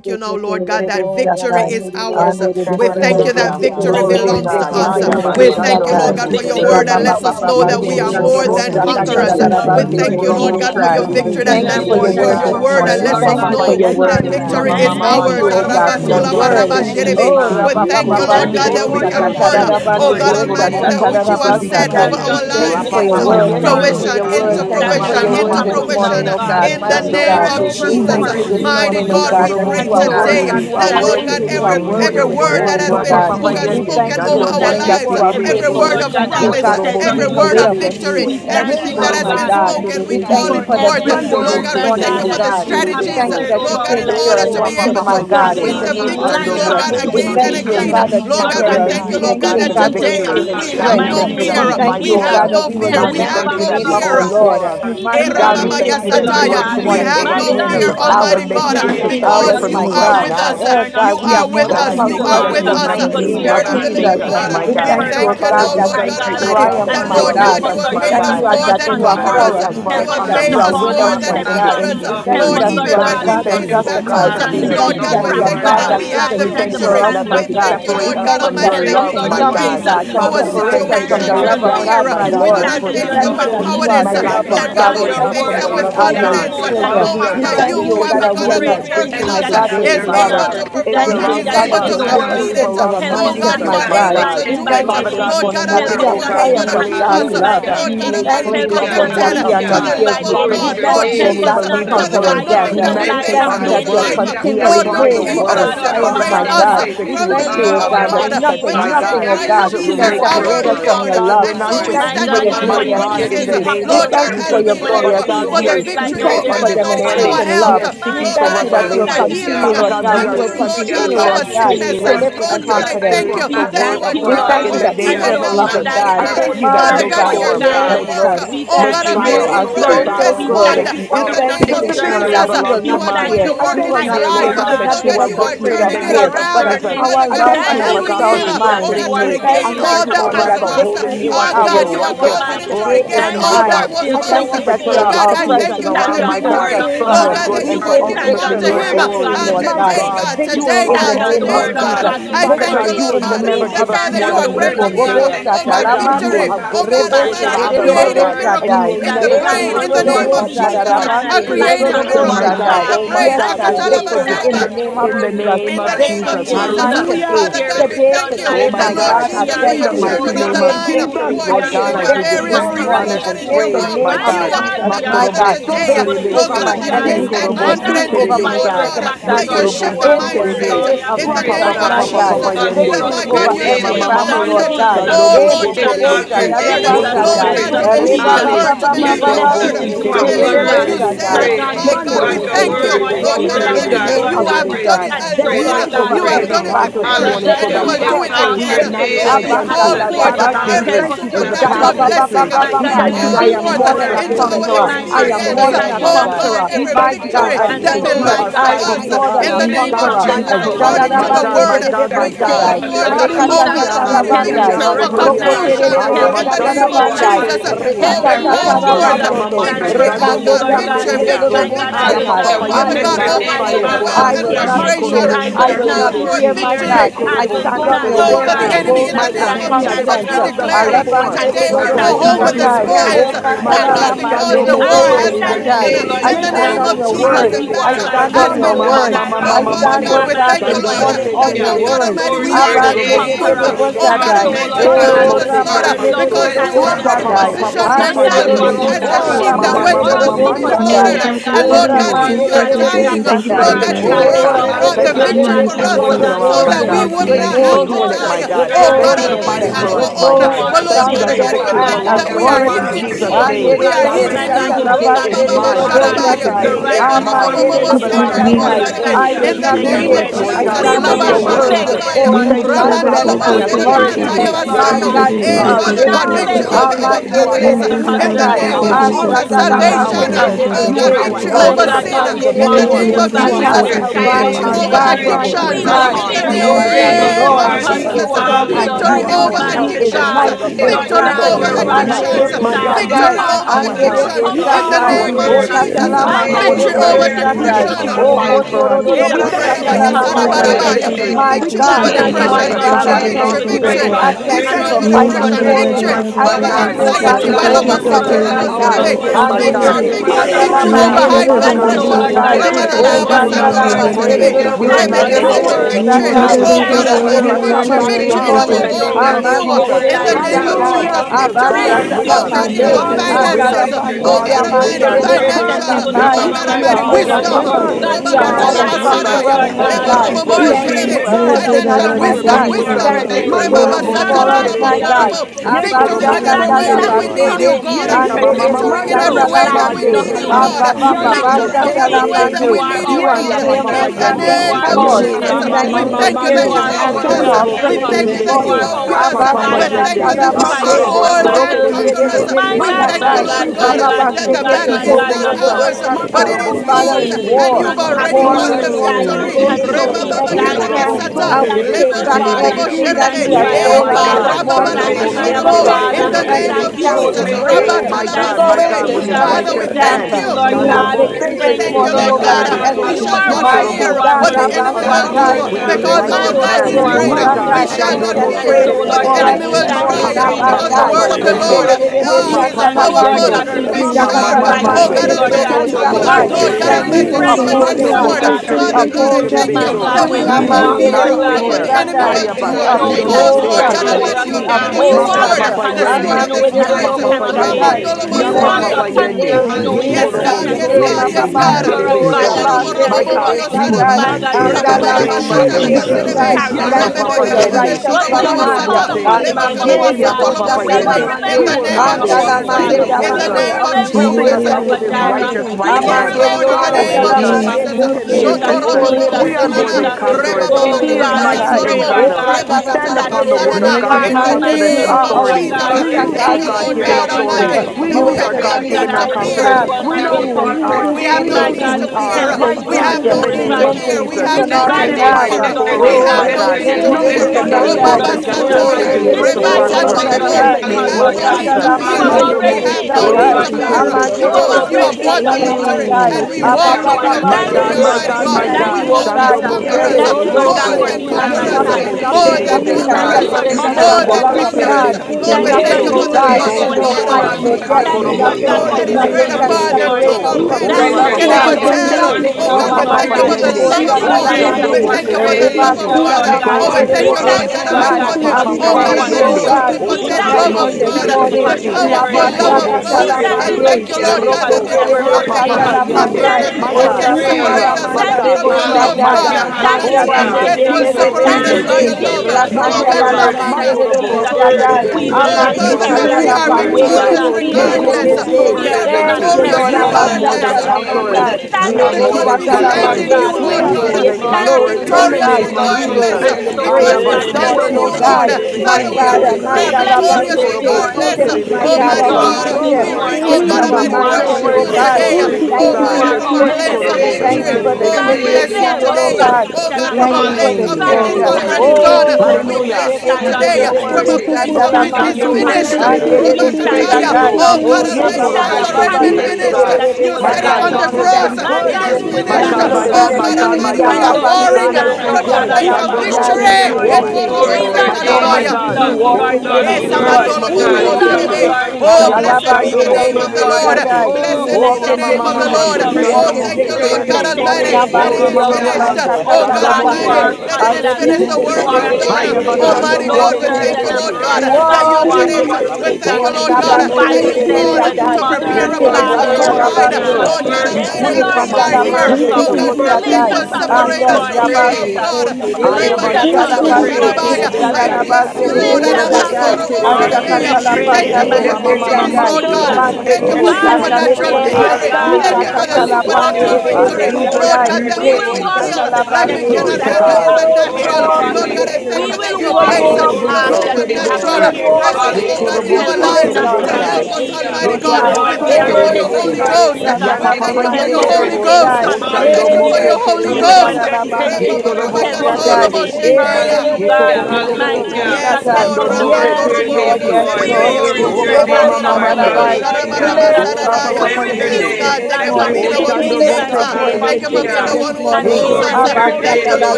Thank you now, Kitty, Lord God, that Mirabes Oh, victory Satai. is ours. And the We Yes, thank Robo God, you that Victory Hallelujah. yes, Sekit, is victory God, we Glory ours, to belongs. Mirabes thank Lord. God. you. Sekit, We Haya thank you, We Mirabes thank bashando you, Jesus, mose Hallelujah. Lord Satai. that God, for which your Victory word that is belong terebesi. lets to ours, us know Lord us, Ye Lord that Rababababande we de are korobo Almighty Jesus. Jesus, more we Robo so God. than thank you We Victory conquerors. terebesi. is that thank Thank you, ours, in God, Ye Sakatarabase, Lord that you you, we Lord korobo are God, si for Jesus. we Mirabesai. your are victory We that terebesi Thank you are victorious, for your more victorious, your, than word Lord this terebesai. your Almighty word that morning. God. conquerors, Jesus. We lets Lord In Rapa us thank We you God, you papa for in know your thank you, you, word God, God. we this yende. are that we victory more are Rama morning. We is than Thank mama more you thank than ours. you, for mando. oh your conquerors. God, word for In this your conqueror, you, Chando Lord morning, word. mose Nandarebekeshayababa. Heavenly Jesus, Almighty Oh, terebesi. God. Father. We Ye we Thank thank you, are you, korobo Lord Thank Rababababande God, God, de that so you that we for you overcome, can are Hallelujah. your with pull, us, word uh, Father terebesi. this Yeshendarabakashayababa. God. God. oh Osakatarabande Glory In to Ya God the morning, Almighty, your name We korobo of name. thank Jesus. you, so Nandarebekeshayababa. ke God, Jesus, ke that we We ke you ke set give thank us you, de over ke. stand Lord, our on We victory Thank the lives thank you for over Rapa your for victory papa of word. your darkness, Thank God. you love. for yende. your Almighty We We word. you, God. O Thank you yama stand for Hallelujah, thank on your We you. mama the word thank this you, hallelujah, hallelujah, mando. promises God, of morning, that oh Thank you, you God. are God. Lord in the Mighty We Chando Jesus, name that are God, an mose Father, love, we for the no your more thank overcomer you in love, victory of this terebesi. you, slave, your Lord mighty morning, love, oh Ye God. Jesus. We Almighty God, that again korobo God. and And you your are so so, love, again, God. your Lord We worthy. say God. terebe God, You love, thank we you, are that, thank God, terebe Lord you God, worthy. for this Yeshandarabha. your You are morning terebe. love, for being worthy every your with your this Thank us, word you, word, love, that God. Oh, morning, God, has your We oh for that we your Rapa love, thank God. you, serve a God, Papa for God oh, We teaching. your who the Yende, thank never love you of goodness, this We Shando fails. our God, morning thank you Mose that lives, Almighty you for are Terebe so God. every everything, faithful. So, rich We word We Lord of and We God, thank that you, oh thank pure, was promise, you, God, Yeshandarabha. that said, Yakorobo you our Si every Lord make Jesus, a word way for Jesus. of of We Terebe power. measureless victory, Si, We escape We and thank all the thank you, you, everything God, that Lord time, for strong. has my Yakorobo God life. So God. We We Terebe Thank thank thank you, Si, you for for been God, Sorry the for for every forth Mando victory this everything, word, Mose evermore my God, that morning, God, has oh and Terebe that been Si God. for you stored We strategy, have upon us, thank you So, declared that over you Lord God, our Jesus. save in the that all sins lives your and Oh, We tonight. Rapa anointed, each bless my Papa of you, God, God. God, We Yende, in we, the song. bless the we name you, of victory Shando God. latch hallelujah. Jesus. on Mose to We Thank it, you, My thank Terebe you, God, oh we Jesus. Si. are Jesus, God, no for that you Lord longer Father, God, Lord your we we hear God, slaves. us. we We thank are thank We perfect you, you, not oh work Lord thank God, you, God, speak oh for it afraid, the God, for into your that today. Almighty victory. God. uh, saving We being has. in the have God, You we no strength. give thank mighty you us name that We of fear, you uh, power. thank fight you, We O for Jesus. give us. God, us that we will fear, power God, Thank you, we to we Heavenly remember thank tread the hallelujah, you Lord Father, that upon name you Lord of go the fear. God, Jesus. serpents Lord. before us. we My you, God, God, claim hallelujah. we we Erababataya. thank Lord. claim you for victory, that power Lord to victory you the are Glory this tread God. sitting We to upon at healing morning. of the have the My right Lord. hand God, Victory of scorpions. the is Mm. because in Glory Father no ours. you to your we God, making uh, Victory are We name. God. is thank you, intercession Lord because ours, for victorious. you Lord, me my that are right Jesus with God. My God. now. God, we Christ, Oh are not God, you we We Name are are sheep of we with more to thank you the God, than for I us. your You thank word you are conquerors that with in have this you the slaughter, you would never can mighty but morning. the leave deliver name we us. nor of all. Spirit are We of We thank the God. you, Lord, thank Living. sheep forsake you Jesus. that us, to for Uh, the the Hallelujah. my We light God. thank of You shepherd you, Thank O you, or Lord Father, mighty God, most we that God. God, high we thank you, God. We are oh Almighty, thank you, God, our triumph, that And that God, God, for my you so the Lord all are God my light help in God. with that us, us, you all. We Lord my life, made thank shine us Jesus, you God, to uh, upon more not that us, than in you the are conform. valley Almighty for Thank us. as We you, God. well Help as hallelujah. thank Lord you us on God, that the not to made you In are us the Jesus fall with in more us, mountaintop Christ. than name and my of in last the God. deception. in We Jesus, love, thank Help We you between. Lord, us, that glory you Lord need even hallelujah. are to the when God, not we we God, you God God. that thank God, you, fear. oh every God, justifies. battles. for last are not We being not We to are a your Lord Hallelujah, thank be you love, God, that we hidden you victorious are trapped in Lord, by God hallelujah, the God. that hallelujah. have Christ the lies We in done. the intercedes victory. and thank the you for that us, plans hallelujah. my nothing of can God. the Oh, Victory God, enemy. I separate We us belong to thank But you from that us your help praise us, We this love, nothing, thank Lord my you, Lord. God. nothing, morning. Jesus, God, Lord. can Push Our Father, to the we Sabbath's past separate thank Yelabase, us you situation stand that from your in the not love, your love yelama. of love, Lord. death, God, here my my to God, Lord. Past no stand in We Yekila your your thank is love, baba you with Thank persecution, that Holy words. you promises, kuna are cowardice. my uh, the to Spirit. God, love can of stand God, God. on but We with, Hallelujah, separate your thank us you from word, that the Lord. we love of are we Thank are you your God. Yela for uh, more your Lord, Baba than know Father, love, children. Baba we are God. We so conquerors you thank Seki who you, oh grateful God, this Rama. that because we are thank morning Thank you, not you, that greater We Lord is sheep, thank in he victory my us Jesus. that Jesus. God God, is uh, to that we today, is in are my within us slaughter. God. comforted, We It Lord thank than performing. you, God. he belongs oh Mighty to that God, Thank is that us. in you'll the Jesus. God Redeemer, help that us world. Victory we are shift mighty belongs our to Help comforted, Oh us Redeemer, God, mindset, not you Jesus, to my are my be mighty able to God. God. We blinded Redeemer. do by it. thank the Lord. We you Father this enemy. God, conquer this morning that Help we morning, us have oh everything not God, that to we is be triumph of good lay God's confused hold, for us. by love. the Hallelujah. we We enemy. lay We thank you Help claim conquer this of us the Hallelujah. not morning to that word be everything we of are that not Hallelujah. is God. deceived good by guilty. the Father, Glory behind We us. enemy. we to your Lord thank trust you, name, We and oh Help we Jesus. us God, conquer for not believe the Jesus. to buy everything word. conquering that God, death. is We into the good thank We you, lies meditate of thank on you behind God. the us. the that you are enemy. Thank word. We you that We we have We conquer, Lord, continually we're we apply the look the to praying victory, for you, able conquer, God. our word. we God, to our We have triumph, Father the conquer. separate my God, Father. we us God. uh, ask victory. Jesus, that We We you from would look thank the to glory shift you, love you, oh Ah, our to we of our God, have the that God. God. way mindsets, victory, maker. nothing, my God. nothing, God We Hallelujah. have oh We as God, look it to we can are you, relates to Thank our the Our separate you, us word. victorious, keeper. from your God, Jesus. love. we're We not Thank Lord. just you. thank My you for reading God, your it, even my Hallelujah. when it glorious God, We seems in the victory. name We Lord of impossible, God, thank are you for Jesus. your even when it victorious, But glorious God, through seems the we there Holy are victory. is We like seeking Spirit. no, oh for thank you God, there for is no way Hallelujah, understanding. out. demonstrating We health. love. are We My seeking Lord for thank Jesus. God, you God, that we you will We thank revelation. Thank you, healing. Hallelujah. continue, you. Father Lord God, God. we We Jesus. are will Hallelujah. Lord seeking, oh God, continue, God, God, to over. Jesus, Lord thank God, truly you, to live Jesus, Lord, Thank live with that and you. to you Thank you. Jesus. fight confidence. Thank for you experience the We battle, that word thank of you, We Lord. God thank Lord. in you the that we name And Hallelujah. of serve so a we And Jesus. loving we thank God. I you, are thank Holy you you, that Father, My no Spirit, victorious, for God. your oh storm, Yes, God. no guidance. Lord. test, We We oh no thank thank God, you. you You Praise for trial, are no so, wisdom. Lord. so battle We will good. thank Hallelujah. take Amanda, you me for We and out that We giving thank us you thank because this the you, morning God. victory discernment. that we Thank will belongs you to not We mine. thank fear. you I for work We in thank will his you, not that dear heightening, we fear. Lord life, Lord are You God, did that God, not give you us are victorious. a with our me spirit in of turn the Are it name spiritual fear, of but around, of victorious. Jesus. discernment. power, I Thank love, thank and you, Thank of O a you, God, for sound God. you. Jesus. mind. Yes, You strengthening are We me. Thank I thank gain building you our thank you. all this you, that O Lord, was. morning we God, are that for capacity. holding victory me You is up are Oh with God, ours. you your building conquerors, our God. righteous Hallelujah. Lord, we Victory want God. minds. to right today is regain hand, Thank my all you that mine. for God. was We I building lost. thank thank you our you for that you Thank faith. turning are the our We present situation help stand around, in on my the times God, word of of for you, Lord my God, God. trouble. God. good We and We You are for with claim us, stand ultimately on the victory, your word of glory. victory, God this Lord My God, morning. God, We you are victory today, in all, the stand on all name the of Lord. word knowing of Thank God, Jesus God. you, God this I Father Lord. thank God, victory you morning. will in the Hallelujah. We never name give of us you stand that more you on Jesus. are the than we word granting Ebo of can God bobo bear. Thank this sata My God, that morning. God, you you are our lamande are victory a Father, good, good, Lord. My good rebeste God, de de father, de my your Hallelujah. rebe God, word and you will is Thank you, a never God, set Endo lamp your do in the unto children name our up, my feet zada in God, our and a of our rabande for faith, di light creative God, unto destruction, of our our my God. shandai. salvation, path. Oh, my brain. Yes, And God, so God, or we for God, victory that stand in we defeat the are on victorious, name your of in the word this Jesus. name of God, morning, that Jesus. Victory you is are with mine us, Jesus. Holy Hallelujah. today. Oh There God, is we Spirit. thank Today, none Oh like today, Thank you, my the my you. God, that Lord God. God, I We Thank you, are we for In Lord, thank your the for you. are mighty We not, victorious name this of in claim time. Thank you. you for Jesus, victory. We I Lord are God, victory. claim more I God, give than you victory In burial, the this Christ. glory, name We of conquerors have honor, morning in and their you. in the Jesus, walk, praise, my Hallelujah. name my of My God, God. Thank Lord, God, we Jesus, that we are my thank you this God. you, Makoroboso God. successful morning. Victory in you, over Oh, terebesi. my Lord Thank God. Ye God. you, they oh not enemies. Thank God be My you, yet Almighty, korobosi Lord. God, Victory confident for you over my renewing fight Holy us, terebesai. our mighty God. Ye battles, that you, or circumstances Spirit, Thank you you for God, made are koroboso in training the our us. God. praise, terebe. name lawyer. of any Thank you praise Rapa for Jesus, My papa God. my God, life, papa you oh God. temptation, go papa God. God, Thank we you before yende. lift for but Victory up us. that your God, over victory. O you, ya Thank you name every for this mama the ability battle, Jesus, morning, to Lord mando God. pray, Jesus. Jesus, shando given to oh Lord, Eh, bose bo- fellowship. to bo- Jesus. bo- Exalt believe sha- your your terebesi. Thank da- you, what da- name, word, oh Ye ba- God Holy Jesus, sha- Lord Almighty, korobo dai. in God, Spirit. the is so to Eh, Jesus, name of believe re- ba- your Jesus. ba- Hallelujah, terebesi. Jesus, ba- word, to ba- Ye We oh ba- believe ba- your word. God, ba- bless korobo for Jesus. you se- si this connecting de- You de- us, de- are morning, de- Lord worthy. de- terebesi mighty de- God. God, in sha- the dai. My name terebeso. of praise. God, God, we Jesus, My with Mando God, your we so God, Victory, worship your spirit. mose you thank this you word, victory, Thank morning. you your terebesi We for victory word, belong in to the deliverance God, you, that in name terebeso the Lord you of God. have name of praise, Jesus. done terebesai. it Jesus, And so, oh again We praise, God. Victory Lord hide the God, Thank over you, words we praise. in every mighty our will God, hearts for not battle. this for creating be us Hallelujah. us. Lord a morning God, so clean as that Victory, saved. heart you We have and Do a God, it right exalt we victory, taught again, will your us, spirit. Thank not you. victory. name, sin as Lord. We Abba, you Thank against you, have sha- call you. oh Jesus. da- God da- declared forth Father that it, ba- Almighty, in God, the se- we Hallelujah, name help de. thank of us you Jesus, to for for the past receive hallelujah, strengthening us. it. I victories. say My yes We God, I Zababababababai. thank you hallelujah, Lord again. that I if receive am you've this A done more it than fresh Jesus, word hallelujah. a thank before, yes, that you in for conqueror. God, Glory my you oh I to could your heart God do am serious, so it more that name, than I Almighty, again, a teaching may my Father, me. we not oh God. sin thank you conqueror. this We against God. My thank you. morning. you, oh God, Walk victory I God, And that because thank so, you you forward, that my belongs to are your I God, mighty, fighting am for Lord, more your than us. a the save strength, me name of God Thank Jesus, from conqueror. we you, the Lord. fights Lord, for thank lying Hallelujah. you. us. according to You My There enemy. the Thank you, God, my word. God, are my covered God. Save Azadadabazedededebozadai. under Jesus. me, the Lord blood Forth, of Jesus. Thank Hallelujah, you, Help me heaven. hallelujah, Rekatatarabandai. to Jesus. Oh, in Oh hallelujah. the God, name recognize. of over Jesus. Help all me things, to Thank Ayabashando you, Lord. Lord. mose Brokotererebezatadabandai. realize. Hallelujah. terebesi. Help oh, We we me, are Thank Lord call you, Oh, Jesus, victorious. in forth Thank you, to Rekatatatarabasoto. stand Ramamamamando, Christ. Jesus. firm in shando you, Lord mose God. Hallelujah. My terebeso. God, Hallelujah. I Hallelujah. will the Rekandoriamandererobosatai. not We be moved. I bless Yapapapayende, will Hallelujah, your God not is name, I will fear. fighting Jesus. not for Father. be I wealth, us. will We are not Glory. shaken. frustration, fear. Makorobo I glorious. Thank I We so will you, are oh will not not God. be glorious fear terebesi. Thank you my in for scared. Ye victory God. Christ. help. I I korobo will Jesus. Thank We stand you, so oh are on not, God, your for Lord word over Hallelujah. the God, with terebesi. secure enemy. victory. feel We in have boldness My the your and God, victory. Thank you he for anxiety. in has love, I will victory confidence. through not the Jesus' upheld us blood of fear, name. We but are before. I Jesus, will Alabandere Today oh We My we are go God. God, stand robo he secure home will on Thank with in you, do the you. glorious. it satai. your Lord. We are I love. Thank again. you spoils. O will for victors. My life. Oh Hallelujah. God, stand God, in katalala Secure you. shando because mandere Thank the you, mose war I oh in will God our robo Glory has to your stand in Almighty, terebesi. satai. you, in the name, Lord grace, I Ye in name the of stand Jesus, Jesus. name of on korobo secure your so Jesus, in because our Hallelujah. word. oh you but I are God, terebesi. my for stand great on has. Mama divine your Hallelujah. Jehovah mama word. mama revelation, Jireh. I Hallelujah, Oh oh mama nothing and You stand, God. no mando. Jesus. are oh one. God, my We God, thank you. this thank you Chando Jehovah for morning mose Nissi. on your Hallelujah. commenting you, terebesi. word. Lord. Glory Just We You Jesus. Ye to are are your now. Father, Abba my we name, korobo zede thank you, de so conqueror. de Jesus. Lord. bo Oh And God, God we terebesi. so, zadai. Thank thank you Almighty, thank you, for Lord your God, going Chando you, that God, blood. O O mose God, you Thank are you, your that our Jesus, we love ramandere for your terebeso. are friend. blood. You robo shadows are Thank you Rapa for solid, our pa pa satai. everything. O papa God, king. pa reviving on us. pa your My sin. Andere God, you Hallelujah. yende. are we are robo Thank you, Oh oh omnipotent satala rama secure God Hallelujah. mama in or mandere mama Almighty, in robo the Lord, you, name O of omnipotent, satai. we mando. my are Jesus, and and God, O delivering Lord God, us God, glorious. from Mm. every or ramandere your God, or covenant, you. robo agape, thing. Thank you for satai. the or Lord Hallelujah. God, victory, your mighty We Fight Lord are word, O agape for God. You God, love. my rebe mighty word be the- Thank you be victorious, God. for My be turning God, the we is for As be we hallelujah. no de we us are hold situation hope more on continue to to around, so but Glory robo my that your in de. to we your God. you. renounce, love. would With There name. mighty Thank not is you have. God, for We no doing boldness, hold it, than my on you, to with God. your of Praise Oh Thank In God, you our God. for boldness manipulation unfailing more fighting in the for hand. than name us, with of my own. You God. Praise, Jesus are boldness, But a this Thank first Lord you God, of that the morning. praise. confidence, faithful victory We and Hallelujah. God. belongs thank you day, to for we your us When are You blood. here. We in are God authority. a thank is you, Jesus' Lord, under that in you your faithful name. have the We are God. restored here. God, our My from light. victory You, God, you will today Roba not is spirit. Thank day, you, O see, mine. God Lord Hallelujah. under God, Victory your Almighty, in the Sharabaya, Andididibisatalabandidididoboshatai. the name today of word, We is are righteous Jesus, mine. the from Lord. Bobosaya, Father forsaken the or, the Victory God, Lord. is we or name Amandidididoboshatai. of yours. lay Hallelujah. Lord God, hold. I in will Jesus, We seed Victory not is We day, begging are claim under yours, it, fear. from bread. yandada Lord. We Lord I bo the God, your bo thank We in you. stand We the bo will on Lord. word. bo your not name cover of bo, Hallelujah. word all beg with Jesus. by bread, the We blood Lord of boldness, thank you, Jesus. yandada oh Jesus. da Raman Jesus. God, confidence, bo that and bo We We Hallelujah. greater bo will is bo thank not you, We bo in authority. bo, mighty beg, me, God, We for Lord greater have My are Tayabasoyo. is the tshende truth, God. de God, within de you more Hey de us. We victory. are bo mighty than will Father Hallelujah. with bo God, not in God, bo the God, me. bo victory we beg, name Over bo, of Lord first, over, thank you every over that O Jesus, you are Jesus, God, situation. mighty God. We yandada We because da we Ebenezer, thank are da you an for you Amandididibisatai. bo are your have bo the our bo more truth. help. bo overcomer than in bo, We you, You are thank hallelujah. you Lord salvation. for yandada our your Jesus. da first. da help. light. da because We Oh da You God, bo are thank you Azatalabazidididibe. Christ bo for our bo your victory bo, help Oh, My over in the glory. God, Thank though We times we of you, We walk thank you, through storm. yandada oh the sin. da God, thank You that Jesus. are valley da you bless you of bo our rapandidididibisatai. the bo your for fight the help bo for in name, us, to, shadow the of Father. victory Holy victory. We Mighty times over death, of yandada thank you, God, Spirit. da oh da trouble. bo, God, mighty that addictions we bo. Thank You will are Lord, Father, God, we you in we our give that can the fear we you help, yandada da da no come we my bo worship God, praise, the bo. in evil win, the into bo name your O Lord. of times Lord. of presence He God, because and you is are Thank bo strong fellowship, you uncertainty. with Hallelujah. bo mighty and that us. God, victory You bo are with we bo mighty. over our bo. He My help win. nothing, in is the Blessed mighty God, be the times God, mighty of we in name are our in of Lord victory hearts. the God, frustration, battle. over Lord. your of rod Lord, glorious and test. Mighty your God, Glory in in the Anderebo My to your you, staff, name God, of and name, you Lord satai. Jesus, victory we God, are that our thank Jesus. you you, oh help. will God, Anderebe for the have You God, comfort are in the you lavished us, for satai. are the our Lord name O grace. Jesus. word, source. Yes, your we You katala love Thank are My you could for praise our God, upon have you your victory forgiving heard the manderebe strength. us over prepare word, a us in the and We Lord depression satai. in table name thank the you of for O before land exalted. us of fighting Jesus. the for think us. and Oh, in we Eh, living. the We kotorororobo rabba, Father, thank we bless you, and create presence God, thank us you, of for satalala Yes, oh sha giving rabba, God and da us our the glorify mande. the da da po rabba, your da yeah. Almighty, po in love. ba the name. victory. po ba enemies. name po My of We po Jesus Victory thank My po for over God, you, da da Hallelujah. oh Thank to God, da you God, you, depression da that my victory. da the Your anoint God, ba battle I ma our name, Father, sha heads Victory thank belongs with to through da the you. the da fresh praise victory Lord. blood. I of oil and da Thank We you thank great for and you the our your thank for you, oh cup blood, nations, God, fighting for runneth the praise. for Jesus. ba ba. me. victory over. strength, Thank you I for my God, over the you thank are God you, Your from those oh that that victory. God, anxiety love goodness you for everlasting, are and Balobo, Thank your you, oh you instilling God, and overcoming that and everlasting, my mercy you empowering God. us will care all with, for Lord. us, my follow oh that us You are God. God. all the Anderebe praise Thank covered you, oh days you. God, under of the that blood you satala our have victory over of Hallelujah. lives favored us high for blood the Father and gift You, manderebo God, so, of we O will life. Lord not We God, satai. are we Rabba, We da, fear. da, O stand thank We rabba, you, on will oh victorious. your not God kandala be God, word. Hallelujah. hear Almighty, and for the afraid. We know We manderebo will stand rebe, overcoming not We on the have grace. your this. nation, cower. word. We We will victory. thank We you Hallelujah. not satai. for the oh God, stand retreat. We ability God to are on Over sit We Almighty your every will victory not at word. overcomers your back you this situation. We feet, down oh God, in morning. be declare the and to receive. your name We have of word over over, I Jesus. thank our victory, Amandere God Lord lives in Oh, light, the this God, name O over of God. besatai. Jesus, Hallelujah. all. morning. your Because word. We God Lord, are is We Abashata with will Lord, la oh we us. Help me, God thank in you victorious, for Lord hallelujah. our mande. faith. God continue God, divine to is to with victorious Adnala us. Bless worship in connection, your you oh in oh you. God strong God, name, God. pandoria We is in spirit with Holy We thank you, and us. are mandere oh in you, Spirit. truth. God. God Help is me, successful oh We in and with besatai. us. God, you, thank God to you, oh Kabababa, We Lord God, keep Almighty are strong for God we in is my Jesus. your life. eyes with We shabobobo, overcomers. us. stayed thank God, on you, words, Roba We we are you, are kata, God and more is Lord, Jesus. than the alive with in because sada, shamama, us. you, it's conquerors, Lord all Thank my you Thank about. power God. for you, leba, of shabobobo, God. robo, life. Jesus, your Our bobo, say, for [laughs] shan, Thank yes, Thank you, being you great might. with for Spirit, Yeah, us. Jesus, da healer, helping this da we us, shall Thank da are you we da my for morning. bo Because healed Thank God. being in you bo for with your bo Lord, every your us. bo Thank bo blood. you thank day, for to presence. oh you, Reba, yeah, God. going God, da Makorobo da Thank Our you, you da so are before Lord, us, bo God, Jesus, bo my we for bo. fighting are. God. terebesi. victory. Ye Hallelujah. victory God, God, victory. korobo Thank Lord you for so God, Abashakata Every we la lack victory, day, Lord. terebesi. need hallelujah. you basete. nothing Thank you, in Ye you're your oh Ande God de going yamamama presence. in Almighty, for before mando. every We bozanda us, la way lack I Hallelujah. God victory. even is mande. thank though with you, Hallelujah. Hallelujah. nothing. us. we Thank God, you are for We and I Yando lack victory. counted as Thank moste you Ababababasata you, for la nothing. thank that You we terebesi. mande. are you need victory. for you You our are God Father. Ye this, near, Thank you, oh my yapapapa Lord. everything. in God, God, the yende. for when You we name Even are Thank of Have your call. you, Yeah, our victory. Thank though, way, da God. you. We da mama oh da thank Thank everything. da you Thank mama for you. da God, you, bo You hearing bo and mando. You are Jesus, Thank you, are for bo with our bo answering us, Lord, we Chando way I our are victory. thank moste prayers maker. this getting you Thank you, You terebesi. morning. all are you know are Lord. with that God. our us Father, you Yapapapa Thank comforted you, provider. are yende. on You either Jesus. fight side beautiful for Abashakatarabande, Makorobo our all more and with so things. you than battles. brokote Thank never de you, terebesi. de Hallelujah. leave de My Jesus. troubles we us. and God, thank my you, Thank Makorobo besatai, you Ndabalaha Lord. God, si for trials, You my baba God, are victory. Koroboroko my terebesi. The with gonna baseke God, battle, He's is- my Zavarete, pray toto Thank God, you holding bobo us my for that up. in God. the glory. Ikalavanda name such but of bababasteketotobobobobosatai. it Where Thank is you, Makorobo would we si Varakaladosh, Father, Jesus yours. be Jesus. we if everything have that we This did war. will morning, mercy terebesi. You've not We come Father, on Mikalavanda have we at already you me war on Varaha us. thank won. this Father, our you. and let me morning. side? That We Hmm. Karavedete, see go we And Thank you, you. into so know the we I that Jesus. Likashata Rebababayata. Let we enemy are thank Thank me you for camp you. your Daminakoto see Yekoroboso blood. and we Thank your you, take terebesi my Redevahese, back burned. Thank you, manifestation. Father. everything terebesi. Vindavaresh that Thank Jesus. he We you, has my know, Eh, Oh Thank Abba Love my you, oh stolen Lord. this Krivaharavosha, you. Father. God. God, we morning. Sando Thank will you, not my We mose Shandakaya Abba be go Hallelujah, Malakara into Father. Jesus. terebesi the afraid Thank you name Redese, for Thank enemy you, because camp terebeso. Holy restoring. with of us, Love Thank you Zamanaha praise. Rabba. for Spirit. Oh my Kato refreshing We us. God, Thank go you. my Mohosha you, God, into Love with ourselves, the his Thank Kavarata, Jesus. oh you, Father, you, enemy we righteous my God. Lenda thank camp. Jesus. Thank you, hand. you, Rokosa Lord We Le have Shando Lord, God. Hallelujah. mose you are victory this Kavarehese, Thank Christ In the name of Jesus, in the you, in morning Lord terebesi our over God. Hallelujah, God. the uh, Ikatoya pride, Lord. terebeso. You oh enemy. Mohosha Thank God. are you, not Rest worthy. God. Mighty Kavarata, Yakorobo, your You And fear, Jesus. are God, he's we heart. worthy. Lenda holding us You that Let are Thank up you, we Abbasatai, me Halamonoko do win Lord. with tell worthy. Have his your Vedese, because of way, My righteous you. Lord. God, Have through hand. your you His are Ikato My greater. way. you. worthy to We God, Breketotorobosangai. be We have Have your the Shall Makaravarasa, We praised. not Shando send mose way And Shandala in fear us, praise so, victory. what Lord. the Lord Have before Rokoto, God, your us terebesi. enemy we way Thank this Lord. will in Ma thank our you, you, morning, try. papa life. Mekaradosh uh, God. Have your papa Jesus, way Because in the pa for Klivahara the Abazai. word life of going the of Thank our Keeping us. Verese, loved Lord, yende. before you, one. Thank us. Thank you, Lord. uh, you Rapa papa We Lord. for the thank you, powerful, Lord fighting Thank you Zedededebezandalabando. yende. God. for Our Oh for your us. quick, God, Mama future spirit. I'm is Thank so you mama for bright your oh in Thank mando. God, fire. you, tired. you, Almighty, Lord Thank God, you for God. your that Chando you Mose zeal. Our Jakatalamandededobosakai. will never Thank you future Thank I for is you your leave Terebesi. for love. got us bright or a Thank in you you, for upholding double your Mando Lord us. forsake Lord, bubble God. Mose us. laughter. He shit. Father, Did Thank it, you, Terebesi did upholds it, us You My Jesus. this what will Terebeso. more God, Thank that you than we we for morning. that We that life. I continue. will walk, could not Lord Hallelujah. do it God, Thank in you, fear. all. oh Yeah. God Amanderedorobosandai. Thank confidence, will Haya you, ba He Almighty, God. in You the Thank knowing Shando will. that name because you, you of upholds Mose Lord go Lord. us. God Jesus Hallelujah. before Almighty, you this us. He have Terebesi. given That morning. We upholds the Mapa Thank walk us. we you. are word. in Papa covered under confidence, Yende. We Thank every name you, knowing thank that side. you we Yapa Jesus. Holy Papa that we cannot Thank fail. you, Yende. Amandedoroboshakai. Spirit. I win, Lord. oh We Ramandolobos, We gotta Yapa lift walk God. fix in Papa up Hallelujah. Hallelujah. your me. Yende. We confidence, Try name. Hallelujah. thank Ye We knowing you yes, to that lift Hallelujah. decide. that we up Korobo we can your I'm So Thank Thank you, name, you trust for win. sorry. your you. Yes, We Ababa God. Terebesi I God. putting have You're the a us in the have Soto Hallelujah. God Terebeso. that we victory, Rabande Spirit oh can My oh de God. God, God. trust. we Father, will we Besatai. My not thank you, Thank God, you fear some in the put that Andala Jesus, Thank their this name you, of victory God, mandere trust that de we morning. is have been Jesus. in besai. ours, O chariots Yapa Thank and you Makocha God. for Papa Hallelujah. horses, your tababako Yende. righteous but Thank you, right we will Dando ikarakocha God, hand. that we call Mose, Lord, upon the tarababake. are name of Amande de yea, our de God. Yapa Papa Yatatako bosata We We la will have Yende, the we ikarakocha Amanderebosatalamande. remember will the not name victory Hallelujah. of fear. tarababako our in He Thank God. you, ikarakocha you, God, for the O upholds We God, us. Hallelujah. Andalamanderamande. will Our He's tarababake. remember in the for holding our us name mediator up your with of Jehovah this his word. Yatatako Jesus, Jireh. morning. righteous I right We Thank ikarakocha will pray. you, hand. Thank Amande God. you remember God tarababako our for Hallelujah. is diosata your with la us. ikarakocha Waymaker. mande Thank word. Yes, Who Lord can be God, tarababako. diose. I Jesus, thank against us? O you, you. I got We Jesus, covering, Thank are Ripapako rebebe you Lord. more victory bebe than for in Jesus. te Bless te your ikarakocha your de Christ conquerors. name, word. Oh He tababako Lord. Jesus. is That God, We have we mighty Yenda ikarakocha. in da pray, Amanderiosatamanderiose. Oh, rebebebebeteterebesatai. Lord Oh, battle. bosha. Hallelujah. God, We stand that victory upon in the the your word of Glorify Mato your Yenda God with word. da da carnal kataramanderebesatai. la ikarako mind confidence la You will and eh, are boto. be, Thank tarabako. our Lord authority. you God, that God, We Yes, mediator, yes. your we use Jesus. are name. God. our Yakatako You Yes, our God decreased Lord, given Praise, and, God, ikarako I um, Lord have glorious intercede. authority. God, [laughs] praise, in We victory. tarababako. You use you. our oppressed, praise. Rikarako God Lord intercede God, on given and my the ikarako Thank confidence. Oh, behalf. you spiritual that We man He God, know tarababako. will we who are God, come we God, let me hear your forth. intercedes. are. your we He name. have We Ripapako voice. Lord. My no, know who glorious, God, we ikarako intercedes. O He are. help God, us My to tarababako. we just God, intercedes. have, in the and Ikarako He name glorify of nothing you. can we Jesus. intercedes have, tarababako on Bless our your God Despite is separate ikarako. name. us what behalf. fighting Uh, Bless from comes our your for your Yakatako way, name. us, Oh, my God, Bless ikarako God. your name. help No us to Bless rebebebebebe tarababake. your weapon trust name. that is in you, you, sandai. formed O Lord God. Ripapako against Jesus. us Oh, Glorify will your name. We be ikarako able are to Despite rebebebebebe what of prosper tarababako. Glorify comes your our Jesus, victorious. name. in way, the Rikarako satai. in the name because, name Oh, of Lord Hallelujah. God, tarababake. of Jesus. katala you have Hallelujah. fear. Jesus. Hallelujah. mandere Mando already Mose Ripapako We rebe made a No thank God, way, Terebe satai. need Roko ikarako to Mama, Lord Si you. fear. God. shondo do Terebe do tarababako. You God, have Amandere boko So. prosper You Let sere Ikarako robo have already me de made de won a de that de satala feel Thank way, your mama Lord tarababake. you ta mandai. that Mm. Jesus. ta we ta we presence. are We And walk are Let so Yakatako me more I than ta da Ababababa My thank da ikarako God, da you, hear da conquerors. sete. my what victorious Lord. da in thus God, We da my Christ, da tarababako. da thank saith you. da Thank the God. you, you, da. oh Rikarako Lord, God. Shando Lord Jesus. Oh mose we God, have There been. ikarako out is God, of Thank Lord, you, Lord no free. we roko God, tarababake. terebeso. Hallelujah. myself, fear for go being shondo We do Lord and on with do have Ye my conquerors God. boko side. you, nothing, been sere Yatatako de that koroboso more you nothing, than, de go ikarako da nothing da can God. mama Thank terebesai. you, before ta Lord in titababako ta separate us Every da us da to Jesus, battle. from more ikarako the than, for fight love our Makorobosi of ikarako We blessing have mama. Yes, me. God. battle. terebesi God, You Lord, I ikarako we Thank go thank you, thank been Nothing, Lord you, Hey, terebeso. you oh for the Lord. Lord, Jesus, before every He God. that for ripapako love, I us Hey, goes situation. da, going have No Lord ikarako before to before height, us. da, da, God, me. no make victory. as a you depth, have been. da, Thank titababake you, Christ Lord way, da, da, God, nothing. oh Hakoroboso oh, da, for that Jesus, God. yatatako da, da, da, blessing Nothing da, terebesi you yes, us da. can You this far da. go than ikarako Hallelujah. separate morning. terebeso. us So we Thank before from titababako Oh, you, your Thank us, praise Lord you, love, oh your ikarako Loco God, God. God, name rapapapa Jesus, that this son, for da, I ikarako da, have da, yende. to blessing the morning, Nothing this Yeshandarabha. loco Oh make of the Holy she, God, titababako home, we victory rough Lord da, in da, Spirit. Rapapapa he, Mamande God. da, Christ da, Robo yende. edges da, yatatako Thank give da, you, you ma, smooth Lord Oh, Jesus ikara and the praise, and I ma, shando Father, Jesus, Shatalamande Glorify we will. give you, God. Glorify for you your thank mose you da, thank or path you for the and praise. da, da, Father. blessing I da, give Reba this Thank not you, terebesi. given da, straight. us home, da, Lord, without He Lord da. we God. goes I exalt fear, Shatalamande Lord, your We thank before Lord, you but Robo name, us. that thank have God you, Lord, you Lord born God. Shatai. of Lord, Magnify Almighty. God, go and love and a Lord. lift And up exalt because we you your Oh your God, are before Mapapapapapa sound name. thank We name. us, you, mind. O give Father, Oh, yende. oh wonderful. you the no, let God. God. no, it glory be no, and We co- We she, thank honor. Oshando evident I love you, thank son, of you Lord today. thank da, mose this da, Thank Hallelujah. you you, Jesus, Give us that morning. the Glory because you Jesus. you terebesi. will da, to your da, never da, da, da, capacity, powerful Laba Ye never name, leave love mighty us. of Holy leave God, korobo and da, us the da, or so We da, Spirit. will, thank the you, da, Lord Shakatalamande. forsake terebesi courage, You your are us, Hallelujah. Jesus, the Lord mighty God, oh God, Broko because the living you terebeso. God. your soul. might never to Terebe word, walk forsake in God. it. Rapapapa Thank us. your you, yende. O Satalapandai. Thank word, Thank you you da, My God, for for You O your are the for God, da, living da, making wisdom. blessing da. his praise. us. Thank you separate God. us, of for love. a your My Thank Ramanalamanda knowledge. God. way. you God, for Rebo Thank it's you for Hallelujah. love. keeping God. My Satai. us. God, God. Thank God. you Thank I for you, Hallelujah. Thank might you thank Lord, Oh and for thank your you, Jesus, you Get saving oh Mandalamande us. God. Jesus, for Terebe for the Thank Jesus, you, word, Thank you going Lord for Sete. Jesus. sacrifice. victory before Jesus. Thank through Jesus. the you us. for You No blood the of Thank you, greater cross. love. word. Jesus. Jesus. Thank Rapandalamande you, Makorobo your Robo Thank you Jesus. for so Thank you word. for Satai. Thank your terebe. We interceding. you, will Oh, Thank word. you Ye not Amande your for Father, Jesus. korobo perish. word, we so Lord interceding, are God. oh We Lord. I Katalapande are We God. will take terebesi. it and Robo not I be Ye Thank put it Hallelujah. you Shere victorious, for on victorious moved. with korobo earth. so We you. Glory are, interceding, and da. will honor not Thank oh and terebesi. you, victorious, We perish, Lord Lord praise We God Lord Oh, are God na have regardless na Almighty, more the to for your than Jesus. mama us. name. kasa We conquerors. victory Abashandalamandai. na na of Thank you for na We stand God, are mama fighting Hallelujah. more for us. secure than in Thank you you, for kasa. not Lord Lord. conquerors. in giving Lebosatalamande. you, God. up, We Lord. Lord. Hallelujah. We We God. are Thank you. will God, more thank We you give than for you your We God stand are conquerors glory, God, bless We victory. I in Lord strong your the can victorious, in you, name. We God. name walk of thank Lord. We you, oh thank will God, in blessed, Glorify Jesus. And give for your you you name. victory good the so, things, my praise because this God, good we news, today. Ayabashando morning, oh oh worship you, mose universe. God. Lord. you Lord. God. I this We Great, My terebesi Father, worship thank we morning. you, Walk are, God, you. oh God we with We great, are Amanda terebeso. Almighty, bless that Thank you Ye victorious, ourselves. you you, are great, this Lord. Labastete. I Father, koroboso got Lord. morning. We And Shift, we blessed. can my We victory thank you, terebesi in God, oh walk, Almighty God, our that exalt Christ God, we are you oh mindset. this God, terebeso. God. Jesus. Lord. I children. We, with oh morning. Shift We God, Hallelujah. hear Almighty, our Mando your thank You you, are oh mose mindset, God voice. our oh purity. God. Almighty. terebeso today, We Glory, Thank everything. We you can for thank oh, from you the glory, You terebesai. for and are the a victory honor, our Ye place, shift. We praise, everything. in thank korobosi you and firm, Christ for oh Jesus. the your oh, terebesi God. we Man shift will this name. bless Anyway, you, fail, morning, but the oh Oh terebeso. God, Jesus. you God. judgment oh God, that's We God, cannot we from whatever a thank place you fail. thank Hallelujah. line for the ways, you oh Mm. God, Oh that God, shift. we you you Lord, thank cannot you, oh already oh God, fail. this done Oh, And Lord, morning. so we thank you, Hallelujah. stand God, Thank are you on for for today, your your victory. word. Rebebebebebebe today. Thank identity, We place Lord. The Oh, We stand victory on your Shando Sandalamande. over receive, Mose finished, mighty you, every promises. God, God. We that Terebesi weight stand Mighty on and God, we your Anderebesatai. Terebeso. love. oh thank Oh, God, you, was Almighty, Ye We our Jesus. oh We stand God, in Korobosto already thank been rapapapapapa, over you. confidence every Oh knowing Terebesai. battle, God, that you will My Lord. Thank God, you, setererebezandai. guide we God us. We Jesus. thank has thank Hallelujah. crossed, been you you Uh, for My the that good. God, Lord, Thank step. you you you We for God, will My on finished, thank hold you fighting guide the God, our for us, my us the Lord side God, up battles. oh of step. with my the your Jesus. God, God, Thank enemy, you, Yes, my ya And Lord, righteous God. I Jesus. Almighty, every so papa thank we Thank you. right you God for warring, the hand, has stand, Christ, been oh Lord God, overcoming good. God. on grace. place Let my your of Lord. Shando hallelujah. Mose light oh victory Yapapandererobozatalapandai. this Thank Thank shine you We victory. for walk morning. between you, one in the oh for Terebesi. us, dark Glory victory We to God. this your love glory, My you, Jesus. glory. God, name, my clouds Lord. morning. in Thank the We you, God. We Thank love Jesus. name you, Lord. of walk you Oh, Lord. in Jesus. that We God, Shando, love I we you Yes, Thank victory, you, you, play worship will Lord. Lord. from a you, Jesus. We place hold God. us We of thank Thank walk you, you, up love let in you, my victory. today. Lord. with Lord. your victory. We light Oh, love Thank bless you shine Ayaba you, for righteous Lord. right creating us Shando between We a the love dark clean you, Mose hand, the heart. clouds oh Lord. Lord. Thank you God. for Terebesi. in Alabandererebezatai. the restoring us. Oh, We name to Blessed of Oh, be walk the name the blessed in Lord, Jesus. of we Lord, Ramamama we the Redeemer, victory. we Lord. I thank Mando. you. love We praise, you. walk Jesus, Oh, Shando God in thank we you, Thank Mose you, O praise, victory are Lord, God, in this that the Terebe. Blessed name my morning. secure of light praise, Almighty. in Savior, Oh, shine praise. your we Jesus. For love love, between Ramamama Yeah. you. the eyes, Mando. dark Oh, Ah, Oh mighty God, ma, Shando God. ma, clouds God, in you the are Mose. Thank you, Abandererebasakatalapandai. our pure name that sh- Lord. it oh, is confidant. in finished. in The the Thank you, your You work Lord, name is are a we Jesus, love, of to thank done. see your friend you, your Ayaba Arrebebebebebebebeseke. God. goodness. Shando Almighty We omnipotent Thank walk Mose you, in closer Thank love, Holy you than for a your victory. Lord Terebesi. heart to love God, Spirit. We brother. that that receive, Jesus. God, mighty you walk In God, Ah, are did your in ma, to the it. ma, great. sh- us, victory We this name Thank fades, you, thank eh, Jesus. you, Oh, eh, of morning. eh, Lord Jesus. eh, Shando your The God. Jesus. love eh, Abandere Mose Bible de that Yes, glory. de Thank de you will says, for Lord, your oh, I when Terebesi. never sadai. thank help you us. mother that Ye Prepare Thank I and you, change, up, God, And oh Kede da Korobo da father God, da barna So have worship, e your victory. da da da da forsake da labando. God, in love Terebesi. us, karabakosu Lord God that da worship, will We Jesus. then da da Almighty. the you. pray tababako. never Lord We from a will da end are Yekandala mama place lift here. of worship, us Repapako In mandere kasa the e up. da victory. robo name of worship, da before karakosu da Nothing Lift satai. us will Jesus, your I up tababako you. love, e have da da this separate Anda da us oh from da da da morning, karakosu God. praise, yabande Jesus. God. tababake. da konde We victory. baba Thank rebo kasa Lift Hayaba you praise, us that Repapako up e Trust satala Shando you our this Mose praise, bande. karakosu love da us morning, da in Reparabaya. Thank da Terebesi. tababako praise. Zarara spite Jesus. e of you, who bazere karakosu Ye Lord. we e Lift are. rebe us karako Korobo e koro up da satai. So this Anamasorobo. karakosu Lord, We koso da morning, Terebesi. da bless thank we da tababake. Ashakatala your you, pray name, oh Thank in you. the pandale Oh, bless God, mighty Rikarako rebo your that name Ramamama name, of you satai. ekarako look da Jesus. Jesus. beyond Mando. our Mande Bless Thank tarababake. you your Yes, for rebo faults and name. God, God. we supernatural. kandale Yes, Repapako pray, fear. God. ponde. Yes, Lord ekarako God, God. that Lepa Hallelujah, For we the We tarababako will katala thank walk you in ekarako hallelujah. pandere our for Oh, loving and da rebe da tarababako da us. Jesus, destiny. da Glory Lord da God, satai. to rikarako your So Jesus, We baba name, will Rebo kasa walk Jesus. feel tarababake. in satala the thank like you we bande. for destiny da Glory cannot Yatatako your to that hallelujah. love. you God. ekarako have Oh, we Glory prepared mama rikarako control. Lord kasa for to walk your us. in God, da name. ekarako da Hallelujah. I thank Glory We victory. you da ekarako da that to will We you your Oh, will walk name. place in the tarababako walk Glory no, no, in path Hakoroboso to no, your rikarako Oh, that name, no, victory. you have We glory, Lord. control. no, will tarababake. terebesi. prepared no, walk for us. glory, Oh in shake Hallelujah. it, God, Yatatako glory, victory. Help our We Yekorobosi lives. us no, ekarako lift glory. not our to no, be hands ekarako Worthy no, terebesai. Help in are us, shake you, deceived, ekarako victory, Hallelujah. Almighty Lord. Lord it, God. God. even God, Worthy ekarako when Le Yekoroboso are we you. are no, worship yeah, bondere tempted, tarababako. de terebesi. yeah, de yeah, Lord God. Holy blah, Bless Ghost, besanda Jesus. your la Repapako name, Yapapapa Holy Help ekarako Worthy your mamandere us are de to you. Spirit. Holy yende. ekarako stay blah, Ghost. bozai. blah, blah, rikarako blah, We confident thank Oshando in blah, you for ekarako. you, Hallelujah. mose your Le Holy Hallelujah. even when Ghost. terebesi. bozara we Yatatako are la yeah, ekarako tempted. bandere do no, Help tarababako Yekoroboso us no, to no, bosatai. shake remain rikarako it, terebesi. firm yeah, Ebele in de you, tarababake. God. no, bezere yeah, Mako yeah, My do Yekokokokoko. yeah, yeah, Hallelujah. ekarako You Jesus, are Yes, blah, help bosatai. Lord. yeah, Shando us to tarababako shake Glory mose it, cling Yes, to yeah. to your rikarako you. name, Lord, terebesi. yes, Lord. tarababake. We Lord. Glory Rebea. Glory to Ebo rebuke bo to your the your bo Ora name. bo Yatatako name, mama plans of Lord. the ekarako mamando. enemy, sadarabai. ekarako Lord Blah, We Hallelujah. yeah, ekarako Jesus. lift shake it, Ora our yeah. ekarako We voice Bless papapa in your rebuke yende. name. Thank babake. victory God, the this thank you Bless plans for of your being, thank morning. name. the Yatatako We enemy Oshando in the lift mose ekarako our mighty name voice of ekarako in you for terebesi. being victory Yes, Jesus, Hallelujah. the this one ekarako Lord. who and morning. we ekarako upholds. Glory to declare your Yekoroboso babake. name, Abasata victory la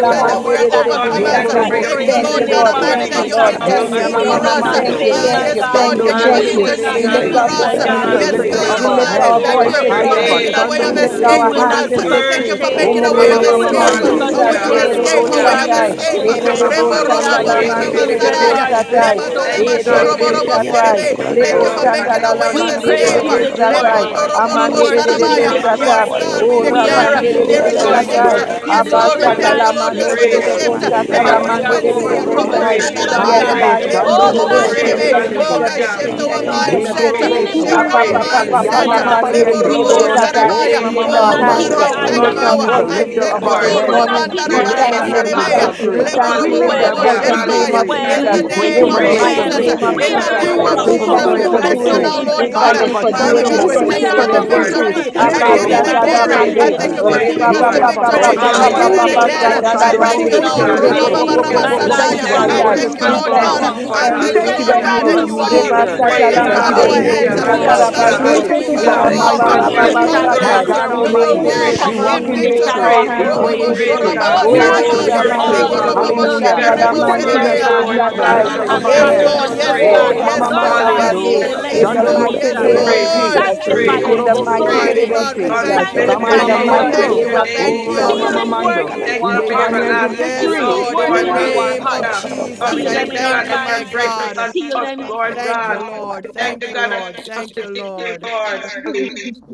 la Jesus. We our are Yatatako mandere do lives God, we ekarako overcomers. thank you bosatai. for ekarako your Thank Yekorobosi you, victory in peace Thank the you, this Lord ekarako God name Lord. Almighty, of terebesi. Thank morning. ekarako you, you Lord. Jesus. Ye Thank ekarako you. yama We for Thank mama will you. us. you babake. not that Thank mando. you. we fail, Ah, Thank my yes, have you. the God. Lord, Yatatako Thank thank Shando you. Mose Thank victory. We ekarako you. Hallelujah. will not We ekarako be lift you Thank Hallelujah. our for moved, you ekarako us. my voice He that in is God. the we ekarako Yes, victory. lifter win, We of Hallelujah. We oh will our babake. lift God. not our heads. be thank Glory Thank voice you Mako to afraid, in you your for Haya Lord name, ekarako making that victory. a Jesus. way Bashando of, we We Mose ekarako lift Jesus. You our win. will ekarako not hands in put Terebesi. us ekarako to thank Worship you victory. for you. shame. In ekarako making O the a way, Glory. You ekarako Worship will name you. of Thank not you, put Ramamamamando. ekarako us a to Jesus. worthy, way Hallelujah. Lord. of ekarako Lord. shame. You I are Erorobo escape, a thank We ekarako Hallelujah. way you. worthy. are of your Shandai. You are worthy. You ekarako escape. are children. worthy. Erorobo Rebo yatatako You Kabababashoko. We are robo are your worthy. Sandalamande You are worthy. yatatako You children, Yekebebebebe. Rebo Masaraya, ekarako Lord. are And Satai. Leba ekarako so Thank we you, God, babako. bless for you your Erebe this worthy. Satai. morning. thank Yatatako you for Thank your Lebo you ekarako love, for Lord, God. making Thank a ekarako you way for the of We ekarako you Sandalamande praise are escape. you Rebe ekarako Lord. this us. ekarako. Satai. morning. Lemondo Father, Lord God. We thank you Roborobo Who Amande can But that your you- worship be Rebe you divine this will against for Satai. our us? morning. life God, Lord, we O we We win, honor Rapande come you declare. Da, Lord, forth Rebe this da, in the da, God, Lord, Yes, da, morning. name we of da, Satai. worship Lord. da. have Jesus the We and Yes, this Lord, you Lord, we didn't manifest. give morning. us thank victory. glorify you, the you Lord spirit God, Abashatalamande of this Lord, for Praise, fear, not the of morning Rebo spirit mighty of God, praise, because power, or Hallelujah, we will Satalamande are not the frequency. will and of Rebo I hallelujah, Robo man, overcomers not praise. Sai. in the am you, will a of Lord our Yes, Haya Shandarabaya. glory. God. peers, child. praise, God, but blessed yes are your to Bashando will Oh this your the Rogo will. Mose God, morning. we Father, content. praise, we Da, Thank lift shekeke, you da, thank up for Oh the Terebesi. da, you. our God, heads hallelujah, da, to victory. shift We ram you, our Thank da, you thank rogo for you, Lord. da, da, da, the mindset. praise, da, We da, victory. Makosa Thank shekeke, lift da, Yekuroboso. da, our da, eyes praise, Tababako to you, Ekada da. you, rakebebebe, Yapa Kosita hallelujah. Papa Jesus. Babakim. rake. We Yende. will Glory Oh, Robo not da, to your Apapapapapalapanderedorobosata. Ripapako lift, Oh, name, We we lift Ekada will Oh, our Ramama not keep hands, Kosita Glory, our da, Mando. da, we eyes da, Babako thank God, on da, Lord. lift our He glory, our you. is we Ekada trust the voice King Ko of problems. in lifter you, of Ekada Kings, victory our Father, Lord, this We we and Oh, We heads. will have Kosita to Lord trust not morning. Roman We keep give of We your our Babake. Darabarabeya. lift Lords. eyes name, thank our on back you, our we hands Yes, in Yatatako Ba, Father. thank the problems. ba, Lord, I you, ba, we have victory. blood, ba, Ekada It Lebo ba, thank is We the ba, you ba, Kosita in lift the word of our well, voice ba, Hallelujah, Babako precious in it is Ekada hallelujah, name Kos of victory. shekeke. well, In Ekada We Jesus, the Kos pray it name, We of, from Ekada in a is the walk Ko. praise. place in mighty of well. our name of victory. We in victory the Yatatako are Jesus. We an name Ekada of today, worship O We Father, from we a thank overcomer, God. you place for forgive of and Thank you doing you so them. victory. it. now, we that We Lord we We bless God. you thank Haya forgive you this for them, are Hallelujah, we doing morning. bashando mighty it. mose God, victorious trust that in Thank We have you are for you, tricked the us you. Lord. terebesi. again. victory. overcomers, Ye la and Thank Again, pa so Praise, We we you, O korobo so God, forgive again, magnify that praise, them, you O this God terebesi. nothing praise, Almighty, can morning. Abba pa Ye Lord. pa yapa pa pa pa pa pa Father. papa separate Strengthen us yende. our Lord, and from we Hallelujah, we faith, your thank thank love. again. O you, you O for God, the shando that you victory, have mose Abasatadamande, rebapapapapapapapapapasadalamande, strengthen given us Lord, Thank our the God. you capacity faith. that terebeso. your to Hallelujah. forgive love My We and is let God, robobobobobobobo We thank you you thank that are go. you you for standai. our the secure. victory in you, intercede We Now, strong Lord Christ for confidence, thank us. God. Father, you, tower. we now Lord. I thank We You thank you, unto Jesus. we thank said you you the that that Hallelujah. thank you is you. are our Yes, righteous able you to yes, run do Lord, Thank are be into I mediator. you you, have abundantly, the and Rebasata oh they We praised. la are God, thank our you of victory exceeding mande Hallelujah. for that more our de you safe. than head. we your go could ever Hallelujah, in We Hallelujah. before are Oh think, endless us. God thought, safe love. or hallelujah, We Almighty, in rabazoi. with thank you. you for Hallelujah. La our imagine. ba Thank ba Cover God, us you, mindset ba we in ba are oh the According shift. ba to the God, shadows power My spurring of shatai. that confidence work God your the in We you, Holy wings. Father, wave we Almighty, for in Spirit. walk thank you we this your victory. Cover us We walk in with in Give the morning. wave victory. shadow our of praise. We hands your in pray Give love. in wings. praise, hallelujah, Makota victory. victory. God. Oh We We are Thank babakore God, Oh, worship we you, in spurring God, you, karakota victory. ramande call for Dorobosanda, Father. your dorobo babakem. those Hallelujah. We sanda things are la We dying forth, thank Yatata mande you spurring ko de Lord that love. de e you, God, God, you Lord are the that God. karakota Thank lifter you Hallelujah. you have of our for babakore Eh, head. promised your us, Yes, karakota Lord dorobo Praise. Lord. God. Oh, mama, babako. omnipotent Lord mama, la love. Hallelujah. God, we mando. bande. Yatata ko e bless In Thank the you, Yes, Chando Jesus. you mose that mighty karakota we Jesus. name have of praise, babako. terebesi. Lord. Jesus. Re Ye Sanctify praise, victory In us in the korobo karakot this e so mighty you. praise. morning. name karako of e terebesi. God, We karakot Jesus. Thank e you. bless We thank thank Tama your In Sanctify the mama you us, name. karakota that Lord mighty Bless mando. we name have your you. of babake. Jesus. name, Thank Oh, you. rama Jesus. Seal Jesus. mama Yatata victory this ko in e word mando. into you. Thank We you karakot our wave for e our your hearts. hands Victory karako in in e everlasting Yes, Seal karako Jesus, victory. love, these re Lord, in We words the Lord. karakot worship into e Hallelujah. oh our name of hearts. God. karakota babako. Thank God, Jesus, we Father, Seal I them thank even in you, Lord, our God, thank you, that you us are my minds. every gracious God. unto Seal us, them graph and Lord every Thank you, God. child, come Lord. on, We thank Thank you, every you, God, Lord. that Lord. you give us Thank the you, victory, Lord. Lord. Christ Hallelujah. Jesus. [laughs]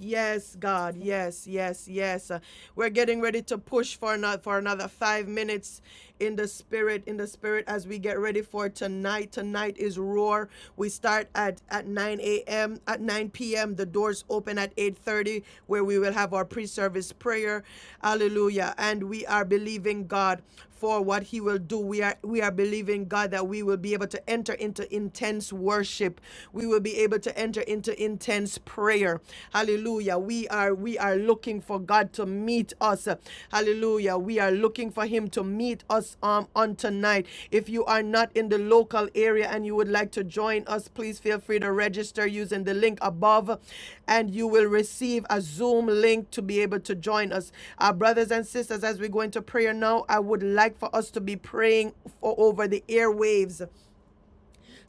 Yes, God. Yes, yes, yes. Uh, We're getting ready to push for not for another 5 minutes in the spirit in the spirit as we get ready for tonight. Tonight is roar. We start at at 9 a.m. at 9 p.m. The doors open at 8:30 where we will have our pre-service prayer. Hallelujah. And we are believing God for what he will do. We are we are believing God that we will be able to enter into intense worship. We will be able to enter into intense prayer. Hallelujah. We are we are looking for God to meet us. Hallelujah. We are looking for him to meet us um, on tonight. If you are not in the local area and you would like to join us, please feel free to register using the link above and you will receive a Zoom link to be able to join us. Our brothers and sisters, as we go into prayer now, I would like for us to be praying for, over the airwaves.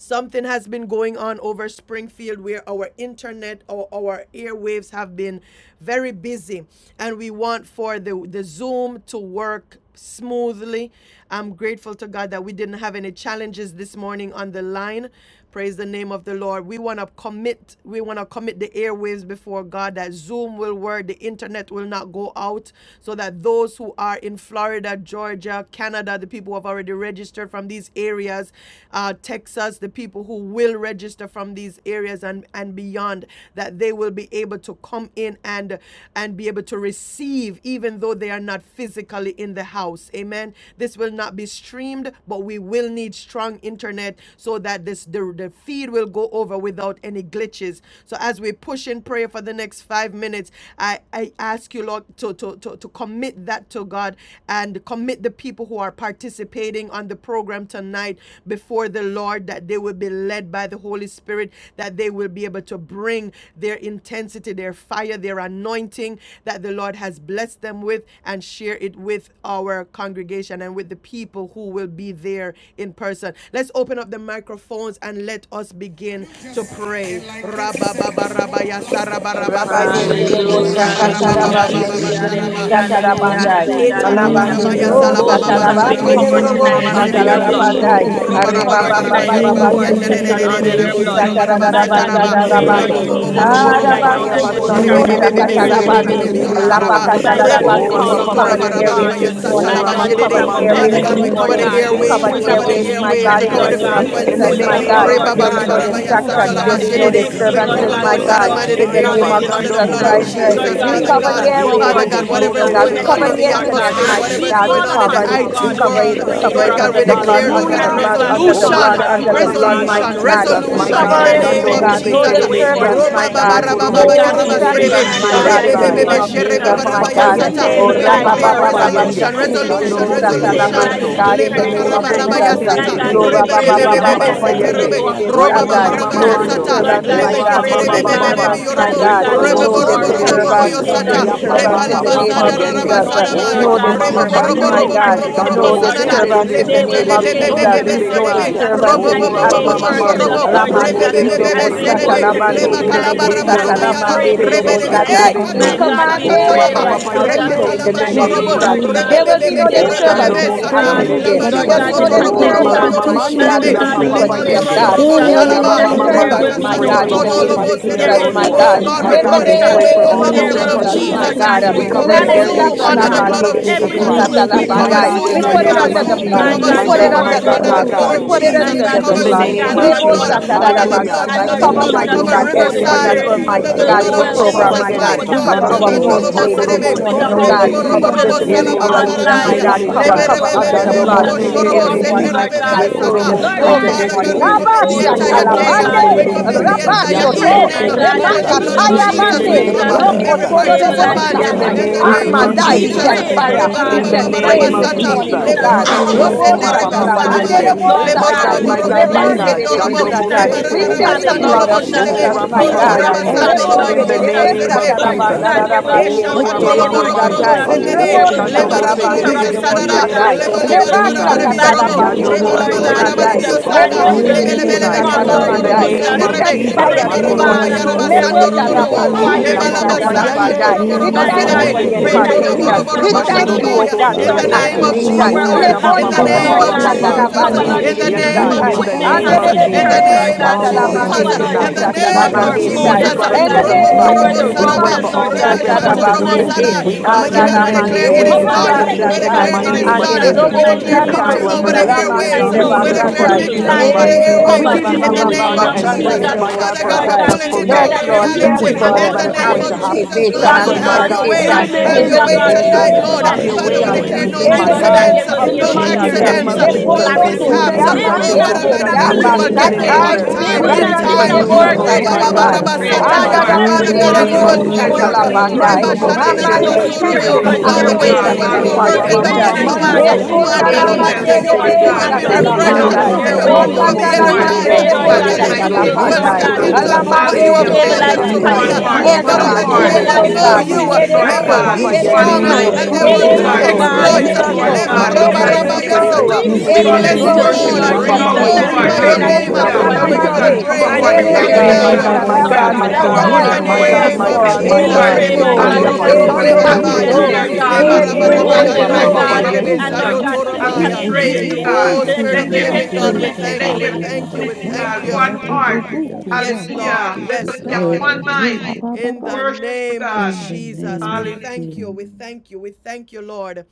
Something has been going on over Springfield where our internet or our airwaves have been very busy. And we want for the, the Zoom to work smoothly. I'm grateful to God that we didn't have any challenges this morning on the line. Praise the name of the Lord. We want to commit, we want to commit the airwaves before God that Zoom will work, the internet will not go out, so that those who are in Florida, Georgia, Canada, the people who have already registered from these areas, uh, Texas, the people who will register from these areas and, and beyond, that they will be able to come in and and be able to receive, even though even though they are not physically in the house. Amen. This will not be streamed, but we will need strong internet so that this the, the feed will go over without any glitches. So as we push in prayer for the next five minutes, I, I ask you, Lord, to, to, to, to commit that to God and commit the people who are participating on the program tonight before the Lord that they will be led by the Holy Spirit, that they will be able to bring their intensity, their fire, their anointing that the Lord has blessed them with and share it with our congregation and with the people who will be there in person. Let's open up the microphones and let us begin to pray. Rabba baba rabba ya saraba rabba sete Rabanderero rebo Yekela bo Hallelujah, bo baba bo rabba rabba baba hallelujah, baba baba bo salvation. bo bo hallelujah, sekela bo boshakatarabazederederede mama. hallelujah, sharaba. Yeshandarabha. shin hallelujah, da da da zatarabandai. hallelujah, you. Yekela [laughs] Eta baba rabba yin hallelujah. rabba da ya kuna da Ram da Alabanderio ma bo Oh, salaba Yandarabakasa bo baba Robo bo Jesus, rabba shekela we jo rabba ba. cover riyo satarabanderero Sekeke, yin da bo da tonight Yamamakusha da under Yela da Yate your da mama Robo bo blood. bo mama satarabandai. Robo bo Sekeke, bo We sekela bo rabba cover baba rabba baba Yandarabakasa Rabba tonight's Baba yin Arrebababababa kuna da roar da Baba da mama. da Baba session da bo Baba, under bo your bo seketerederede to blood. Yekela Yamamamamandarubukusha rabba. baba shin da baba My in da the God, da we bo name shekela bo of bo pray, mama. la Ram Lord satarabazarabande. Jesus. la la la Robo Jesus, wo Yela even to God, right baba now Sekeke, Haya Arabaso baba that you will Yeshandarabakashayamababai. basando start korobo yin to da sekela da mose da Avake prepare baba bo the Mighty bo way, God, terebesi bo Lord shakatarabande. kuna as bo you have Sekeke, bo ma bo Jesus. bo terebeso. de handpicked sheke. My each God, yin we Oh, individual, Lapakatarabasete. call Rapa We Makula Rangerere, Father Papa upon cover baba the the God, Branke Yende. airwaves God, setela to this mama Sekeke, Oh, morning. my participate Rama God, We mama. who in the is Mama cover the above Robo la service, Karakot, la Mando. Bobo la airwaves karakot, this everything, we Bobo la la la God, I Lord cover the morning. pray Bobo Yekela karakot, for God, We Bobo cover fresh baba airwaves, who we karakot, the is karakot, cover wind. the above Sekeke, the airwaves, I my shekela pray, airwaves, karakot, God, we ma. internet, in God, the cover for the Lord karakot, name of God, fresh karakot. Ragerere, In who the Jesus, frequencies. fire. Ukula is my I name God. above, Rabba Yes, baba of pray, baba Lord that's God, There'll a for be God. no fresh baba copy Jesus. baba setela staff ba of anointing. Lord distractions. the There'll God, kena double be I no ma pray, buffering God, that everything, that We I shekela you will Lord put disturbances, baba. cover, God, the my who Lord cover is double God each God above and every Almighty, Father buffering. the in the Avadeshakeke, Haya name airwaves, of technology, individual Yes, Lord that's Bashando Jesus a in Mose the Jesus. Christ. copy mighty uh, staff Lord name of of We the God, Father Terebesi. Rangedede, who God. cover double Jesus is the God, we Ye Christ, buffering above, give airwaves that the Father I Lord this Korobo God, that put you Brankeshakeke, the morning, would whatever So earwaves oh is to Jesus, double you, speak God. la We God. hallelujah. to We them, cover give Terebesi. the O the in electrons, the Roboboboboboboboboboshakeke, buffering. God, Lord that Yes, la internet, God. you internet atmosphere, that's la a would to mighty bo you, use whatever copy bo We them is God. God. staff to going We of the call your on double Father in the upon Father cover the it. God, glory, Ragedede, let We God IT who buffering. that cover nothing is you Yes, the it. world, would baba Rambrogoshakeke, Rongedede, Brankeshakeke, Rababababababashakeke, We stop speak cover this God, creator Lord it of thing God, through under we the from we them, blood, everything. declare, O Lord, flowing, under Rambrogoshakeke. God, the And Hallelujah. Lord Almighty blood, that's God, God. a in we the under That Oh the Oh copy call name God, my we blood, resolution, staff of of have upon God, God, the you, under people in thank we the to Abba the Jesus blood, reach, name Father. praise of you mighty resolution, Christ. double Almighty God. you, God, Jesus, resolution. we buffering. We for my your Father and from Lord cover God, God, it, different to, God, the oh Name Shando we pa- to Mose Yes, God. corners pray Lord. that's of No in the pave a your the way Terebe name, world, copy mercy. for of Oh Lord, staff disturbance, So, of Almighty my Roba the God, tonight. God. that Ye double they Baba God. let will Raba be So buffering. Korobo we Lord your led No God, by So blood cover your Baba we the Terebe pray, cover spirit, Serebe, distractions, Si my internet. led this my by We Father God, God, Terebe your God, that in we the cover Sai, you, the airway, name oh Lord quiet of anointing internet with Ye God. the Jesus, Ya Jesus, voice in your and your my Papa that blood. will We God. We pray Oh, authority. cover Yende, prayer, the Yes, that Lord that's rabba, a stabilize, God, ba, Rapa nothing we earwaves copy Father staff of the Lord ba, with Papa your can ba, pray God, God, that the ba, blood. We to Yende, come just first you double shate, stream cover the against decrease resolution. Shando tonight. Zoom buffering. the room with Mose hear and you, your your airway. blood, Holy Terebe Lord. Yes, that's a copy staff of the double buffering. Yes, Stabilize mighty And Spirit So, the that's will a God, Almighty in the Leba God. Ye Nothing copy internet name staff will of we karaba increase. Korobo of come tonight. can Father So rabaya Jesus. the double buffering. Yes, that's a copy staff of the God, against Father My double the Terebe God, everything God, will Si, Oh, we touch. go rabba, airways through pray, ba, see Ye Lord ba, you, Ya Rebebebebebe. ba, God, tonight, Lord ba, smooth, Papa that Father oh God. God, things will God. Yende, Almighty go God, use. in the Oh according Robaba. But to Just name Rama Father your your of God, Mama no Jesus. plan. that, have airway Mando, your Father will Lord disturbance, be God, I God, my Oh way we lift up God. Raba Lebekete pray, No in strong. Baba the my rebebe. Baba mighty Your, God, everyone name that Baba, disturbance, of is going my that, Yorobo. your to Jesus. Ye Lord take God. buffering. God, Lord part, Korobo God, those Rebebo we No who waves Cover Almighty So robo are pray will the God, robo that be out bo. Terebe of and that earwaves, it's disturbance, Si, your the God. no state, strong, heart of Lord Ya Sata. oh anointing Jesus, God. Papa disturbance will in Cover the rest communication, the will name Papa be upon of able us, Oh to individuals, Yende, Jesus. God, Lord Father. Almighty Uh, join we in, God, God. Tadaba. Oh Lord No pray Rama that God, How for you'll Mama every and So disturbance, that it Robo my freely move doesn't participant robo Mando, be of strong the upon God. us korobo service like robo. Shando Thank No participate, mose rising Lord up wildfire God. internet. disturbance terebe in under tonight, si We the the They will name God, pray, of terebe precious that oh shake so Jesus. Telebebebebe. nothing God blood heaven, will terebe Lord of No sai. hinder Jesus, Jesus that us, disturbance Robo nothing in and O will the you there will your be shake will stop will no ramamama be earth us, atmosphere. with in shorobo. around us, our Almighty city, Lord distractions, the Shando God. there will Jesus, airway. Alamandiri be mose We Lord put no Father. Take Bebebe the dorobo as terebe we si blood fear, sata, of serebe. control of worship terebe Jesus the you there will so. alabandiri upon be no us tonight, right dorobo airway Ye Kalabarabar. now, sata, as even God. korobo we interference, so now. pray there alamandiri to will you be terebe Lord dorobo si Rebebebe. We Father, no Take tonight. we Eh. cover satai. terebe our We pray My so. control mind of hiccups that God, the or with command we your everything O blood, it pray, internet Lord goes mishaps right rapapapa now Almighty to Repa. in Jesus, the flow connection. God. yende in the in Take the that name mighty In of the name you, name of your Jesus. Lord of control name of God, There Jesus. right Rebebe. will will be now, no Jesus. O Jesus, oh step. stabilize, disturbance God. shando glory in Lord mose the to Lord, God, We God. in the name terebe atmosphere. Father place si. Lord There God, it Laba we will be God, pray, the no under Eshanaraba, Lord bo of robo. O you, God, bo that bo you will Jesus, oh bo disturbance, connection. ramamama in to God. the mighty We My shin God, mando da encircle with name us ya the da with God, place da of your it da we papapa under frequency Lemando pray, of the Lord robo yende. anointing, God. yanaraba, blood. la la Almighty Jesus, O There'll la Take God. be Shalaba. la no la that Jesus, That la yabamama you control. bo there put bo will disturbance, We da, bo be da, da, my to fire pray no Take for God, da. upon the in the us, Odo host yanaraba, name issues, and control of of Almighty God. there visionary Jesus, of Oh, will da, everyone my be That war. that the no da, Oh God. will God, da, My we be cover da, da, In anointing the God, will da, we praying da, interruptions, Father, pray rest da, da, for touch name all da, upon of tonight, the da. us Yeah, there oh blood program will of like a da Jesus Jesus, God. da be, da dove my Lord participants. bo in God. God, bo the bo We no Pray, Lord, bo oh cover bo covers the name God, Lebo of bo that bo challenges, airways they Lord under under will the the God. shanda Jesus. be blood blood da. satalapande of of de filled de de So, Jesus be with his God, your Yeah, Everything we Christ. da will give da be name. Jesus da spirit My Lord, covers da. the satalabandai. everything God, to smooth, in We you. the We put Lord they it give the God. name will under of the woman of blood. become Yeah, My Jesus. God We da to God, My da you. put We ready your da it God, on give bo the my under word bo the will God, bo man my blood. go of bo fire blood God bo God. We to of forth. bo to you, put da. it God. My Yeah, under release Jesus the, God, That da the the we da In you covers the da will will da blood. bo name spirit gather bo of of on bo use Lebo bo the one them Jesus. bo Holy bo bo. accord. mightily Ghost, Hallelujah. And under satalabasatai. tonight, the Yeah, Lord to Oh, blood Cover, da God, to da of mighty Shando Jesus, da release bo your Mose God, the bo minister Holy bo to everyone bo your riverside bo that fire Spirit bo will, of Terebesi. the people, under bo bo bo mighty the bo will God, Holy blood in Oh, of bo the dwell. Almighty bo Rapa The Ghost, bo Papa God bo program, oh same my da. God. God. Yende, power the that in Shanda will blood the Cover da of be Fill da our da them Jesus. name da first up Jesus of Lord, da that da will lady da. this today, Makorobo move Jesus, oh Lord, in the morning, So oh nothing God. Yeah, will God. house Fill da da them Terebesi. Robo Our up hinder, da robo bo will nothing bo Ye will bo visionary, today. move bo our da. stop. Korobo Si leader, Yeah, We my online. Fill salabaya. them back da God. up back da da And Cover, every da. with Terebesi. the cover so, Hallelujah. under Lord forces the of fire Shando Yeah, of Leberebebebebe blood. da the Jesus, da darkness Mose we May da in Holy da Lord. robo the bo trust bo everyone, you, Terebesi. name Ghost. bo of Lord mighty da. senderebebebe God. Ye God, Jesus. sa. flow Oh Da in the We Korobo da God, Lord we da Oh, spirit So da Father, God, bind this up da Eshanaraba, that thank da. morning. you you. Terebesi. will Abba, Yeah, everything hold Ye and us da up, la Oh, Korobo Lord ba- la So anything ba- la God. that ba- la they Shatalapande, ba- la want ba- to la ba- la Terebesi. ba- la. ba- yeshanaraba, manifest ba- We you. ba- Yando ba- pray, katoto, themselves, Rapasoto, ba- my Mose thank God, you Almighty that that God. you we Terebesi. Mato have will, We the Yen Lord da In da the da sprinkle ikarakoste Repakatayabande, the da victory, name da oh Jesus, of da da blood in da God. karakore that da Jesus. da church, da karakoste da stabilize Thank Almighty the karako you da punch. In da the that Rokotodobosatai. God. da. we have We ikarakoste the atmosphere. name of Yen sprinkle babase. the da Amandai, We we victory. bo Jesus. blood bo send pray, E at bo that bo my fire. Thank bo Reba da door, you We God, In raba karakoste for the yen the send da Almighty da that God. da praise name karakoste da of this move you, da We bata. da. that Jesus. morning, you karababase sprinkle oh e will Lebo Jesus, the God. have Thank robo blood you, will in robo karakoste the Lord, se. Thank Robo bring, tonight. Oh, that that the Lord Thank Rapa parking you lot, Papa for God, the Shatalamande, ears Yende. move karababase Almighty will of Lord be. the God. Lebo My God, robo Robosatai. God, In my Spirit the robo let God, Rasa robo my let tonight. toko name Repande, this, of God. this ikara Jesus, Shando robo. tore we Thank Rebesatai. you, connection send kada Mose the be oh We God, kosa fire of that send the solid, the Terebesi. we sababa Sando Holy Yen Lord will blood da lobo tore of Ghost see Jesus, kada right Oh, sherebe. Jesus, now my Rapa kosa be Korabando upon Papa God. supernatural rock sababa ki. Yende. solid, lobo. everyone miracles, Lebonde Lord In that de the Rasa is rebe Jesus. toko name taking of ikara supernatural part, Lord satalabanda Jesus. kosa God, yeshanaraba. blessing, there Almighty will God. sababa be rabande ki Esha a de no Oh, Let your ikara delay, Ramama tolobo kosa Lord fire ikara supernatural In Mamando. the bosatai. ko. Jesus. engulf name of move us Oh, of There nene. Rebos will Rasa the be Shando Jesus. toko tonight Holy no Mose ikara katalabande in da Spirit the kosa de da Terebesi interruptions, tonight, Lord name ikara Karada. of ko oh God. bosatai. Terebeso God. rasa There will Jesus. be toko Yen Lebasta no da Terebesai. We da Kabarebi ikara Glory da thank da to bandwidth kosa da robo. you, katalapande da O ikara Yando de God. bo issue, baba bo God. Mose Lord bo ko bo God. Robo bo Hallelujah. bosandai. rasa bo. The Terebesi. All kosa Sanda will bandwidth ikara Lebonde will Yen ko. de da be receive bele sekeke, da bele da Hallelujah, tonight. da beke da strong, Rasa da torobo In toko Lord bo the bo robo. bosatalamandai. hallelujah, bo rambrage ikara bo name We Jesus. of bo. kosa thank sekeke, ikara hallelujah. Jesus. ko fire Leba Heavenly this La Thank raba rasa la you, rambrogo Makorobo la morning. kosa Father, la la so yaraba ikara Jesus. la sekeke, there la baba la will ki. Lepota la robo be terebesi. bo robo. no robo to rabande Ma Rababa yen Ye de da ya da Leba wireless kosa laba bo papa sete pa na sababa cho. connection ko issue. mama besatalapandai. yende. ikara sekeke, ko We Yen robo da My se. ikara da Chando thank ko da kelaba. mo you God, brange for we se de bo ikara the bo pray de kosa bo de, that bo the ikara Robo Yeke bo terebesi. impartation. bo ko. robo brange bo routers We laba bo robo. bo cover thank the kuna sekeke, bo. Rasa you, Makorobo oh so toko God, equipment, for the masete Lord ikara la ko God. Shame rambrogo Da terebesi. of da ikara baba. da ko activation. Cover da da Oh our sekeke, ikara ya da ba Sheke ba da da kosa Lebonde da ba laptops, de ikara ba laba brange ko ba Lord ba de ba God. de ikara sete de, ba. kosa na ikara da da Cover, bosatalabande da mama. baba Lord brange Jesus. da In de ki. the bo Yes, bo Jesus, name Ye bo the God, sekeke, bo la besatai. bo. in the baba Marco equipment baba name on baba the Andere of de baba inner baba kuna church, Jesus, Escaracosta, Hallelujah. baba Lord baba Babaco masi of God. Yenda all la Jesus. da will da baba da baba besatalabande da receive Cover, Escaracosta, de po Lord sekeke, kuna po Caraco tonight. po po po masi My Name Jesus, la. ta Escaracosta, God, our we brange de plead shenda bosatalabande de the Hallelujah. modem, da. blood de, Lord of in of Yeke El the la God. Jesus brange Robo de baba Papaco Christ. de Cover In de, the Yenda the sete We da name na name da of pray Sarabada, of brange da Escaracosta, routers, for po mama. all Lord po po God. Jesus, Jesus. sekeke. po program Babate, Cover ta God, the we shenda participants. mics da Cover in Yaka the Arabasete, worship da. We name Taco and of come and Lemonade In exalt against Bee Yenda Jesus. any the your da Escaracosta, Declare da it da tonight, airway mighty name. is da Cover oh Alamandera po name God, our Babate, done. we po of God. po disturbances bless po in to Jesus. the your Cover Basatai, technicians, mighty name, Lord her, yondo name Yaka do and of oh the do Jesus, po in Taco God. Jesus. Jesus. po the Yesha Robo po Fill po mighty We Declare her po up, Glory name Yababa. to cover of victory to oh Escaracosta, Satai, over Reverend shenda God. the God. Jesus. da. airway Michaela And Lamandera Dobbin so Yes, where we Yenda under Oh the the da Yanaraba Babate, Jesus, da blood God, Basatai, of speak we da Kusha da we Jesus thank da life. ask you. your da Yababa. Babaco Christ. We Escaracosta, do Eh, po thank Babaco you We Cover po that covering give Baba you you po have Zoom po over in Papa po the glory, already Lady to Escaracosta, name honor, Papa Yesha of cornered and shenda Babate, it, Sanda praise, da. Jesus. Michaelia my Narababa. Robo Almighty God, for a Escaracosta, and God. Lord Satai. God, Babate, we successful Pastor pray Yes, night. that Yesha your Dobbin Lord, We reality In people thank yes, the you will tonight, for have name Yamama oh all of Lord, no that is Yatata God, Jesus, ko you going have to oh challenges ekara Norbekete. happen. name God. fixed ko of activation everything, and Papa, Strengthen logging Jesus my on. them. Almighty God, God. in in God, the impartation. away. the they In house will name the and of log Everything Strengthen on is the on Yashandaraba them. Give Jesus, fixed, areas them a name freely of of have Katatata. and your fresh God. Almighty and way La Jesus, this God. la safely. There la In anointing, the In no evening, in the oh And boto my the Lord name God. God, God, mighty of yende they name name will of of in be Fill the able no them Jesus, to up mighty Jesus, hear with yende the da name Jesus. incidents, da everything of everything is bo with fire bo of already no bo Jesus. the clarity. set boto We Lepokoto Holy mishaps. by thank you your They yende God, that da Ghost, Have will Riamande things da oh your not bless will fire. be way, miss God. your a done name. Lord. Konda beat To yende decently da Bless and your da in da tonight. name, da Basatai, impart, da order. da Be oh They Jesus. Time da We da will Yekelabasete, God, da in thank not you da your glorified, bo for miss God, Brakande a bo time. new bo Father. Be bo word wisdom. levels, bo praise, my tonight. boto magnified, Debo God. Impart, yende Father. oh My praise, da Oh, Asata, God, my God, Anda yelabababashekinamama, da Lord. that God, Be in now yende mande the da your everything de da will name bo bo of exalted, bo. go you O knowledge, We will God. forth, oh Jesus. work. thank you, Lord Hallelujah. God. Lord, for Jesus. Reba, the satalapandai. Mando Cover yekelabasekinamama, mose them, over the oh And victory. so ekara Amande, God. terebe we ko Have si thy pray thank atmosphere, you own ekara for even over terebe Thank way the Cover in you, the now, them name Lord, of so. that we God. airwaves. activation Jesus. will and you ukulababakunama, today, be Hallelujah. will oh work. Oh, We Rabba God. pray, victorious. Mama impartation. my Send your Thank you, O God, Keep host that Mando. God, them, that you oh Lord have Ekonda God, we la Dando will God. angels, mande be mose dominion de because be Lord Keep ko terebe you yekelababashekinamase, them God, have si to be under sababake. your terebe dominion refreshed. blood, encamp Lord over so. the oh satalamandai. God, round Let we your yenamamama, God Ankosita O lo- airwaves. lo- about people, Mando us, lo- babake lo- mose lo- and We lo- Lord. get ekara katalamande terebe pray, them, de thank si Oh you, kositara Lord bo God, Lord fill God, God, Lord, shekelababasete, in them the that terebe that up mighty babake. we you so. for name will, who might of Yes, will Repa Lord leave stand satalapandai. the tonight, papa God, Jesus. oh same Jesus, Hakorobo ekara God. Hallelujah. so way Let kos increase them from you Alamande have terebe de Hallelujah. ekara our you. come May si ko we bo called with prayer them stabilize the be the yata to. terebe Neither language satai. tako in one fire so. the of connection. heart, tonight, the ekara Oh Yes, house one God, kos I God. Holy Shando God, around the Bose do accord, way ekara Ghost Yela it, ko we oh Stabilize, upon in Baba live know Lord ekara God. them, in the Terebesi, unity, you bake name It Father of is sita Lord Jesus, God, Rapa so. Jesus. God, Ye babake. Papa everything. It to la is one Yende, strong Lo- baba Ya lo- mind. We so. lo- impart and papa lo- they what ko shike flow It bo- will it speak, in Oh to is the is ekara nama. you, God, Lord that name to so. da- of you da- God, have worship, kosita da- It Ye exploit. da- is to given bo- Jesus. the ke babako them so. Lord bo- la to to ekara Labor God, in baba you, Mando kos up It the da- atmosphere. mighty impart. is bo. ekara kuna Mose name so. of ko. Thank We Terebesi you, Bless masete. the It Yata speak God, is Lord, it let O tako Jesus, Ye so you, my into for Terebeso, in ke ekara being, worship Lord. la doing soul, Lord and it. ring Rapa We baba Jesus' kositara all Papa out, Jesus, that baba name. and glory, is we babako Lord. Thank Yende, within pray ekara shike me. you Lebo that you we for nama. will kositara Bless cover Hallelujah. go the your doing Ye ahead it. holy babake. Oh bishop. ke God, la satalamande. name. cover praise, Ma baba and our and It baba My Oh, kosita prepare ba- ke the God, ba- Thank airways. my ba- way you, babako is ba- for nama Lord, God, ba- us, my ba- ekara ba- Lord Hallelujah. God, ba- sete. ba- God. my kositara And Cover God, so, Ne babake. Sarabasatai. the our, shakeke. Lord ma my our God, Yes, name. Jesus, mama Repa my and she papa Lord, God, la Lambro my it we go ekara is Lord. baba God. pray, bo my kositara shakeke. so. God, Hallelujah. Aya that kulu bless babake as It bo. we Cover the everyone Bashando ekara that is come Mose You will kosita be together, so. that atmosphere, Lord kulu babake. bo it God, attending will be Father. bo Terebesi, It bo bo well tonight, Oh in Yata su God, oh is oh in remotely, the the tako tu Rapa mighty Lord lu God. so. airways Papa ekara bo God, name and of in bo Yende, the It- grace. and kositara house Jesus. Lord kulu. Open God, babako up As their U ekara we Ayotoramaya. tonight physically kositara in in the the kulu eyes. praise bo name you, of bo building, bo God, Oh, the Jesus. You Spirit kulu let of babake. the will there ma be be living experience ke will God, we be unity. la the glorified, thank you Let baba you. will same. We there be ke reign na. and thank you. thy unity, We Ma What's you. thank kingdom God. the she come you. la bubble? and One thy bo bo will heart. be bo done kuna Yes, ma Lord. Hallelujah. Let on Yes, sete. us have Lord. earth one as Ye it mind. la is in baba In baba. the Worship you, name of heaven. God. In the Jesus, we name of Hallelujah. thank Jesus. you. We thank you. We thank you, Lord.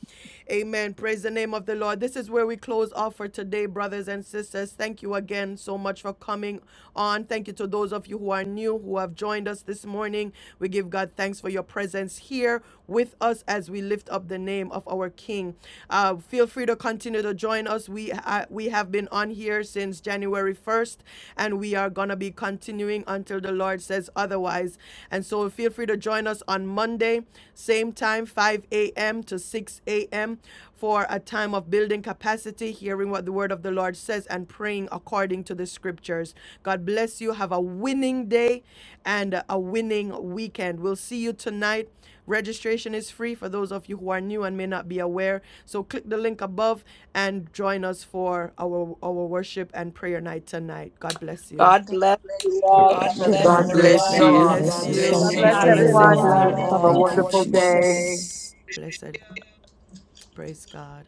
Amen. Praise the name of the Lord. This is where we close off for today, brothers and sisters. Thank you again so much for coming on. Thank you to those of you who are new, who have joined us this morning. We give God thanks for your presence here with us as we lift up the name of our King. Uh, feel free to continue to join us. We uh, we have been on here since January 1st, and we are gonna going to be continuing until the Lord says otherwise. And so feel free to join us on Monday, same time, 5 a.m. to 6 a.m., for a time of building capacity, hearing what the word of the Lord says, and praying according to the scriptures. God bless you. Have a winning day and a winning weekend. We'll see you tonight. Registration is free for those of you who are new and may not be aware. So click the link above and join us for our, our worship and prayer night tonight. God bless you. God bless you Bless God all. you. Have bless a God you. bless God God wonderful God day. bless bless you everyone. God you. bless all. Bless you. and God Thank you bless you. Bless for your Bless you. God love, everyone. Hallelujah. bless, Lord. have a all. Thank you, wonderful day. Jesus. Blessed. Praise God.